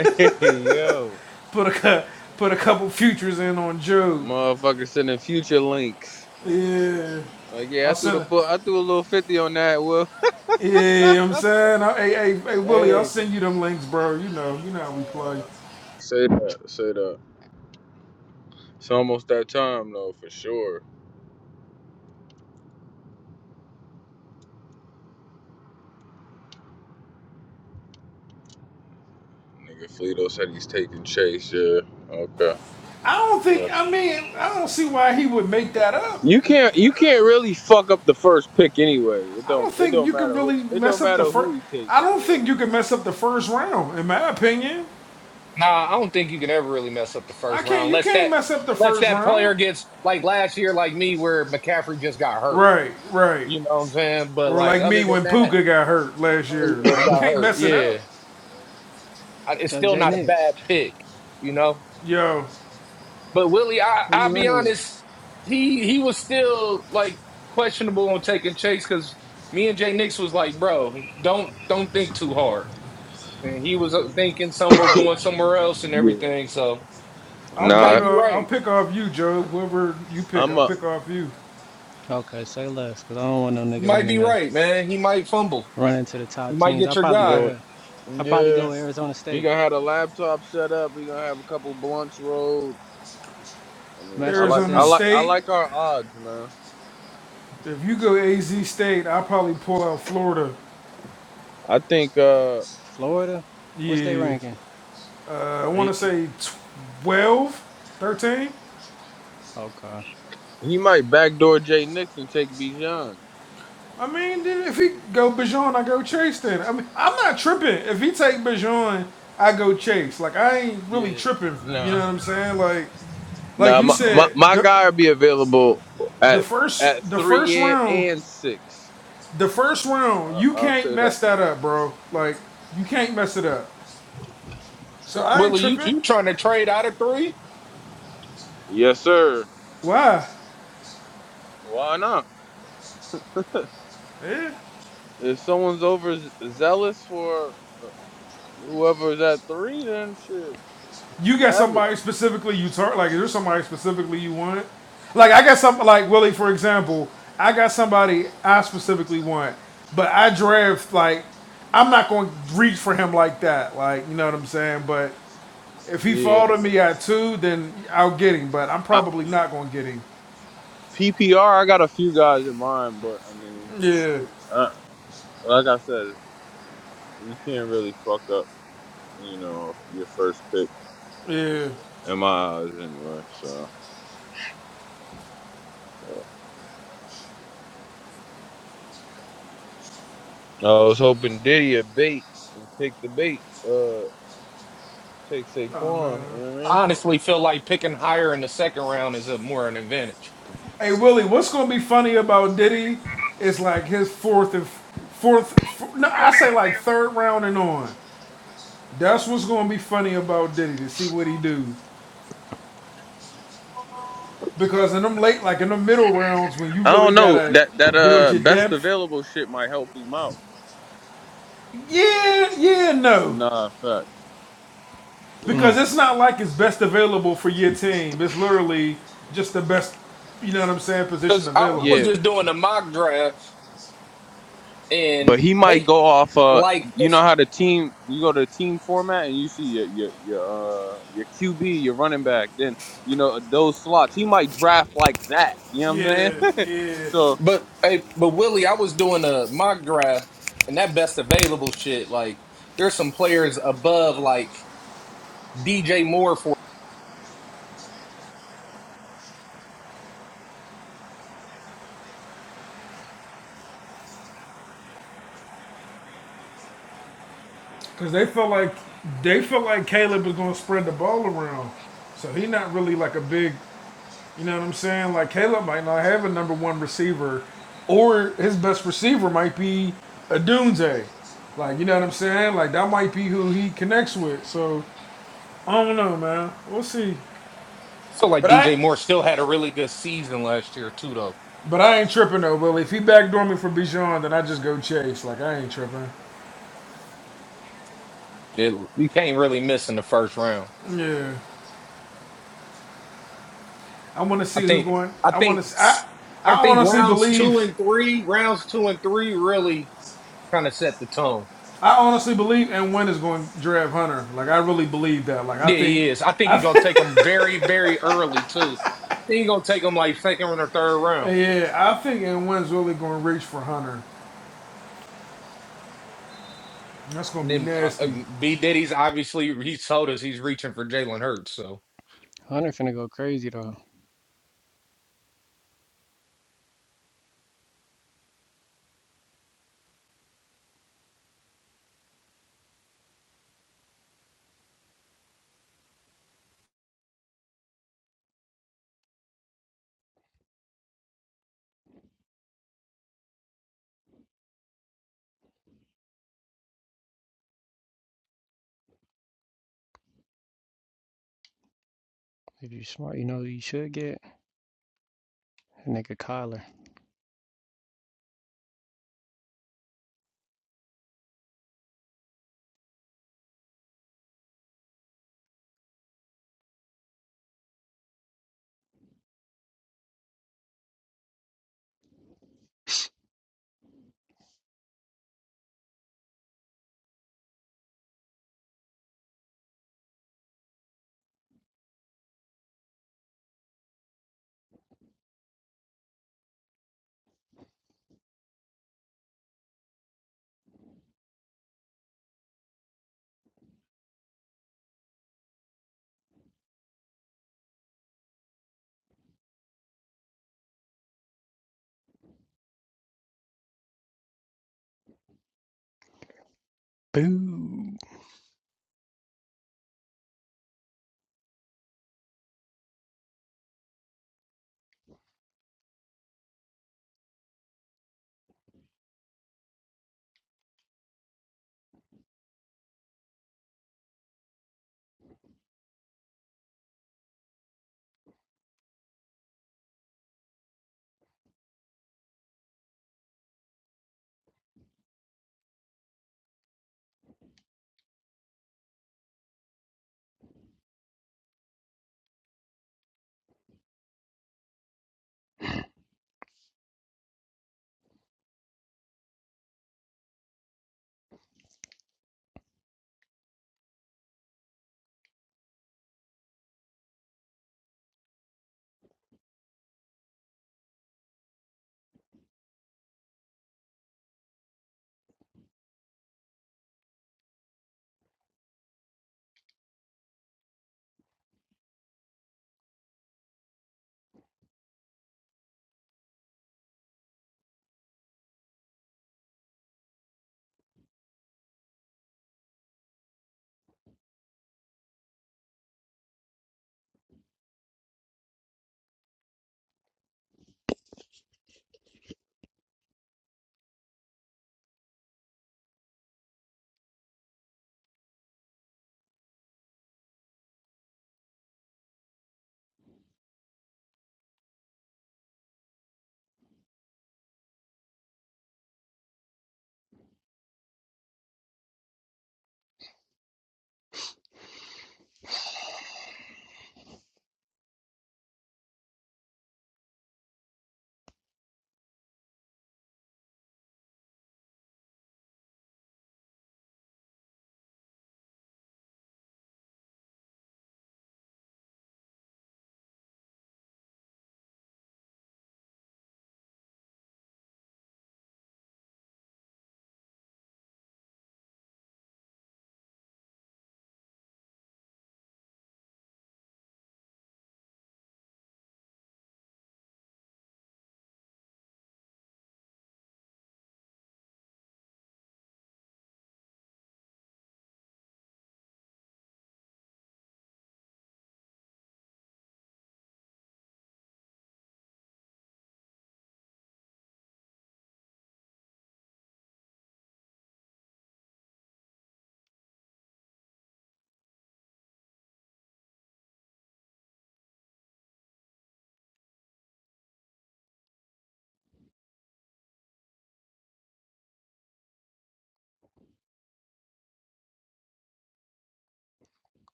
Speaker 14: <laughs> hey yo.
Speaker 4: Put a cou- put a couple futures in on Job.
Speaker 14: Motherfucker sending future links.
Speaker 4: Yeah.
Speaker 14: Like, yeah, I
Speaker 4: I'll
Speaker 14: threw the
Speaker 4: send it.
Speaker 14: book. I threw a little fifty on that. Well,
Speaker 4: Yeah, I'm saying, I, hey, hey, hey, Willie, I'll
Speaker 14: hey,
Speaker 4: send you them links, bro. You know, you know how we play.
Speaker 14: uh, say that, say that. It's almost that time though, for sure. Nigga, Fleeto said he's taking chase. Yeah, okay.
Speaker 4: I don't think.
Speaker 14: Yes.
Speaker 4: I mean, I don't see why he would make that up.
Speaker 14: You can't, you can't really fuck up the first pick anyway. It
Speaker 4: I
Speaker 14: don't,
Speaker 4: don't
Speaker 14: it
Speaker 4: think
Speaker 14: don't
Speaker 4: you can
Speaker 14: matter who,
Speaker 4: really
Speaker 14: it
Speaker 4: mess
Speaker 14: don't
Speaker 4: up the
Speaker 14: matter who
Speaker 4: first.
Speaker 14: he take
Speaker 4: I don't
Speaker 14: for.
Speaker 4: think you can mess up the first round, in my opinion.
Speaker 5: Nah, I don't think you can ever really mess up the
Speaker 4: I
Speaker 5: first round,
Speaker 4: can't. You
Speaker 5: unless
Speaker 4: can't
Speaker 5: that
Speaker 4: mess up the
Speaker 5: unless
Speaker 4: first
Speaker 5: that
Speaker 4: round.
Speaker 5: player gets like last year, like me, where McCaffrey just got hurt.
Speaker 4: Right, right.
Speaker 5: You know what I'm saying? But
Speaker 4: Or
Speaker 5: like
Speaker 4: like
Speaker 5: other
Speaker 4: me
Speaker 5: than
Speaker 4: when Puka
Speaker 5: that,
Speaker 4: got hurt last
Speaker 5: or yeah,
Speaker 4: year.
Speaker 5: it
Speaker 4: Like you
Speaker 5: got
Speaker 4: can't
Speaker 5: hurt.
Speaker 4: mess it
Speaker 5: Yeah.
Speaker 4: up.
Speaker 5: I- it's
Speaker 19: Yo,
Speaker 5: still
Speaker 19: J
Speaker 5: not a
Speaker 19: Nix.
Speaker 5: bad pick, you know.
Speaker 4: Yo,
Speaker 5: But Willie, I
Speaker 19: Who
Speaker 5: I'll
Speaker 19: you
Speaker 5: be
Speaker 19: running with?
Speaker 5: honest, he he was still like questionable on taking Chase because me and Jay Nix was like, bro, don't don't think too hard, and he was uh, thinking somewhere going somewhere else and
Speaker 14: Real. Yeah.
Speaker 5: everything. So
Speaker 4: I'll
Speaker 5: you
Speaker 4: pick
Speaker 5: might
Speaker 14: Nah,
Speaker 5: be
Speaker 4: up. I'll
Speaker 5: right.
Speaker 4: pick off you, Joe. Whoever you pick,
Speaker 14: I'm
Speaker 4: I'll
Speaker 14: a.
Speaker 4: pick off you.
Speaker 19: Okay, say less, cause I don't want no
Speaker 5: You
Speaker 19: nigga
Speaker 5: might
Speaker 19: running
Speaker 5: be
Speaker 19: the
Speaker 5: right, man. He might fumble.
Speaker 19: running to the top
Speaker 5: You might
Speaker 19: teams.
Speaker 5: get
Speaker 19: I
Speaker 5: your
Speaker 19: probably go
Speaker 5: guy.
Speaker 14: Yeah,
Speaker 19: with I probably
Speaker 14: yeah.
Speaker 19: go with Arizona
Speaker 14: He
Speaker 19: State.
Speaker 14: gonna have a laptop set up. He gonna have a couple blunts rolled. I mean,
Speaker 19: Match
Speaker 14: I
Speaker 19: up
Speaker 14: like
Speaker 19: with
Speaker 4: Arizona
Speaker 14: I
Speaker 19: them.
Speaker 14: like I
Speaker 4: State.
Speaker 14: like our odds, man.
Speaker 4: If you go AZ State, I'll probably pull out Florida.
Speaker 14: I think uh
Speaker 19: Florida, what's they
Speaker 4: Yeah.
Speaker 19: ranking?
Speaker 4: Uh, I want
Speaker 14: he
Speaker 4: to say 12, 13.
Speaker 19: Okay,
Speaker 14: he might backdoor Jay Nixon take Bijan.
Speaker 4: I mean, then if he go Bijan, I go Chase then. I mean, I'm not tripping. If he take Bijan, I go Chase. Like, I ain't really
Speaker 14: Yeah,
Speaker 4: tripping. You know
Speaker 14: nah,
Speaker 4: what I'm saying? Like, like
Speaker 14: nah.
Speaker 4: you
Speaker 14: My my,
Speaker 4: said,
Speaker 14: my
Speaker 4: the
Speaker 14: guy will be available
Speaker 4: the
Speaker 14: at at
Speaker 4: first the first
Speaker 14: three and,
Speaker 4: round,
Speaker 14: and six.
Speaker 4: the first round,
Speaker 14: I,
Speaker 4: you
Speaker 14: I'll
Speaker 4: can't
Speaker 14: say that.
Speaker 4: mess that up, bro. Like you can't mess it up. So I ain't
Speaker 5: Willie, you
Speaker 4: tripping.
Speaker 5: you trying to trade out of three?
Speaker 14: Yes, sir.
Speaker 4: Why?
Speaker 14: Why not?
Speaker 4: Yeah,
Speaker 14: If someone's over zealous for whoever's at three, then shit,
Speaker 4: You got
Speaker 14: have it.
Speaker 4: somebody specifically you turn like is there somebody specifically you want? Like I got some like Willie for example, I got somebody I specifically want, but I draft like I'm not going to reach for him like that. Like you know what I'm saying? But if he
Speaker 14: Yeah.
Speaker 4: fall to me at two, then I'll get him. But I'm
Speaker 14: I,
Speaker 4: probably not going to get him.
Speaker 14: PPR, I got a few guys in mind, but I mean,
Speaker 4: Yeah,
Speaker 14: shit. Uh, like I said. You can't really fuck up, you know, your first pick
Speaker 4: yeah.
Speaker 14: in my eyes anyway. So I was hoping Diddy a bait and take the bait. Uh, take
Speaker 4: Nah, man.
Speaker 14: Saquon. You know what I mean?
Speaker 5: I
Speaker 4: Don't-
Speaker 5: honestly feel like picking higher in the second round is a more an advantage.
Speaker 4: Hey Willie, what's gonna be funny about Diddy is like his fourth and fourth, four, no, I say like third round and on. That's what's gonna be funny about Diddy to see what he do. Because in them late, like in the middle rounds, when you
Speaker 14: I don't
Speaker 4: really
Speaker 14: know
Speaker 4: gotta
Speaker 14: that that
Speaker 4: build
Speaker 14: uh
Speaker 4: your
Speaker 14: best
Speaker 4: depth,
Speaker 14: available shit might help him out.
Speaker 4: yeah, yeah, no,
Speaker 14: Nah, facts. Yeah.
Speaker 4: because
Speaker 19: mm.
Speaker 4: it's not like it's best available for your team. It's literally just the best, you know what I'm saying, position
Speaker 5: Because I, I
Speaker 4: available.
Speaker 5: was
Speaker 14: Yeah,
Speaker 5: just doing a mock draft
Speaker 14: but
Speaker 5: and
Speaker 14: he might
Speaker 5: they
Speaker 14: go off. Uh,
Speaker 5: like
Speaker 14: you know how the team you go to the team format and you see your your your uh, your QB, your running back. Then you know those slots. He might draft like that. You know what I'm
Speaker 4: Yeah,
Speaker 14: saying? <laughs>
Speaker 4: yeah.
Speaker 14: so
Speaker 5: but hey, but Willie, I was doing a mock draft and that best available shit, like there's some players above like DJ Moore for
Speaker 4: Cause they felt like they felt like Caleb was gonna spread the ball around. So he not really like a big you know what I'm saying? Like Caleb might not have a number one receiver or his best receiver might be a Dunze. Like, you know what I'm saying? Like that might be who he connects with. So I don't know, man. We'll see.
Speaker 5: I feel like
Speaker 4: But I
Speaker 5: DJ Moore still had a really good season last year too though.
Speaker 4: but I ain't tripping though, Well, If he backdoor me for Bijan, then I just go chase. Like I ain't tripping.
Speaker 5: It, you can't really miss in the first round.
Speaker 4: Yeah, I want to
Speaker 5: I
Speaker 4: see who
Speaker 5: think
Speaker 4: going.
Speaker 5: I
Speaker 4: I want
Speaker 5: think
Speaker 4: to. I
Speaker 5: I
Speaker 4: I
Speaker 5: think
Speaker 4: honestly
Speaker 5: rounds two
Speaker 4: believe.
Speaker 5: and three, rounds two and three really kind of set the tone.
Speaker 4: I honestly believe and Wynn is going to draft Hunter. Like I really believe that. Like I
Speaker 5: Yeah,
Speaker 4: think,
Speaker 5: he is. I think
Speaker 4: I
Speaker 5: he's gonna
Speaker 4: think,
Speaker 5: take them very, very early too. I think he's gonna take them like second or third
Speaker 4: <laughs>
Speaker 5: round.
Speaker 4: yeah, I think and Wynn's really going to reach for Hunter. That's going
Speaker 5: And
Speaker 4: to be
Speaker 5: then uh, uh,
Speaker 4: nasty.
Speaker 5: B Diddy's obviously he told us he's reaching for Jalen Hurts. So
Speaker 19: Hunter finna go crazy though. If you smart, you know who you should get a nigga Kyler. Boo.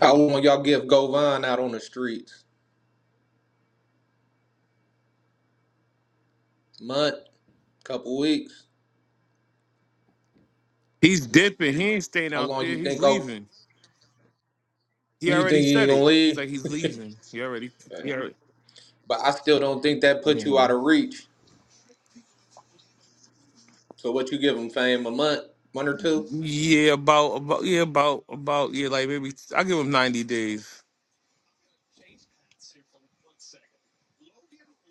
Speaker 5: How long y'all give Govan out on the streets? Month, couple weeks.
Speaker 17: He's dipping. He ain't staying
Speaker 5: How
Speaker 17: out
Speaker 5: long
Speaker 17: there.
Speaker 5: you
Speaker 17: He's
Speaker 5: think? Oh,
Speaker 17: leaving. He
Speaker 5: you
Speaker 17: already
Speaker 5: think he
Speaker 17: said
Speaker 5: gonna
Speaker 17: it. He's
Speaker 5: leave?
Speaker 17: like he's leaving. He already.
Speaker 5: Uh,
Speaker 17: He already.
Speaker 5: But I still don't think that puts you
Speaker 17: Mhm.
Speaker 5: out of reach. So what you give him, Fame? A month, one or two?
Speaker 17: Yeah, about about yeah about about yeah like maybe I give him ninety days.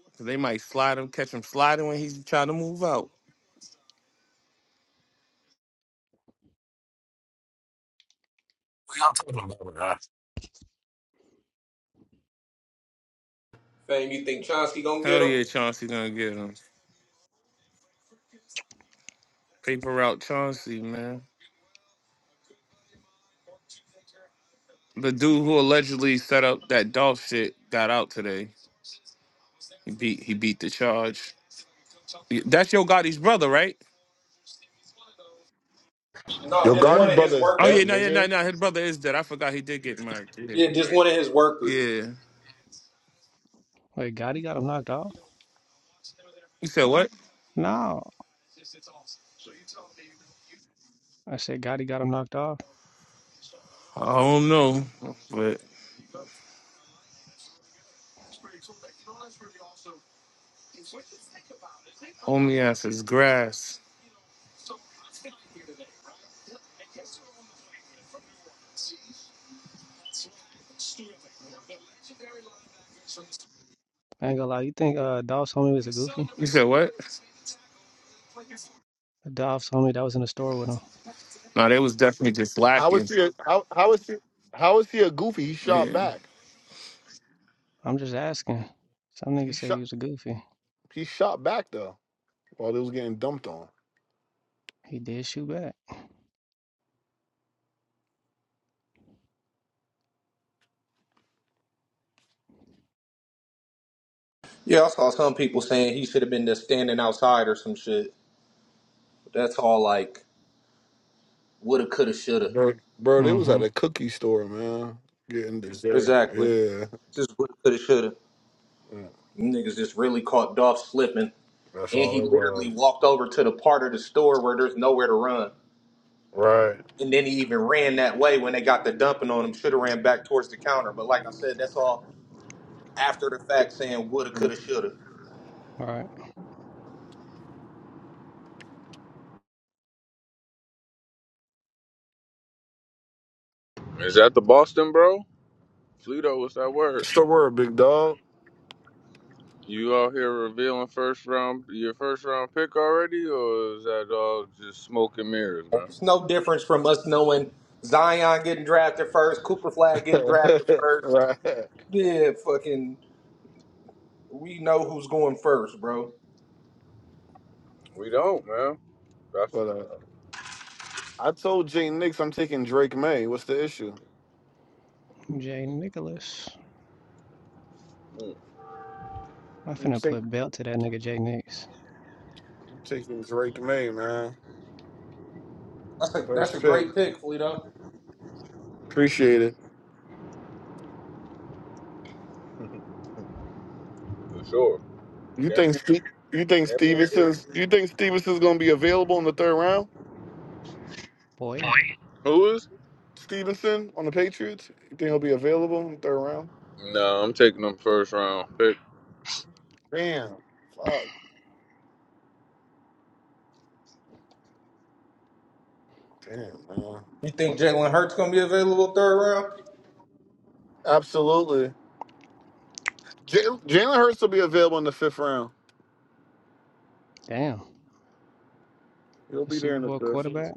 Speaker 17: Cause They might slide him, catch him sliding when he's trying to move out.
Speaker 8: y'all talking about?
Speaker 5: Fame, you think Chauncey gonna get
Speaker 17: Hell
Speaker 5: him?
Speaker 17: yeah, Chauncey gonna get him. Paper route Chauncey, man. The dude who allegedly set up that Dolph shit got out today. He beat he beat the charge. Yeah, That's Yo Gotti's brother, right?
Speaker 5: No,
Speaker 20: Your
Speaker 19: For
Speaker 5: just
Speaker 19: real?
Speaker 5: one
Speaker 20: Gotti
Speaker 5: of his
Speaker 20: brother is
Speaker 17: Oh yeah,
Speaker 20: dead,
Speaker 17: no,
Speaker 5: workers.
Speaker 17: yeah, no,
Speaker 20: nigga.
Speaker 17: no. His brother is dead. I forgot he did get married. Yeah.
Speaker 5: Yeah, just one of his workers.
Speaker 17: Yeah.
Speaker 19: Wait, Gotti got him knocked off?
Speaker 17: You said what?
Speaker 19: No, I said Gotti got him knocked off.
Speaker 17: I don't know. But homie ass is grass.
Speaker 19: I ain't gonna lie. You think uh, Dolph Homie was a goofy?
Speaker 17: You said what?
Speaker 19: Dolph's Homie that was in the store with him.
Speaker 17: No, they was definitely just
Speaker 20: How is
Speaker 17: lacking.
Speaker 20: he? A, how how is he? How is he a goofy? He shot
Speaker 17: Yeah.
Speaker 20: back.
Speaker 19: I'm just asking. Some
Speaker 20: He
Speaker 19: niggas say he
Speaker 20: shot.
Speaker 19: was a goofy.
Speaker 20: He shot back though. While they was getting dumped on,
Speaker 19: He did shoot back.
Speaker 5: Yeah, I saw some people saying he should have been just standing outside or some shit. That's all like woulda, coulda, shoulda.
Speaker 20: bro. Bro, they was
Speaker 19: Mm-hmm.
Speaker 20: at a cookie store, man, getting dessert.
Speaker 5: Exactly.
Speaker 20: Yeah,
Speaker 5: Just woulda, coulda, shoulda.
Speaker 20: Yeah.
Speaker 5: You Niggas just really caught Dolph slipping,
Speaker 20: that's
Speaker 5: and
Speaker 20: all
Speaker 5: he
Speaker 20: it
Speaker 5: literally
Speaker 20: was.
Speaker 5: walked over to the part of the store where there's nowhere to run.
Speaker 20: Right.
Speaker 5: And then he even ran that way when they got the dumping on him. Shoulda ran back towards the counter, but like I said, that's all after the fact saying woulda, coulda, shoulda.
Speaker 19: All right.
Speaker 14: Is that the Boston, bro? Fleeto, what's that word?
Speaker 20: It's the word, big dog.
Speaker 14: You out here revealing first round your first round pick already, or is that all just smoke and mirrors, man?
Speaker 5: It's no difference from us knowing Zion getting drafted first, Cooper Flag
Speaker 20: <laughs>
Speaker 5: getting drafted first.
Speaker 20: right. But
Speaker 5: Yeah, fucking, we know who's going first, bro.
Speaker 14: We don't, man. That's
Speaker 20: uh, I told Jay Nix I'm taking Drake May. What's the issue?
Speaker 19: Jay Nicholas.
Speaker 14: mm,
Speaker 19: I
Speaker 20: I'm,
Speaker 19: finna
Speaker 20: take,
Speaker 19: put belt to that nigga Jay Nix.
Speaker 20: I'm taking Drake May, man.
Speaker 5: That's a that's a
Speaker 20: First pick.
Speaker 5: great pick, Fleeto.
Speaker 20: Appreciate it.
Speaker 14: for sure.
Speaker 20: You think
Speaker 14: Champion,
Speaker 20: Ste you think
Speaker 14: champion. pick.
Speaker 20: Stevenson's you think Stevenson's gonna be available in the third round?
Speaker 19: Boy,
Speaker 14: Who is?
Speaker 20: Stevenson on the Patriots? You think he'll be available in the third round?
Speaker 14: No, I'm taking them first round pick.
Speaker 20: Damn. Fuck. Damn, man.
Speaker 5: You think Jalen Hurts gonna be available third round?
Speaker 20: Absolutely. J- Jalen Hurts will be available in the fifth round.
Speaker 19: damn.
Speaker 20: He'll
Speaker 19: The
Speaker 20: be there
Speaker 19: Super
Speaker 20: in the
Speaker 19: Bowl
Speaker 20: fifth.
Speaker 19: quarterback.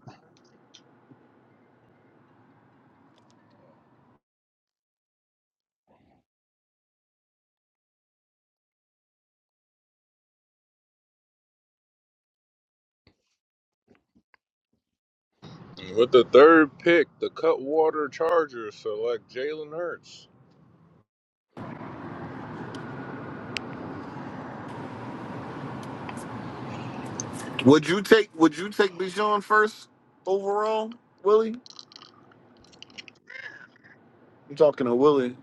Speaker 14: With the third pick, the Cutwater Chargers select Jalen Hurts.
Speaker 20: Would you take would you take Bijan first overall, Willie? I'm talking to Willie.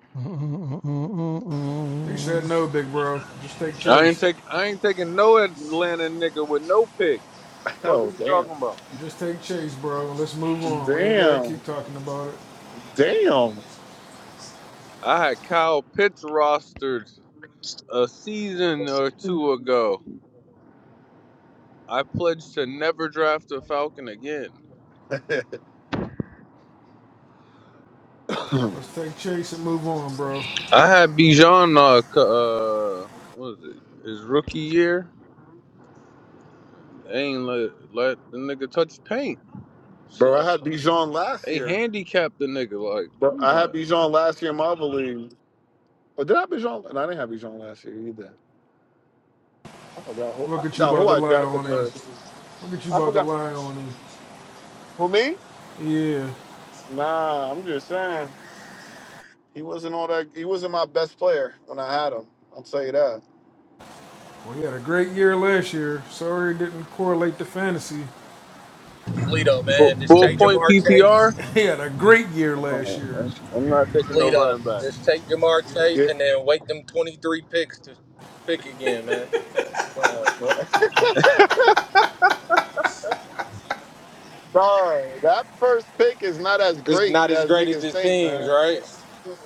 Speaker 19: <laughs>
Speaker 4: He said
Speaker 19: Mm-mm-mm-mm-mm.
Speaker 4: no, big bro. Just take
Speaker 14: I ain't
Speaker 4: Chase.
Speaker 14: take I ain't taking no Atlanta nigga with no pick. Fuck
Speaker 20: Oh
Speaker 14: is you
Speaker 20: damn.
Speaker 14: talking about?
Speaker 4: Just take Chase, bro. Let's move on. We ain't got to keep
Speaker 20: Damn.
Speaker 4: talking about it.
Speaker 20: Damn.
Speaker 14: I had Kyle Pitts rostered. a season
Speaker 20: <laughs>
Speaker 14: or two ago, I pledged to never draft a Falcon again.
Speaker 4: Let's take Chase and move on, bro.
Speaker 14: I had Bijan, uh, c- uh, what was it, his rookie year? They ain't let, let the nigga touch paint. It's
Speaker 20: Bro, I
Speaker 14: like,
Speaker 20: had Bijan last
Speaker 14: they
Speaker 20: year.
Speaker 14: handicapped the nigga. Like,
Speaker 20: But
Speaker 14: I'm
Speaker 20: I had
Speaker 14: like,
Speaker 20: Bijan last year in my other league. Or did I have Bijan? No, I didn't have Bijan last year either. I forgot who
Speaker 4: Look
Speaker 20: I,
Speaker 4: at you
Speaker 20: forgot
Speaker 4: about
Speaker 20: who
Speaker 4: to
Speaker 20: I
Speaker 4: lie
Speaker 20: drafted
Speaker 4: on him.
Speaker 20: third.
Speaker 4: Look at you
Speaker 20: I
Speaker 4: about to
Speaker 20: forgot
Speaker 4: lie on him.
Speaker 20: who me?
Speaker 4: Yeah.
Speaker 20: Nah, I'm just saying he wasn't all that. He wasn't my best player when I had him. I'll tell you that.
Speaker 4: Well, he had a great year last year. Sorry it didn't correlate to fantasy. <laughs>
Speaker 5: Lito,
Speaker 14: full,
Speaker 5: man, just
Speaker 14: full
Speaker 5: take
Speaker 14: point
Speaker 5: Jamar
Speaker 14: PPR?
Speaker 5: Chase.
Speaker 4: He had a great year last
Speaker 14: Oh,
Speaker 4: year.
Speaker 14: I'm, I'm not taking no
Speaker 5: Lito,
Speaker 14: running back.
Speaker 5: just take Jamar
Speaker 20: Yeah.
Speaker 5: Chase and then wait them 23 picks to pick again, man.
Speaker 20: Oh, bro. <laughs> Sorry, that first pick is not as
Speaker 5: It's
Speaker 20: great
Speaker 5: not as
Speaker 20: as
Speaker 5: great as
Speaker 20: niggas
Speaker 5: it
Speaker 20: think,
Speaker 5: seems,
Speaker 20: man.
Speaker 5: right?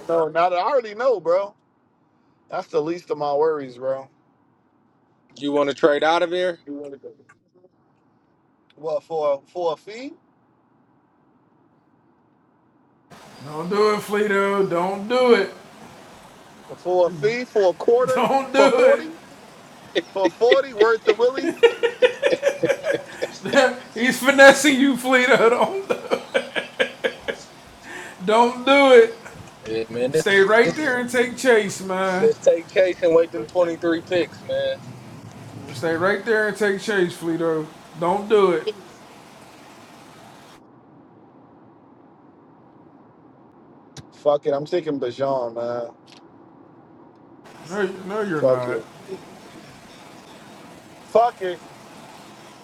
Speaker 20: No, not I already know, bro. That's the least of my worries, bro.
Speaker 5: You want to trade out of here?
Speaker 20: What for? For a fee?
Speaker 4: Don't do it, Fleeto. Don't do it.
Speaker 20: For a fee, for a quarter,
Speaker 4: Don't
Speaker 20: for
Speaker 4: do
Speaker 20: 40, for 40, word to Willie.
Speaker 4: it. <laughs> He's finessing you, Fleeto. <laughs> Don't, don't do it.
Speaker 5: Yeah, man. Just,
Speaker 4: Stay right there and take chase, man.
Speaker 5: just take Chase and wait them 23 picks, man.
Speaker 4: Stay right there and take chase, Fleeto. Don't do it.
Speaker 20: Fuck it, I'm taking Bajan, man.
Speaker 4: No, no, you're
Speaker 20: Fuck
Speaker 4: not.
Speaker 20: it. Fuck it.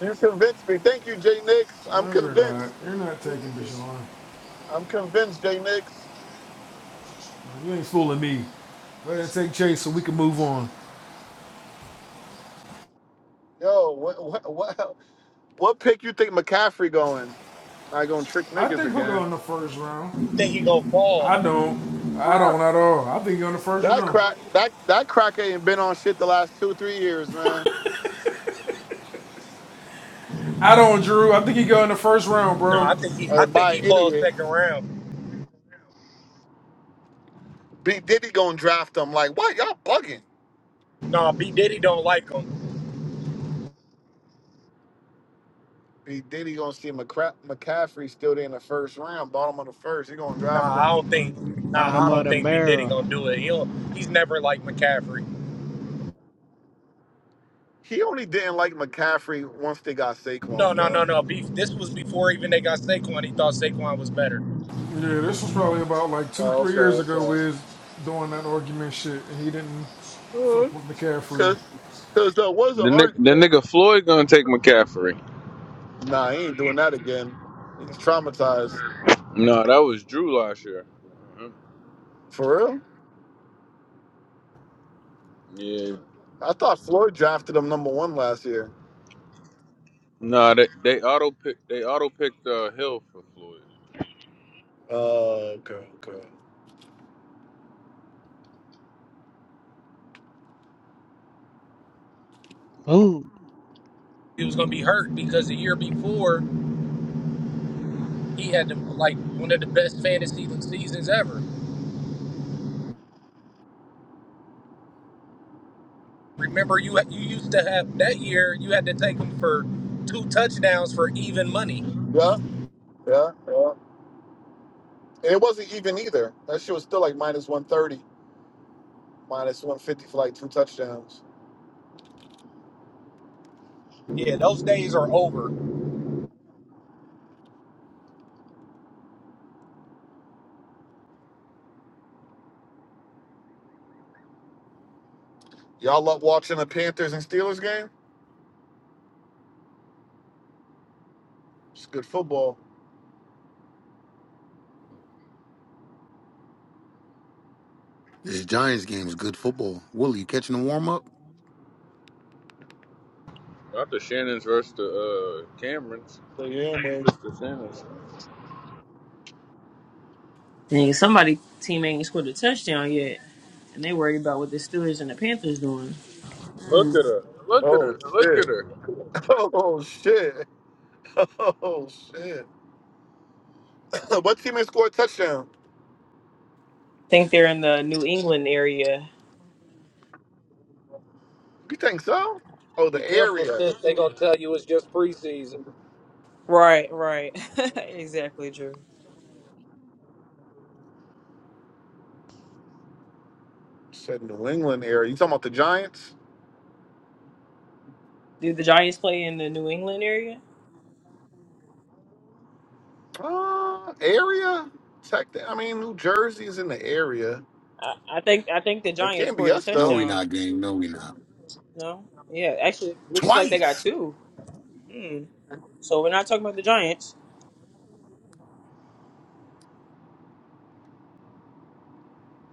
Speaker 20: You convinced me. Thank you, Jay Nix. I'm
Speaker 4: No, you're not.
Speaker 20: convinced.
Speaker 4: You're not taking Bichon.
Speaker 20: I'm convinced, Jay Nix.
Speaker 4: You ain't fooling me. Go ahead and take chase so we can move on.
Speaker 20: Yo, what what what, what pick you think McCaffrey going? I gonna trick
Speaker 4: I
Speaker 20: niggas
Speaker 4: think he'll go
Speaker 20: again.
Speaker 4: in the first round.
Speaker 5: Think he gonna fall?
Speaker 4: I don't. I
Speaker 20: Ah,
Speaker 4: don't at all. I think he'll go in the first
Speaker 20: That
Speaker 4: round.
Speaker 20: crack that that cracker ain't been on shit the last two, three years, man.
Speaker 4: I don't, Drew. I think he go in the first round,
Speaker 5: Nah,
Speaker 4: bro.
Speaker 5: I think he.
Speaker 20: Uh,
Speaker 5: I think
Speaker 20: by an
Speaker 5: he falls
Speaker 20: idiot.
Speaker 5: second round.
Speaker 20: B Diddy gonna draft him like what y'all bugging.
Speaker 5: Nah, B Diddy don't like him.
Speaker 20: He then he gonna see McCra- McCaffrey still there in the first round, bottom of the first. He gonna
Speaker 5: Nah,
Speaker 20: draft
Speaker 5: I
Speaker 20: him.
Speaker 5: don't think. Nah, I
Speaker 19: Bottom of
Speaker 5: don't
Speaker 19: the
Speaker 5: think B Diddy
Speaker 19: barrel.
Speaker 5: gonna do it. He don't, he's never like McCaffrey.
Speaker 20: He only didn't like McCaffrey once they got
Speaker 5: No,
Speaker 20: Saquon,
Speaker 5: no, no,
Speaker 20: bro.
Speaker 5: no. Beef. This was before even they got Saquon. He thought Saquon was better.
Speaker 4: Yeah, this was probably about like two, three years ago. We was doing that argument shit, and he didn't fuck with
Speaker 20: Because
Speaker 4: McCaffrey.
Speaker 20: because that was an
Speaker 14: The nigga, the
Speaker 20: argument.
Speaker 14: nigga Floyd gonna take McCaffrey.
Speaker 20: Nah, he ain't doing that again. He's traumatized.
Speaker 14: No, that was Drew last year. Mhm.
Speaker 20: For real?
Speaker 14: Yeah,
Speaker 20: I thought Floyd drafted him number one last year.
Speaker 14: Nah, they they auto pick they auto picked uh, Hill for Floyd,
Speaker 20: Oh, okay, okay.
Speaker 19: Boom.
Speaker 5: he was going to be hurt because the year before he had the, like one of the best fantasy seasons ever. Remember, you you used to have that year you had to take him for two touchdowns for even money.
Speaker 20: Yeah, yeah, yeah. And it wasn't even either. That shit was still like minus 130, minus 150 for like two touchdowns.
Speaker 5: Yeah, those days are over.
Speaker 20: Y'all love watching the Panthers and Steelers game? It's good football.
Speaker 1: This Giants game is good football. Willie, you catching the warm up?
Speaker 14: not the Shannons versus the uh, Camerons,
Speaker 20: The Yam wins.
Speaker 14: just the Shannons.
Speaker 11: Nigga, somebody team ain't scored a touchdown yet, and they worry about what the Steelers and the Panthers doing.
Speaker 14: Look at her, look at
Speaker 20: Oh
Speaker 14: her, look at
Speaker 20: shit!
Speaker 14: her.
Speaker 20: <laughs> Oh shit! <laughs> Oh shit! <coughs> what team has scored a touchdown?
Speaker 11: think they're in the New England area.
Speaker 20: You think so? Oh, the
Speaker 5: Be careful,
Speaker 20: area.
Speaker 5: sis. They gonna tell you it's just preseason.
Speaker 11: Right, right, <laughs> exactly, Drew.
Speaker 20: Said New England area. You talking about the Giants?
Speaker 11: Do the Giants play in the New England area?
Speaker 20: Uh, area. Tech. I mean, New Jersey is in the area.
Speaker 11: I, I think I think the
Speaker 20: It
Speaker 11: Giants
Speaker 20: can't be
Speaker 11: scored a
Speaker 20: us
Speaker 1: No,
Speaker 20: though.
Speaker 1: we
Speaker 11: touchdown.
Speaker 1: not game. No, we not.
Speaker 11: No, yeah, actually, it looks like they got
Speaker 1: Twice.
Speaker 11: two. Hmm. So we're not talking about the Giants.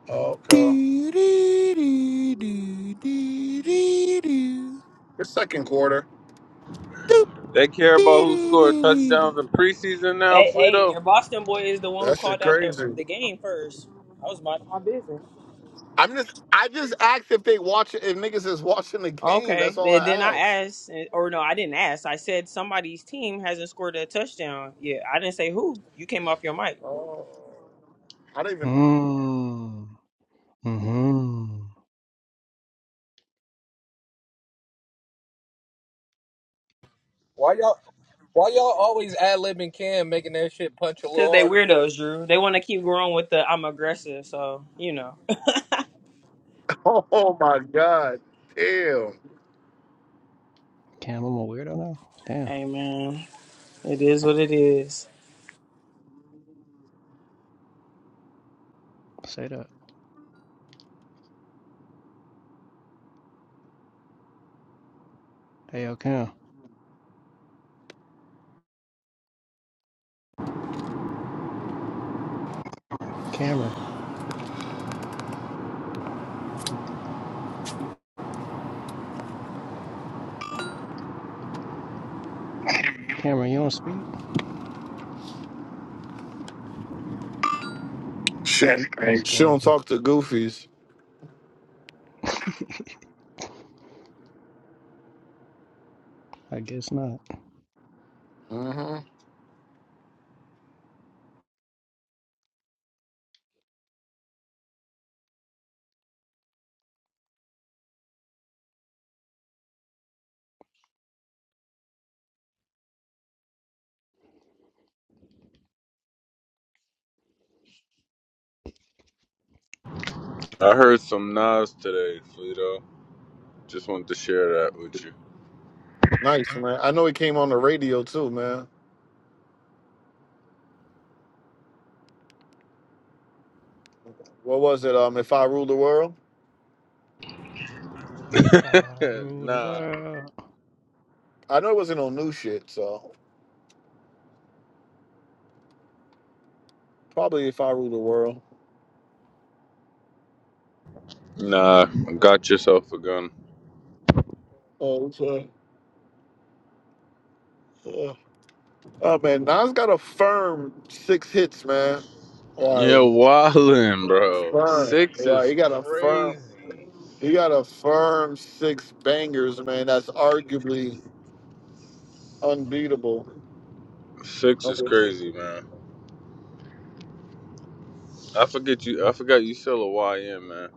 Speaker 20: Oh, okay.
Speaker 1: Do, do, do, do, do, do, do.
Speaker 20: It's second quarter.
Speaker 1: Doop,
Speaker 14: They care about
Speaker 1: do,
Speaker 14: who
Speaker 1: do, do,
Speaker 14: scored
Speaker 1: do, do.
Speaker 14: touchdowns in preseason now,
Speaker 11: Hey, hey,
Speaker 14: Fleeto.
Speaker 11: your Boston boy is the one who
Speaker 20: That
Speaker 11: called
Speaker 20: shit
Speaker 11: out the
Speaker 20: crazy.
Speaker 11: the game first. I was minding my business.
Speaker 20: I'm just. I just asked if they watch If niggas is watching the game. That's
Speaker 11: Okay.
Speaker 20: all
Speaker 11: And then
Speaker 20: I
Speaker 11: I
Speaker 20: asked.
Speaker 11: asked, or no, I didn't ask. I said somebody's team hasn't scored a touchdown yet. I didn't say who. You came off your mic
Speaker 20: Oh. I didn't even.
Speaker 19: Mm. Mm-hmm.
Speaker 5: Why y'all? Why y'all always ad libbing Cam, making that shit punch a
Speaker 11: because
Speaker 5: little
Speaker 11: they
Speaker 5: harder?
Speaker 11: weirdos, Drew. They want to keep going with the I'm aggressive. So you know,
Speaker 20: <laughs> Oh my God. Damn.
Speaker 19: Cam, I'm a weirdo now.
Speaker 11: <laughs>
Speaker 19: Damn.
Speaker 11: hey man, it is what it is.
Speaker 19: Say that. Hey, yo, Cam. Cameron. Cameron, you don't speak?
Speaker 20: Shit,
Speaker 19: That's
Speaker 20: man. She
Speaker 19: crazy.
Speaker 20: don't talk to goofies.
Speaker 19: <laughs> I guess not.
Speaker 20: hmm
Speaker 14: I heard some Nas today, Fleeto. Just wanted to share that with
Speaker 20: Nice, man. I know it came on the radio too, man. What was it? Um, if I rule the world.
Speaker 19: If I
Speaker 14: you. <laughs>
Speaker 19: rule the
Speaker 14: nah,
Speaker 19: world.
Speaker 20: I know it wasn't on new shit, so probably if I rule the world.
Speaker 14: nah, got yourself a gun.
Speaker 20: Oh, so, uh, uh, oh man, Nas got a firm six hits, man.
Speaker 14: Yeah,
Speaker 20: Like
Speaker 14: wildin', bro.
Speaker 20: firm,
Speaker 14: Six
Speaker 20: right?
Speaker 14: is
Speaker 20: He got a firm.
Speaker 14: crazy.
Speaker 20: He got a firm six bangers, man. That's arguably unbeatable.
Speaker 14: Six
Speaker 20: No,
Speaker 14: is crazy, man. I forget you. I forgot you still a YN man.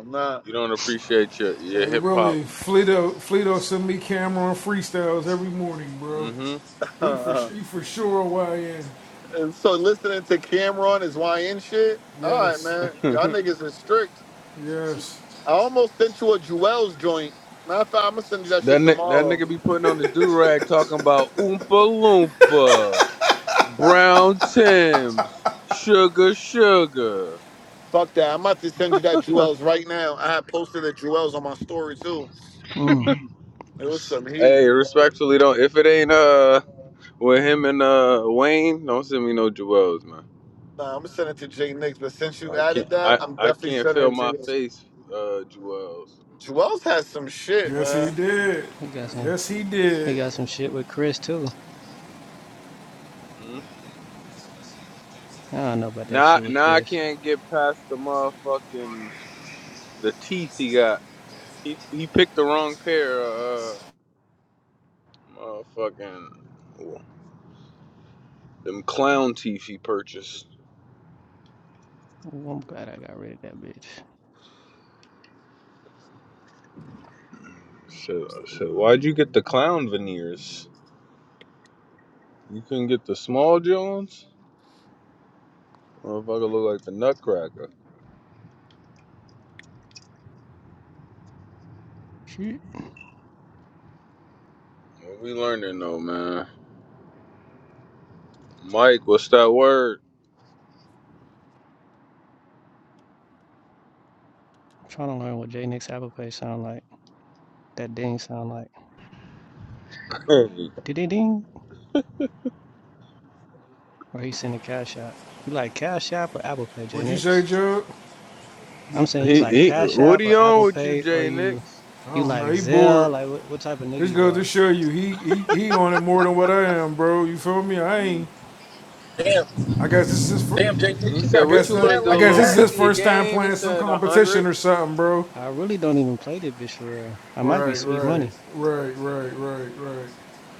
Speaker 20: I'm not.
Speaker 14: You don't appreciate your your
Speaker 4: Hey
Speaker 14: hip hop.
Speaker 4: Willie, Fleeto, Fleeto send me Cameron freestyles every morning, bro.
Speaker 14: hmm
Speaker 20: <laughs>
Speaker 4: He for
Speaker 20: Uh,
Speaker 4: he for sure YN.
Speaker 20: and so listening to Cameron is YN shit. All right,
Speaker 4: Yes,
Speaker 20: man.
Speaker 14: <laughs>
Speaker 20: Yeah,
Speaker 14: that
Speaker 20: Y'all niggas is strict.
Speaker 4: yes,
Speaker 20: I almost sent you a Jewel's joint. Matter of fact, I'm gonna send you that shit
Speaker 14: ni- that
Speaker 20: tomorrow.
Speaker 14: nigga be putting on his do rag talking about Oompa Loompa, Brown Timbs, Sugar Sugar.
Speaker 20: Fuck that. I'm about to send you that Jewel's right now. I had posted the Jewel's on my story too.
Speaker 19: Mm.
Speaker 20: It was some
Speaker 14: Hey,
Speaker 20: heat.
Speaker 14: respectfully, don't if it ain't uh with him and uh Wayne, don't send me no jewels, man.
Speaker 20: Nah, I'm gonna send it to Jay Nix, but since you
Speaker 14: I
Speaker 20: added
Speaker 14: can't
Speaker 20: that,
Speaker 14: I
Speaker 20: I'm
Speaker 14: I
Speaker 20: definitely
Speaker 14: can't feel
Speaker 20: sending it to
Speaker 14: my
Speaker 20: you.
Speaker 14: face, uh jewels.
Speaker 20: Jewel's has some shit,
Speaker 4: yes he
Speaker 20: man.
Speaker 4: did.
Speaker 19: He got some.
Speaker 4: Yes he
Speaker 19: He
Speaker 4: did.
Speaker 19: got some shit with Chris too.
Speaker 14: hmm
Speaker 19: I don't know about that
Speaker 14: Now
Speaker 19: shit with
Speaker 14: now I
Speaker 19: Chris.
Speaker 14: can't get past the motherfucking. The teeth he got. He he picked the wrong pair of uh, motherfucking them clown teeth he purchased.
Speaker 19: Ooh, I'm glad I got rid of that bitch.
Speaker 14: So I said, why'd you get the clown veneers? You couldn't get the small Jones? Motherfucker look like the Nutcracker.
Speaker 19: Shit.
Speaker 14: What we learning though, man? Mike, what's that word?
Speaker 19: I'm trying to learn what J Nix Apple Pay sound like. That ding sound like.
Speaker 14: <laughs> he
Speaker 19: Ding ding ding. Or he send a Cash App. You like Cash App or Apple Pay, J
Speaker 4: What you say,
Speaker 19: Nix?
Speaker 4: Joe?
Speaker 19: I'm saying you like
Speaker 14: he.
Speaker 19: Cash
Speaker 14: What
Speaker 19: App
Speaker 14: he
Speaker 19: or
Speaker 14: on
Speaker 19: Apple
Speaker 14: with you,
Speaker 19: Pay, or
Speaker 14: Jay
Speaker 19: you
Speaker 14: Nix?
Speaker 4: I
Speaker 19: you
Speaker 4: don't
Speaker 19: like
Speaker 4: know. He bored.
Speaker 19: Zelle. Like what, what type of nigga
Speaker 4: This
Speaker 19: you
Speaker 4: goes to
Speaker 19: are?
Speaker 4: show you. He he he on it more than what I am, bro. You feel me? I ain't
Speaker 5: Damn,
Speaker 4: I guess this is his. first.
Speaker 5: damn, Jay
Speaker 14: He
Speaker 5: Nix, you
Speaker 14: said,
Speaker 4: I
Speaker 5: got
Speaker 14: what
Speaker 4: guess
Speaker 14: you
Speaker 5: busy
Speaker 4: this,
Speaker 14: want to
Speaker 5: that
Speaker 4: I
Speaker 14: do? A
Speaker 5: like
Speaker 4: guess
Speaker 14: little
Speaker 4: this is
Speaker 5: that?
Speaker 4: his
Speaker 14: fifty a
Speaker 4: first time
Speaker 14: game? He
Speaker 4: playing some
Speaker 14: said a
Speaker 4: competition
Speaker 14: hundred.
Speaker 4: or something, bro.
Speaker 19: I really don't even play this bitch for real. I might be
Speaker 4: Right,
Speaker 19: sweet
Speaker 4: right,
Speaker 19: money.
Speaker 4: right, right, right, right.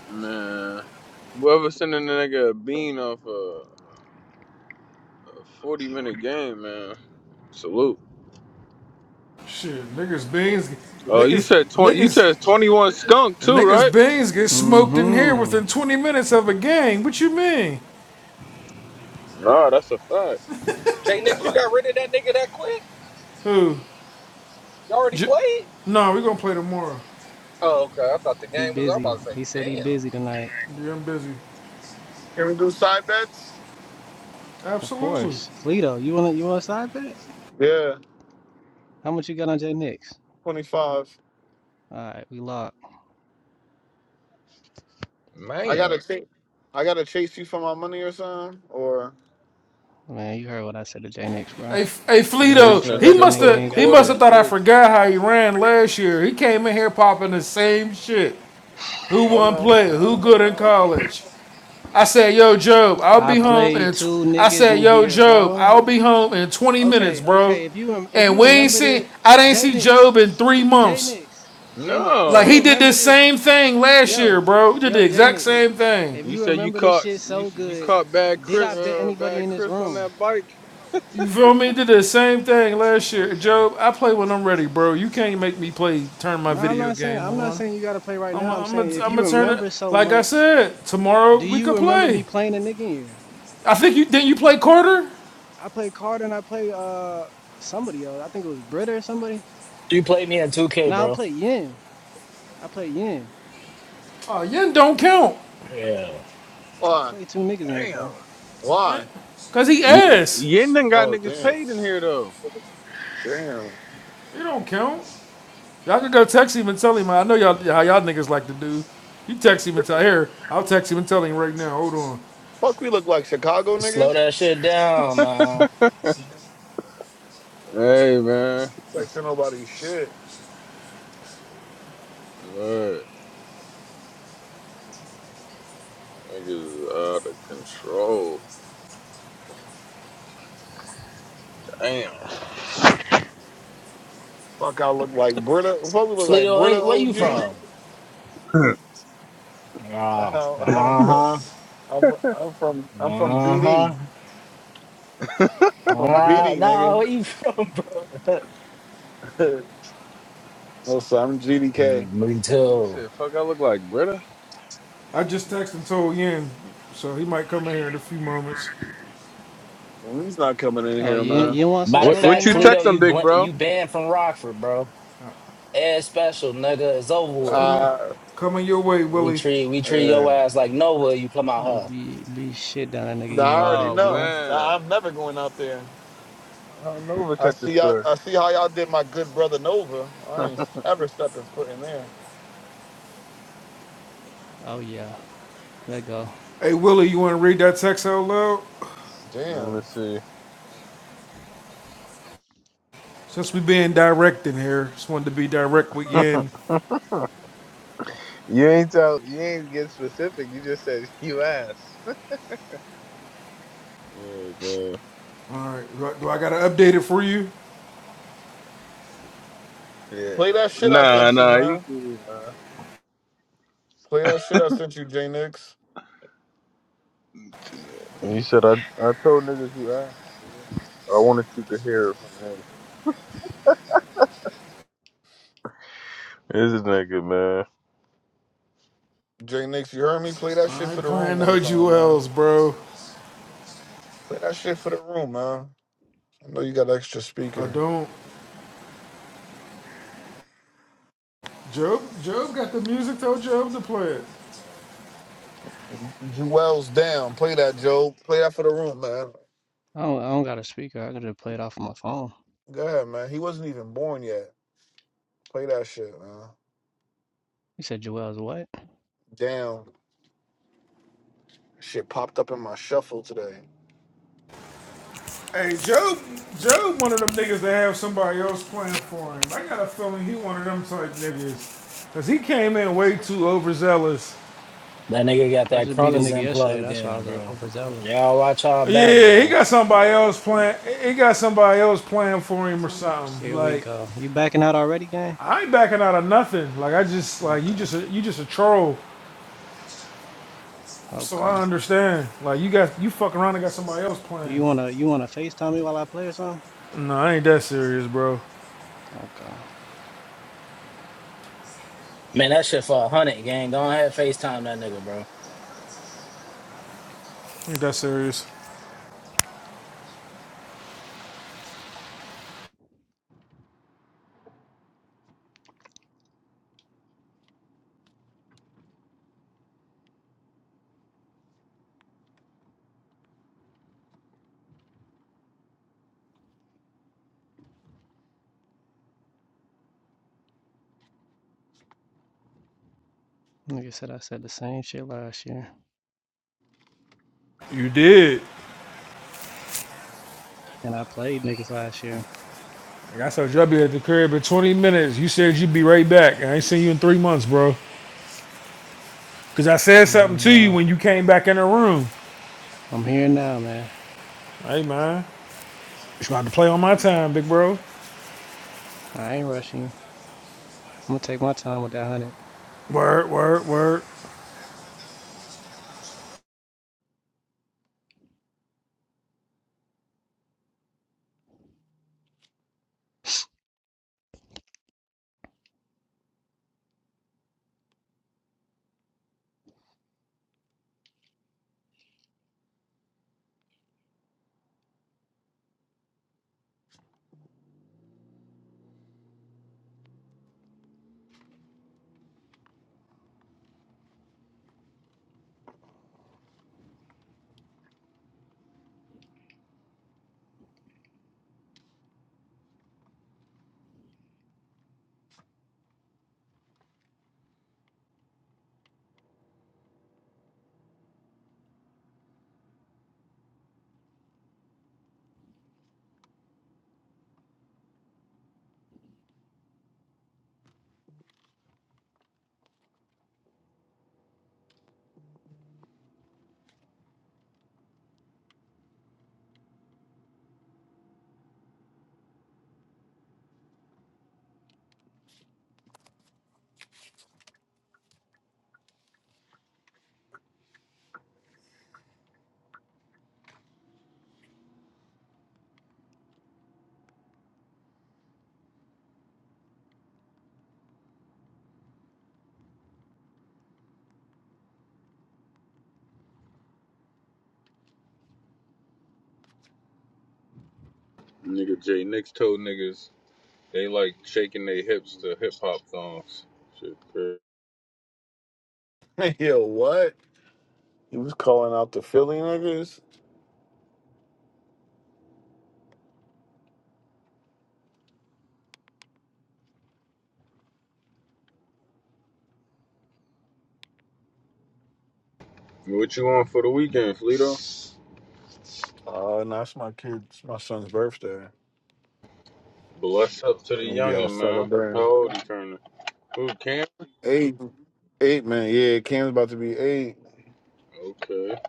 Speaker 14: Man, whoever sending the nigga a bean off of. A Forty minute game, man. Salute.
Speaker 4: Shit, niggas beans,
Speaker 14: Oh, you
Speaker 4: niggas,
Speaker 14: said twenty. You
Speaker 4: niggas,
Speaker 14: said twenty one skunk too,
Speaker 4: niggas
Speaker 14: right?
Speaker 4: beans get smoked in here
Speaker 19: Mm-hmm.
Speaker 4: within 20 minutes of a game. What you mean?
Speaker 14: Nah, that's a fact.
Speaker 5: Jay Nix, you got rid of that nigga that quick?
Speaker 4: Who?
Speaker 5: You already
Speaker 4: J-
Speaker 5: played?
Speaker 4: no, we gonna play tomorrow.
Speaker 5: Oh, okay. I thought the
Speaker 19: He
Speaker 5: game was. I'm about
Speaker 19: busy.
Speaker 5: to
Speaker 19: He said
Speaker 5: say,
Speaker 19: he
Speaker 5: damn.
Speaker 19: busy tonight.
Speaker 4: Yeah, I'm busy.
Speaker 20: Can we do side bets?
Speaker 19: Of
Speaker 4: Absolutely.
Speaker 19: course. Fleeto, you want to you want a side bet?
Speaker 20: Yeah,
Speaker 19: How much you got on J Nix?
Speaker 20: 25.
Speaker 19: All right, we locked.
Speaker 20: I
Speaker 14: Man,
Speaker 20: gotta chase. I gotta chase you for my money or something, or.
Speaker 19: Man, you heard what I said to J Nix, bro.
Speaker 4: Hey, hey,
Speaker 19: If you don't
Speaker 4: Fleeto,
Speaker 14: chasing a
Speaker 4: he
Speaker 19: trust it,
Speaker 14: nigga
Speaker 4: must
Speaker 19: nigga, you
Speaker 14: for a
Speaker 4: have
Speaker 19: ain't got
Speaker 4: he
Speaker 19: to
Speaker 4: must
Speaker 14: quarter
Speaker 19: bet.
Speaker 4: have
Speaker 14: is
Speaker 4: thought I
Speaker 14: crazy.
Speaker 4: forgot how he ran last year. He came in here popping the same shit. Who
Speaker 20: I
Speaker 19: <sighs>
Speaker 4: won
Speaker 19: My
Speaker 20: know.
Speaker 4: player? Who
Speaker 19: God,
Speaker 4: good in
Speaker 19: bro.
Speaker 4: college? I said, yo, Job, I'll
Speaker 19: I
Speaker 4: be home
Speaker 19: played
Speaker 4: in. Tw-
Speaker 19: two
Speaker 4: I
Speaker 19: niggas
Speaker 4: said,
Speaker 19: in
Speaker 4: yo,
Speaker 19: here,
Speaker 4: Job,
Speaker 19: bro.
Speaker 4: I'll be home in 20 minutes,
Speaker 19: Okay,
Speaker 4: bro.
Speaker 19: okay. If you rem- if
Speaker 4: And
Speaker 19: you
Speaker 4: we ain't
Speaker 19: remember
Speaker 4: seen.
Speaker 19: the
Speaker 4: I didn't
Speaker 19: J
Speaker 4: see
Speaker 19: Nix,
Speaker 4: Job in three
Speaker 19: J
Speaker 4: months.
Speaker 19: Nix, J Nix. If
Speaker 4: Like
Speaker 19: you
Speaker 4: he
Speaker 14: No,
Speaker 4: did
Speaker 19: remember
Speaker 4: this
Speaker 19: this.
Speaker 4: same thing last year,
Speaker 19: Yo,
Speaker 4: bro. He did
Speaker 19: yo,
Speaker 4: the
Speaker 19: J
Speaker 4: exact
Speaker 19: Nix,
Speaker 4: same thing.
Speaker 19: if
Speaker 14: you
Speaker 19: you
Speaker 14: said you
Speaker 19: remember this
Speaker 14: caught
Speaker 19: shit
Speaker 14: you
Speaker 19: so
Speaker 14: you
Speaker 19: good,
Speaker 14: caught bad
Speaker 19: did
Speaker 14: Chris
Speaker 19: I bet
Speaker 14: uh,
Speaker 19: anybody
Speaker 14: bad
Speaker 19: in this
Speaker 14: Chris on
Speaker 19: room?
Speaker 14: that bike.
Speaker 4: You feel me? He did the same thing last year.
Speaker 19: Okay.
Speaker 4: Job, I play when I'm ready, bro. You can't make me play. Turn my
Speaker 19: No, I'm
Speaker 4: video
Speaker 19: not saying
Speaker 4: game
Speaker 19: I'm not
Speaker 4: on.
Speaker 19: saying you gotta play right
Speaker 4: I'm.
Speaker 19: now. I'm
Speaker 4: I'm. I'm
Speaker 19: saying if you
Speaker 4: gonna turn it.
Speaker 19: remember so
Speaker 4: Like I
Speaker 19: much,
Speaker 4: said, tomorrow
Speaker 19: do
Speaker 4: we
Speaker 19: you
Speaker 4: could
Speaker 19: remember
Speaker 4: play.
Speaker 19: me playing a nigga in here?
Speaker 4: I think you didn't. You play quarter.
Speaker 19: I played Carter and I played uh somebody else. I think it was Britta or somebody.
Speaker 8: You played me at 2K,
Speaker 19: No, I
Speaker 8: bro.
Speaker 19: played Yin. I played Yin.
Speaker 4: Oh, Yen don't count.
Speaker 8: Yeah.
Speaker 19: I
Speaker 20: Why?
Speaker 19: played two niggas in here, bro.
Speaker 14: Damn.
Speaker 4: Yeah.
Speaker 20: Why?
Speaker 4: Cause he
Speaker 14: You,
Speaker 4: ass.
Speaker 14: you ain't done got
Speaker 20: Oh
Speaker 14: niggas
Speaker 20: damn.
Speaker 14: paid in here though.
Speaker 20: Damn.
Speaker 4: He don't count. Y'all can go text him and tell him. I know y'all how y'all niggas like to do. You text him and tell here. I'll text him and tell him right now. Hold on.
Speaker 20: Fuck we look like Chicago
Speaker 8: Slow
Speaker 20: niggas?
Speaker 8: that shit down, man.
Speaker 14: Hey man,
Speaker 20: It's like to nobody's shit.
Speaker 14: what niggas is out of control. Damn. <laughs>
Speaker 20: Fuck I look like Brita. Fuck we look like
Speaker 8: Fleeto,
Speaker 20: Brita
Speaker 8: hey, where you
Speaker 20: OG.
Speaker 8: from? Oh,
Speaker 20: <laughs> I'm from
Speaker 8: uh-huh.
Speaker 20: I'm from I'm from I'm from BD.
Speaker 8: Uh-huh.
Speaker 20: I'm a
Speaker 8: Uh,
Speaker 20: BD
Speaker 8: nah, where
Speaker 20: nigga.
Speaker 8: you from, <laughs> bro?
Speaker 20: <laughs> no sir, I'm GDK.
Speaker 8: Mm, me
Speaker 14: He
Speaker 8: too.
Speaker 14: said, "Fuck, I look like Britta."
Speaker 4: I just texted and told Yen, so he might come in here in a few moments.
Speaker 20: He's not coming in
Speaker 19: Oh,
Speaker 20: here,
Speaker 19: you
Speaker 20: man.
Speaker 19: you want some
Speaker 8: Matter of
Speaker 14: What
Speaker 19: smoke right
Speaker 14: what
Speaker 8: fact,
Speaker 14: you
Speaker 19: now?
Speaker 14: text
Speaker 8: Fleeto,
Speaker 14: him,
Speaker 8: you
Speaker 14: big
Speaker 8: bl-
Speaker 14: bro?
Speaker 8: you banned from Rockford, bro. Ed special, nigga, it's
Speaker 4: It's
Speaker 8: over with.
Speaker 4: coming,
Speaker 20: Uh,
Speaker 4: coming your way,
Speaker 8: We
Speaker 4: Willie.
Speaker 8: treat we treat your
Speaker 20: yeah.
Speaker 8: ass like Nova, you come
Speaker 19: i
Speaker 8: out
Speaker 19: Oh,
Speaker 8: her.
Speaker 19: be be shit down that nigga
Speaker 20: Nah, I
Speaker 19: Yin
Speaker 20: already
Speaker 19: leg,
Speaker 14: Oh
Speaker 19: boy.
Speaker 20: know.
Speaker 14: man.
Speaker 20: Nah, I'm never going out there.
Speaker 14: How Nova
Speaker 20: I
Speaker 14: catch a
Speaker 20: see you
Speaker 14: story?
Speaker 20: I see how y'all did my good brother Nova. I ain't ever stepping foot in there.
Speaker 19: Oh yeah. Let go.
Speaker 4: Hey Willie, you want to read that text out loud?
Speaker 14: Let me
Speaker 20: Damn.
Speaker 14: see.
Speaker 4: Since we being direct in here, just wanted to be direct with Yen.
Speaker 14: You ain't tell. You ain't get specific. You just said <laughs> you asked. Oh man.
Speaker 4: All right, do I, do I gotta update it for you?
Speaker 14: Yeah.
Speaker 20: Play that shit I
Speaker 14: Nah,
Speaker 20: sent you,
Speaker 14: nah, you
Speaker 20: man.
Speaker 14: cool, man.
Speaker 20: Play that shit I sent you, J Nix.
Speaker 14: You said I. I told niggas you asked. I wanted you to hear it from me. This is nigga, man.
Speaker 20: J Nix, you heard me? Play that shit
Speaker 4: I
Speaker 20: for
Speaker 4: ain't
Speaker 20: the room
Speaker 4: playing
Speaker 20: one
Speaker 4: no
Speaker 20: time, man.
Speaker 4: jewels, bro.
Speaker 20: Play that shit for the room, man. I know you got an extra
Speaker 4: I
Speaker 20: speaker.
Speaker 4: don't. Job, Job got the music. Told Job to play it.
Speaker 20: Jewel's down. Play that, Joe. Play that for the room, man.
Speaker 19: I don't, I don't got a speaker. I could just play it off of my phone.
Speaker 20: Go ahead, man. He wasn't even born yet. Play that shit, man.
Speaker 19: He said, Joel's what?
Speaker 20: Damn. Shit popped up in my shuffle today.
Speaker 4: Hey, Job, Job, one of them niggas that have somebody else playing for him. I got a feeling he one of them type niggas, cause he came in way too overzealous.
Speaker 8: That nigga got
Speaker 19: I
Speaker 8: that
Speaker 19: just beat a nigga
Speaker 8: chronozen
Speaker 19: yesterday.
Speaker 8: plugged
Speaker 19: That's why I
Speaker 8: in,
Speaker 19: was uh,
Speaker 8: bro.
Speaker 19: overzealous.
Speaker 8: Y'all watch y'all back,
Speaker 4: Yeah, he
Speaker 8: bro.
Speaker 4: got somebody else playing. He got somebody else playing for him or something.
Speaker 19: Here we
Speaker 4: Like
Speaker 19: go. You backing out already, gang?
Speaker 4: I ain't backing out of nothing. Like I just like you
Speaker 19: Okay.
Speaker 4: just a, you just a troll. So
Speaker 19: Okay.
Speaker 4: I understand. Like you got you fuck around and got somebody else playing.
Speaker 19: You wanna you wanna FaceTime me while I play or something?
Speaker 4: No, I ain't that serious, bro.
Speaker 19: Okay.
Speaker 8: Man, that shit for a hundred, gang. Go ahead, FaceTime that nigga, bro.
Speaker 4: I ain't that serious.
Speaker 19: Nigga said I said the same shit last year.
Speaker 4: You did.
Speaker 19: And I played niggas last year.
Speaker 4: Like I told you, I'll be at the crib in 20 minutes. You said you'd be right back. I ain't seen you in three months, bro. Because I said
Speaker 19: I'm here
Speaker 4: something to you
Speaker 19: now.
Speaker 4: when you came back in the room.
Speaker 19: I'm here now, man.
Speaker 4: Hey, man. You gonna to play on my time, big bro.
Speaker 19: I ain't rushing you. I'm gonna take my time with that 100.
Speaker 4: Word, word, word.
Speaker 14: Nigga Jay Nix told niggas they like shaking their hips to hip hop songs. Shit, crazy.
Speaker 20: <laughs> Yo, what? He was calling out the Philly niggas.
Speaker 14: What you on for the weekend, Fleeto?
Speaker 20: Uh, and that's my kid's, my son's birthday.
Speaker 14: Bless up to the
Speaker 20: I'm gonna be out
Speaker 14: youngin', man. How
Speaker 20: celebrating.
Speaker 14: old you turning? Oh, Cam?
Speaker 20: Eight, eight, man. Yeah, Cam's about to be eight.
Speaker 14: Okay.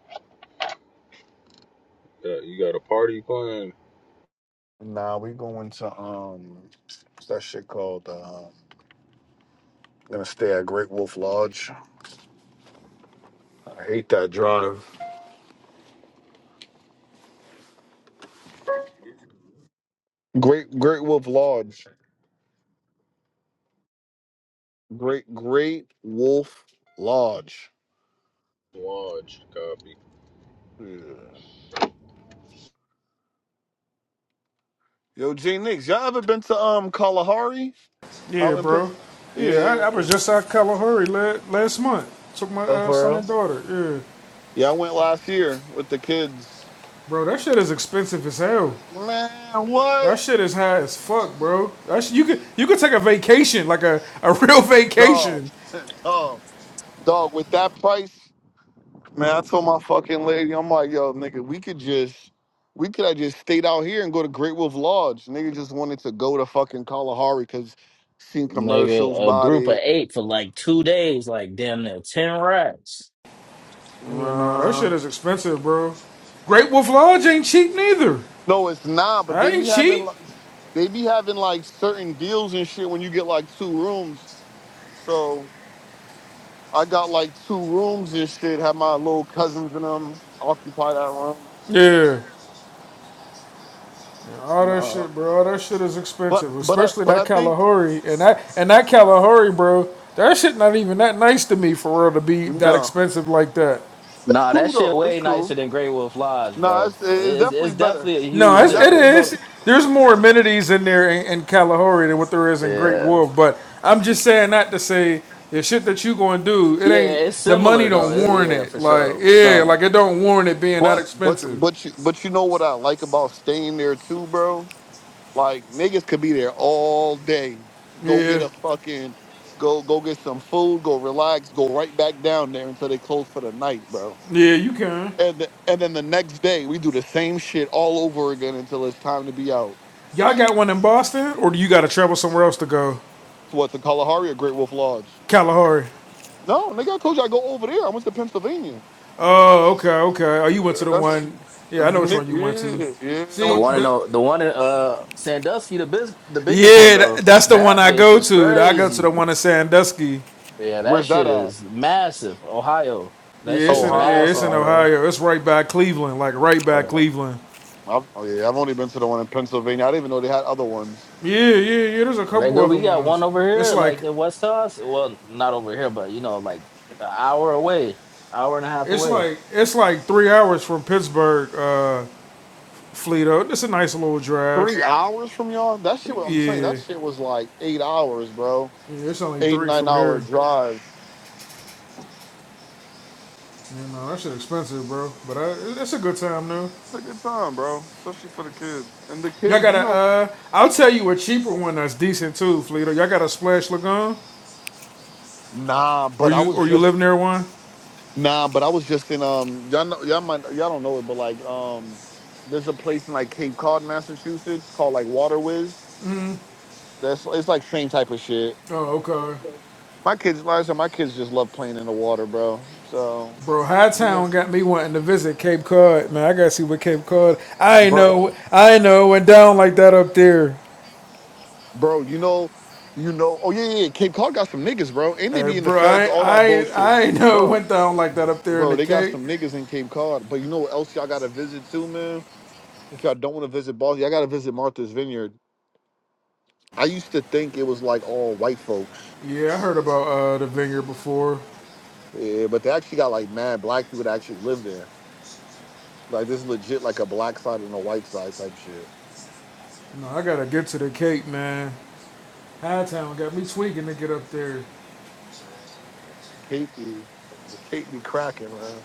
Speaker 14: Yeah, you got a party plan?
Speaker 20: Nah, we going to um, what's that shit called? Uh, gonna stay at Great Wolf Lodge. I hate that drive. Great, Great Wolf Lodge. Great, Great Wolf Lodge.
Speaker 14: Lodge. Copy.
Speaker 20: Yeah. Yo, J Nix, y'all ever been to um Kalahari
Speaker 4: Yeah,
Speaker 20: out in Pitts?
Speaker 4: bro. Yeah, I,
Speaker 20: Yeah.
Speaker 4: I was just out of Kalahari la- last month. Took my
Speaker 20: Oh,
Speaker 4: uh,
Speaker 20: for
Speaker 4: son
Speaker 20: real?
Speaker 4: and daughter. Yeah.
Speaker 20: Yeah, I went last year with the kids.
Speaker 4: Bro, that shit is expensive as hell.
Speaker 20: Man, what?
Speaker 4: That shit is high as fuck, bro. That sh- you could you could take a vacation, like a, a <laughs> real
Speaker 20: Dog,
Speaker 4: vacation,
Speaker 20: <laughs> dog, dog. With that price. Man, I told my fucking lady, I'm like, yo, nigga, we could just, we could have just stayed out here and go to Great Wolf Lodge. Nigga just wanted to go to fucking Kalahari because seen commercials
Speaker 8: Nigga, a
Speaker 20: about
Speaker 8: group of
Speaker 20: it.
Speaker 8: eight for like two days, like damn near ten rats.
Speaker 4: Yeah, no, that
Speaker 20: Uh,
Speaker 4: shit is expensive, bro. Great Wolf Lodge ain't cheap neither.
Speaker 20: no, it's not, but
Speaker 4: That
Speaker 20: they
Speaker 4: ain't
Speaker 20: be having,
Speaker 4: cheap.
Speaker 20: like, they be having like certain deals and shit when you get like two rooms. So I got like two rooms and shit. Have my little cousins and them occupy that room.
Speaker 4: Yeah. Yeah, All that
Speaker 20: Nah.
Speaker 4: shit, bro. All that shit is
Speaker 20: But
Speaker 4: expensive,
Speaker 20: but I
Speaker 4: especially
Speaker 20: but I
Speaker 4: that
Speaker 20: think
Speaker 4: Kalahari and that and that Kalahari, bro. That shit not even that nice to me for real to be that
Speaker 20: no,
Speaker 4: expensive like that.
Speaker 20: it's
Speaker 8: Nah, that
Speaker 20: cool
Speaker 8: shit
Speaker 20: though. It's
Speaker 8: way
Speaker 20: cool.
Speaker 8: nicer than Grey Wolf Lodge,
Speaker 20: No,
Speaker 8: bro.
Speaker 20: it's, it's
Speaker 8: It's
Speaker 20: definitely
Speaker 8: it's
Speaker 20: better. <laughs>
Speaker 8: definitely a
Speaker 4: No,
Speaker 8: huge
Speaker 20: It's
Speaker 4: it's, it
Speaker 20: definitely
Speaker 8: difference.
Speaker 4: is.
Speaker 20: better.
Speaker 4: There's more amenities in there in, in Kalahari than what there is in Great
Speaker 8: Yeah,
Speaker 4: Wolf. But I'm just saying that to say the shit that you gonna do, it
Speaker 8: yeah,
Speaker 4: ain't
Speaker 8: it's
Speaker 4: the money
Speaker 8: similar though.
Speaker 4: don't
Speaker 8: It-
Speaker 4: warrant
Speaker 8: yeah,
Speaker 4: it.
Speaker 8: for
Speaker 4: Like
Speaker 8: sure.
Speaker 4: yeah,
Speaker 20: Nah.
Speaker 4: like it don't warrant it being that
Speaker 20: But but
Speaker 4: expensive.
Speaker 20: but you but you know what I like about staying there too, bro? Like niggas could be there all day. Go get
Speaker 4: Yeah,
Speaker 20: a fucking go go get some food, go relax, go right back down there until they close for the night, bro.
Speaker 4: yeah, you can.
Speaker 20: And th- and then the next day we do the same shit all over again until it's time to be out.
Speaker 4: Y'all got one in Boston, or do you got to travel somewhere else to go?
Speaker 20: To what to Kalahari or Great Wolf Lodge?
Speaker 4: Kalahari.
Speaker 20: No, nigga, I told you I go over there. I went to Pennsylvania.
Speaker 4: Oh, okay, okay. Oh, you went
Speaker 20: Yeah,
Speaker 4: to the
Speaker 20: That's yeah,
Speaker 4: one. Yeah, I know which one you went to.
Speaker 20: yeah. I
Speaker 8: The
Speaker 4: See,
Speaker 20: went
Speaker 8: one in
Speaker 20: to-
Speaker 4: the,
Speaker 8: uh, the one in uh Sandusky, the biz, the biggest one
Speaker 4: yeah, that,
Speaker 8: though.
Speaker 4: that's the one
Speaker 8: That
Speaker 4: I
Speaker 8: bitch
Speaker 4: go
Speaker 8: is
Speaker 4: to. I go to
Speaker 8: crazy.
Speaker 4: the one in Sandusky.
Speaker 8: Yeah, that
Speaker 20: Where's
Speaker 8: shit
Speaker 20: that at?
Speaker 8: is massive. Ohio, that
Speaker 4: Yeah,
Speaker 8: shit
Speaker 4: it's
Speaker 8: is
Speaker 4: in yeah, it's in
Speaker 8: massive,
Speaker 20: Ohio.
Speaker 8: bro.
Speaker 4: Ohio. It's right by Cleveland, like right
Speaker 20: Uh,
Speaker 4: by
Speaker 20: uh,
Speaker 4: Cleveland.
Speaker 20: I've, oh yeah, I've only been to the one in Pennsylvania. I didn't even know they had other ones.
Speaker 4: Yeah, yeah, yeah. There's a couple
Speaker 8: Nigga,
Speaker 4: other
Speaker 8: we got
Speaker 4: ones.
Speaker 8: one over
Speaker 4: It's
Speaker 8: here,
Speaker 4: like
Speaker 8: like in West Toss. Well, not over here, but you know, like an hour away, hour and a half
Speaker 4: it's
Speaker 8: away.
Speaker 4: like it's like three hours from Pittsburgh, uh, Fleeto. It's a nice little drive.
Speaker 20: Three hours from y'all? That shit. What I'm saying
Speaker 4: Yeah.
Speaker 20: that shit was like eight hours, bro.
Speaker 4: Yeah, it's only
Speaker 20: Eight
Speaker 4: three
Speaker 20: nine
Speaker 4: from
Speaker 20: hour
Speaker 4: here.
Speaker 20: drive.
Speaker 4: You know, that shit expensive, bro. But I, it's a good time, though.
Speaker 20: It's a good time, bro. Especially for the kids and the
Speaker 4: Y'all
Speaker 20: kids.
Speaker 4: got
Speaker 20: You
Speaker 4: to
Speaker 20: know.
Speaker 4: uh, I'll tell you a cheaper one that's decent too, Fleeto. Y'all got a Splash Lagoon,
Speaker 20: Nah,
Speaker 4: or
Speaker 20: but I
Speaker 4: you,
Speaker 20: was
Speaker 4: or you live
Speaker 20: just
Speaker 4: near one?
Speaker 20: nah, but I was just in um. Y'all know, y'all might y'all don't know it, but like um, there's a place in like Cape Cod, Massachusetts called like Water Whiz That's it's like same type of shit.
Speaker 4: Oh, okay.
Speaker 20: My kids, like I said, my kids just love playing in the water, bro. So,
Speaker 4: Bro, Hightown got me wanting to visit Cape Cod, man. I gotta see what Cape Cod. I ain't
Speaker 20: bro,
Speaker 4: know, I ain't know it went down like that up there,
Speaker 20: bro, you know, you know. Oh yeah, yeah. yeah, Cape Cod got some niggas, bro, and they
Speaker 4: Hey,
Speaker 20: be in the
Speaker 4: bro.
Speaker 20: feds,
Speaker 4: I,
Speaker 20: all that
Speaker 4: I,
Speaker 20: bullshit,
Speaker 4: I ain't <laughs> know it
Speaker 20: bro.
Speaker 4: went down like that up there in the
Speaker 20: Bro, they got
Speaker 4: Cape.
Speaker 20: some niggas in Cape Cod. But you know what else y'all got to visit too, man? If y'all don't want to visit Boston, y'all got to visit Martha's Vineyard. I used to think it was like all white folks,
Speaker 4: Yeah, I heard about uh, the vineyard before.
Speaker 20: yeah, but they actually got like mad black people that actually live there. Like this is legit, like a black side and a white side type shit.
Speaker 4: No, I gotta get to the Cape, man. Hightown got me swinging to get up there.
Speaker 20: Kate be, the cake be cracking, man.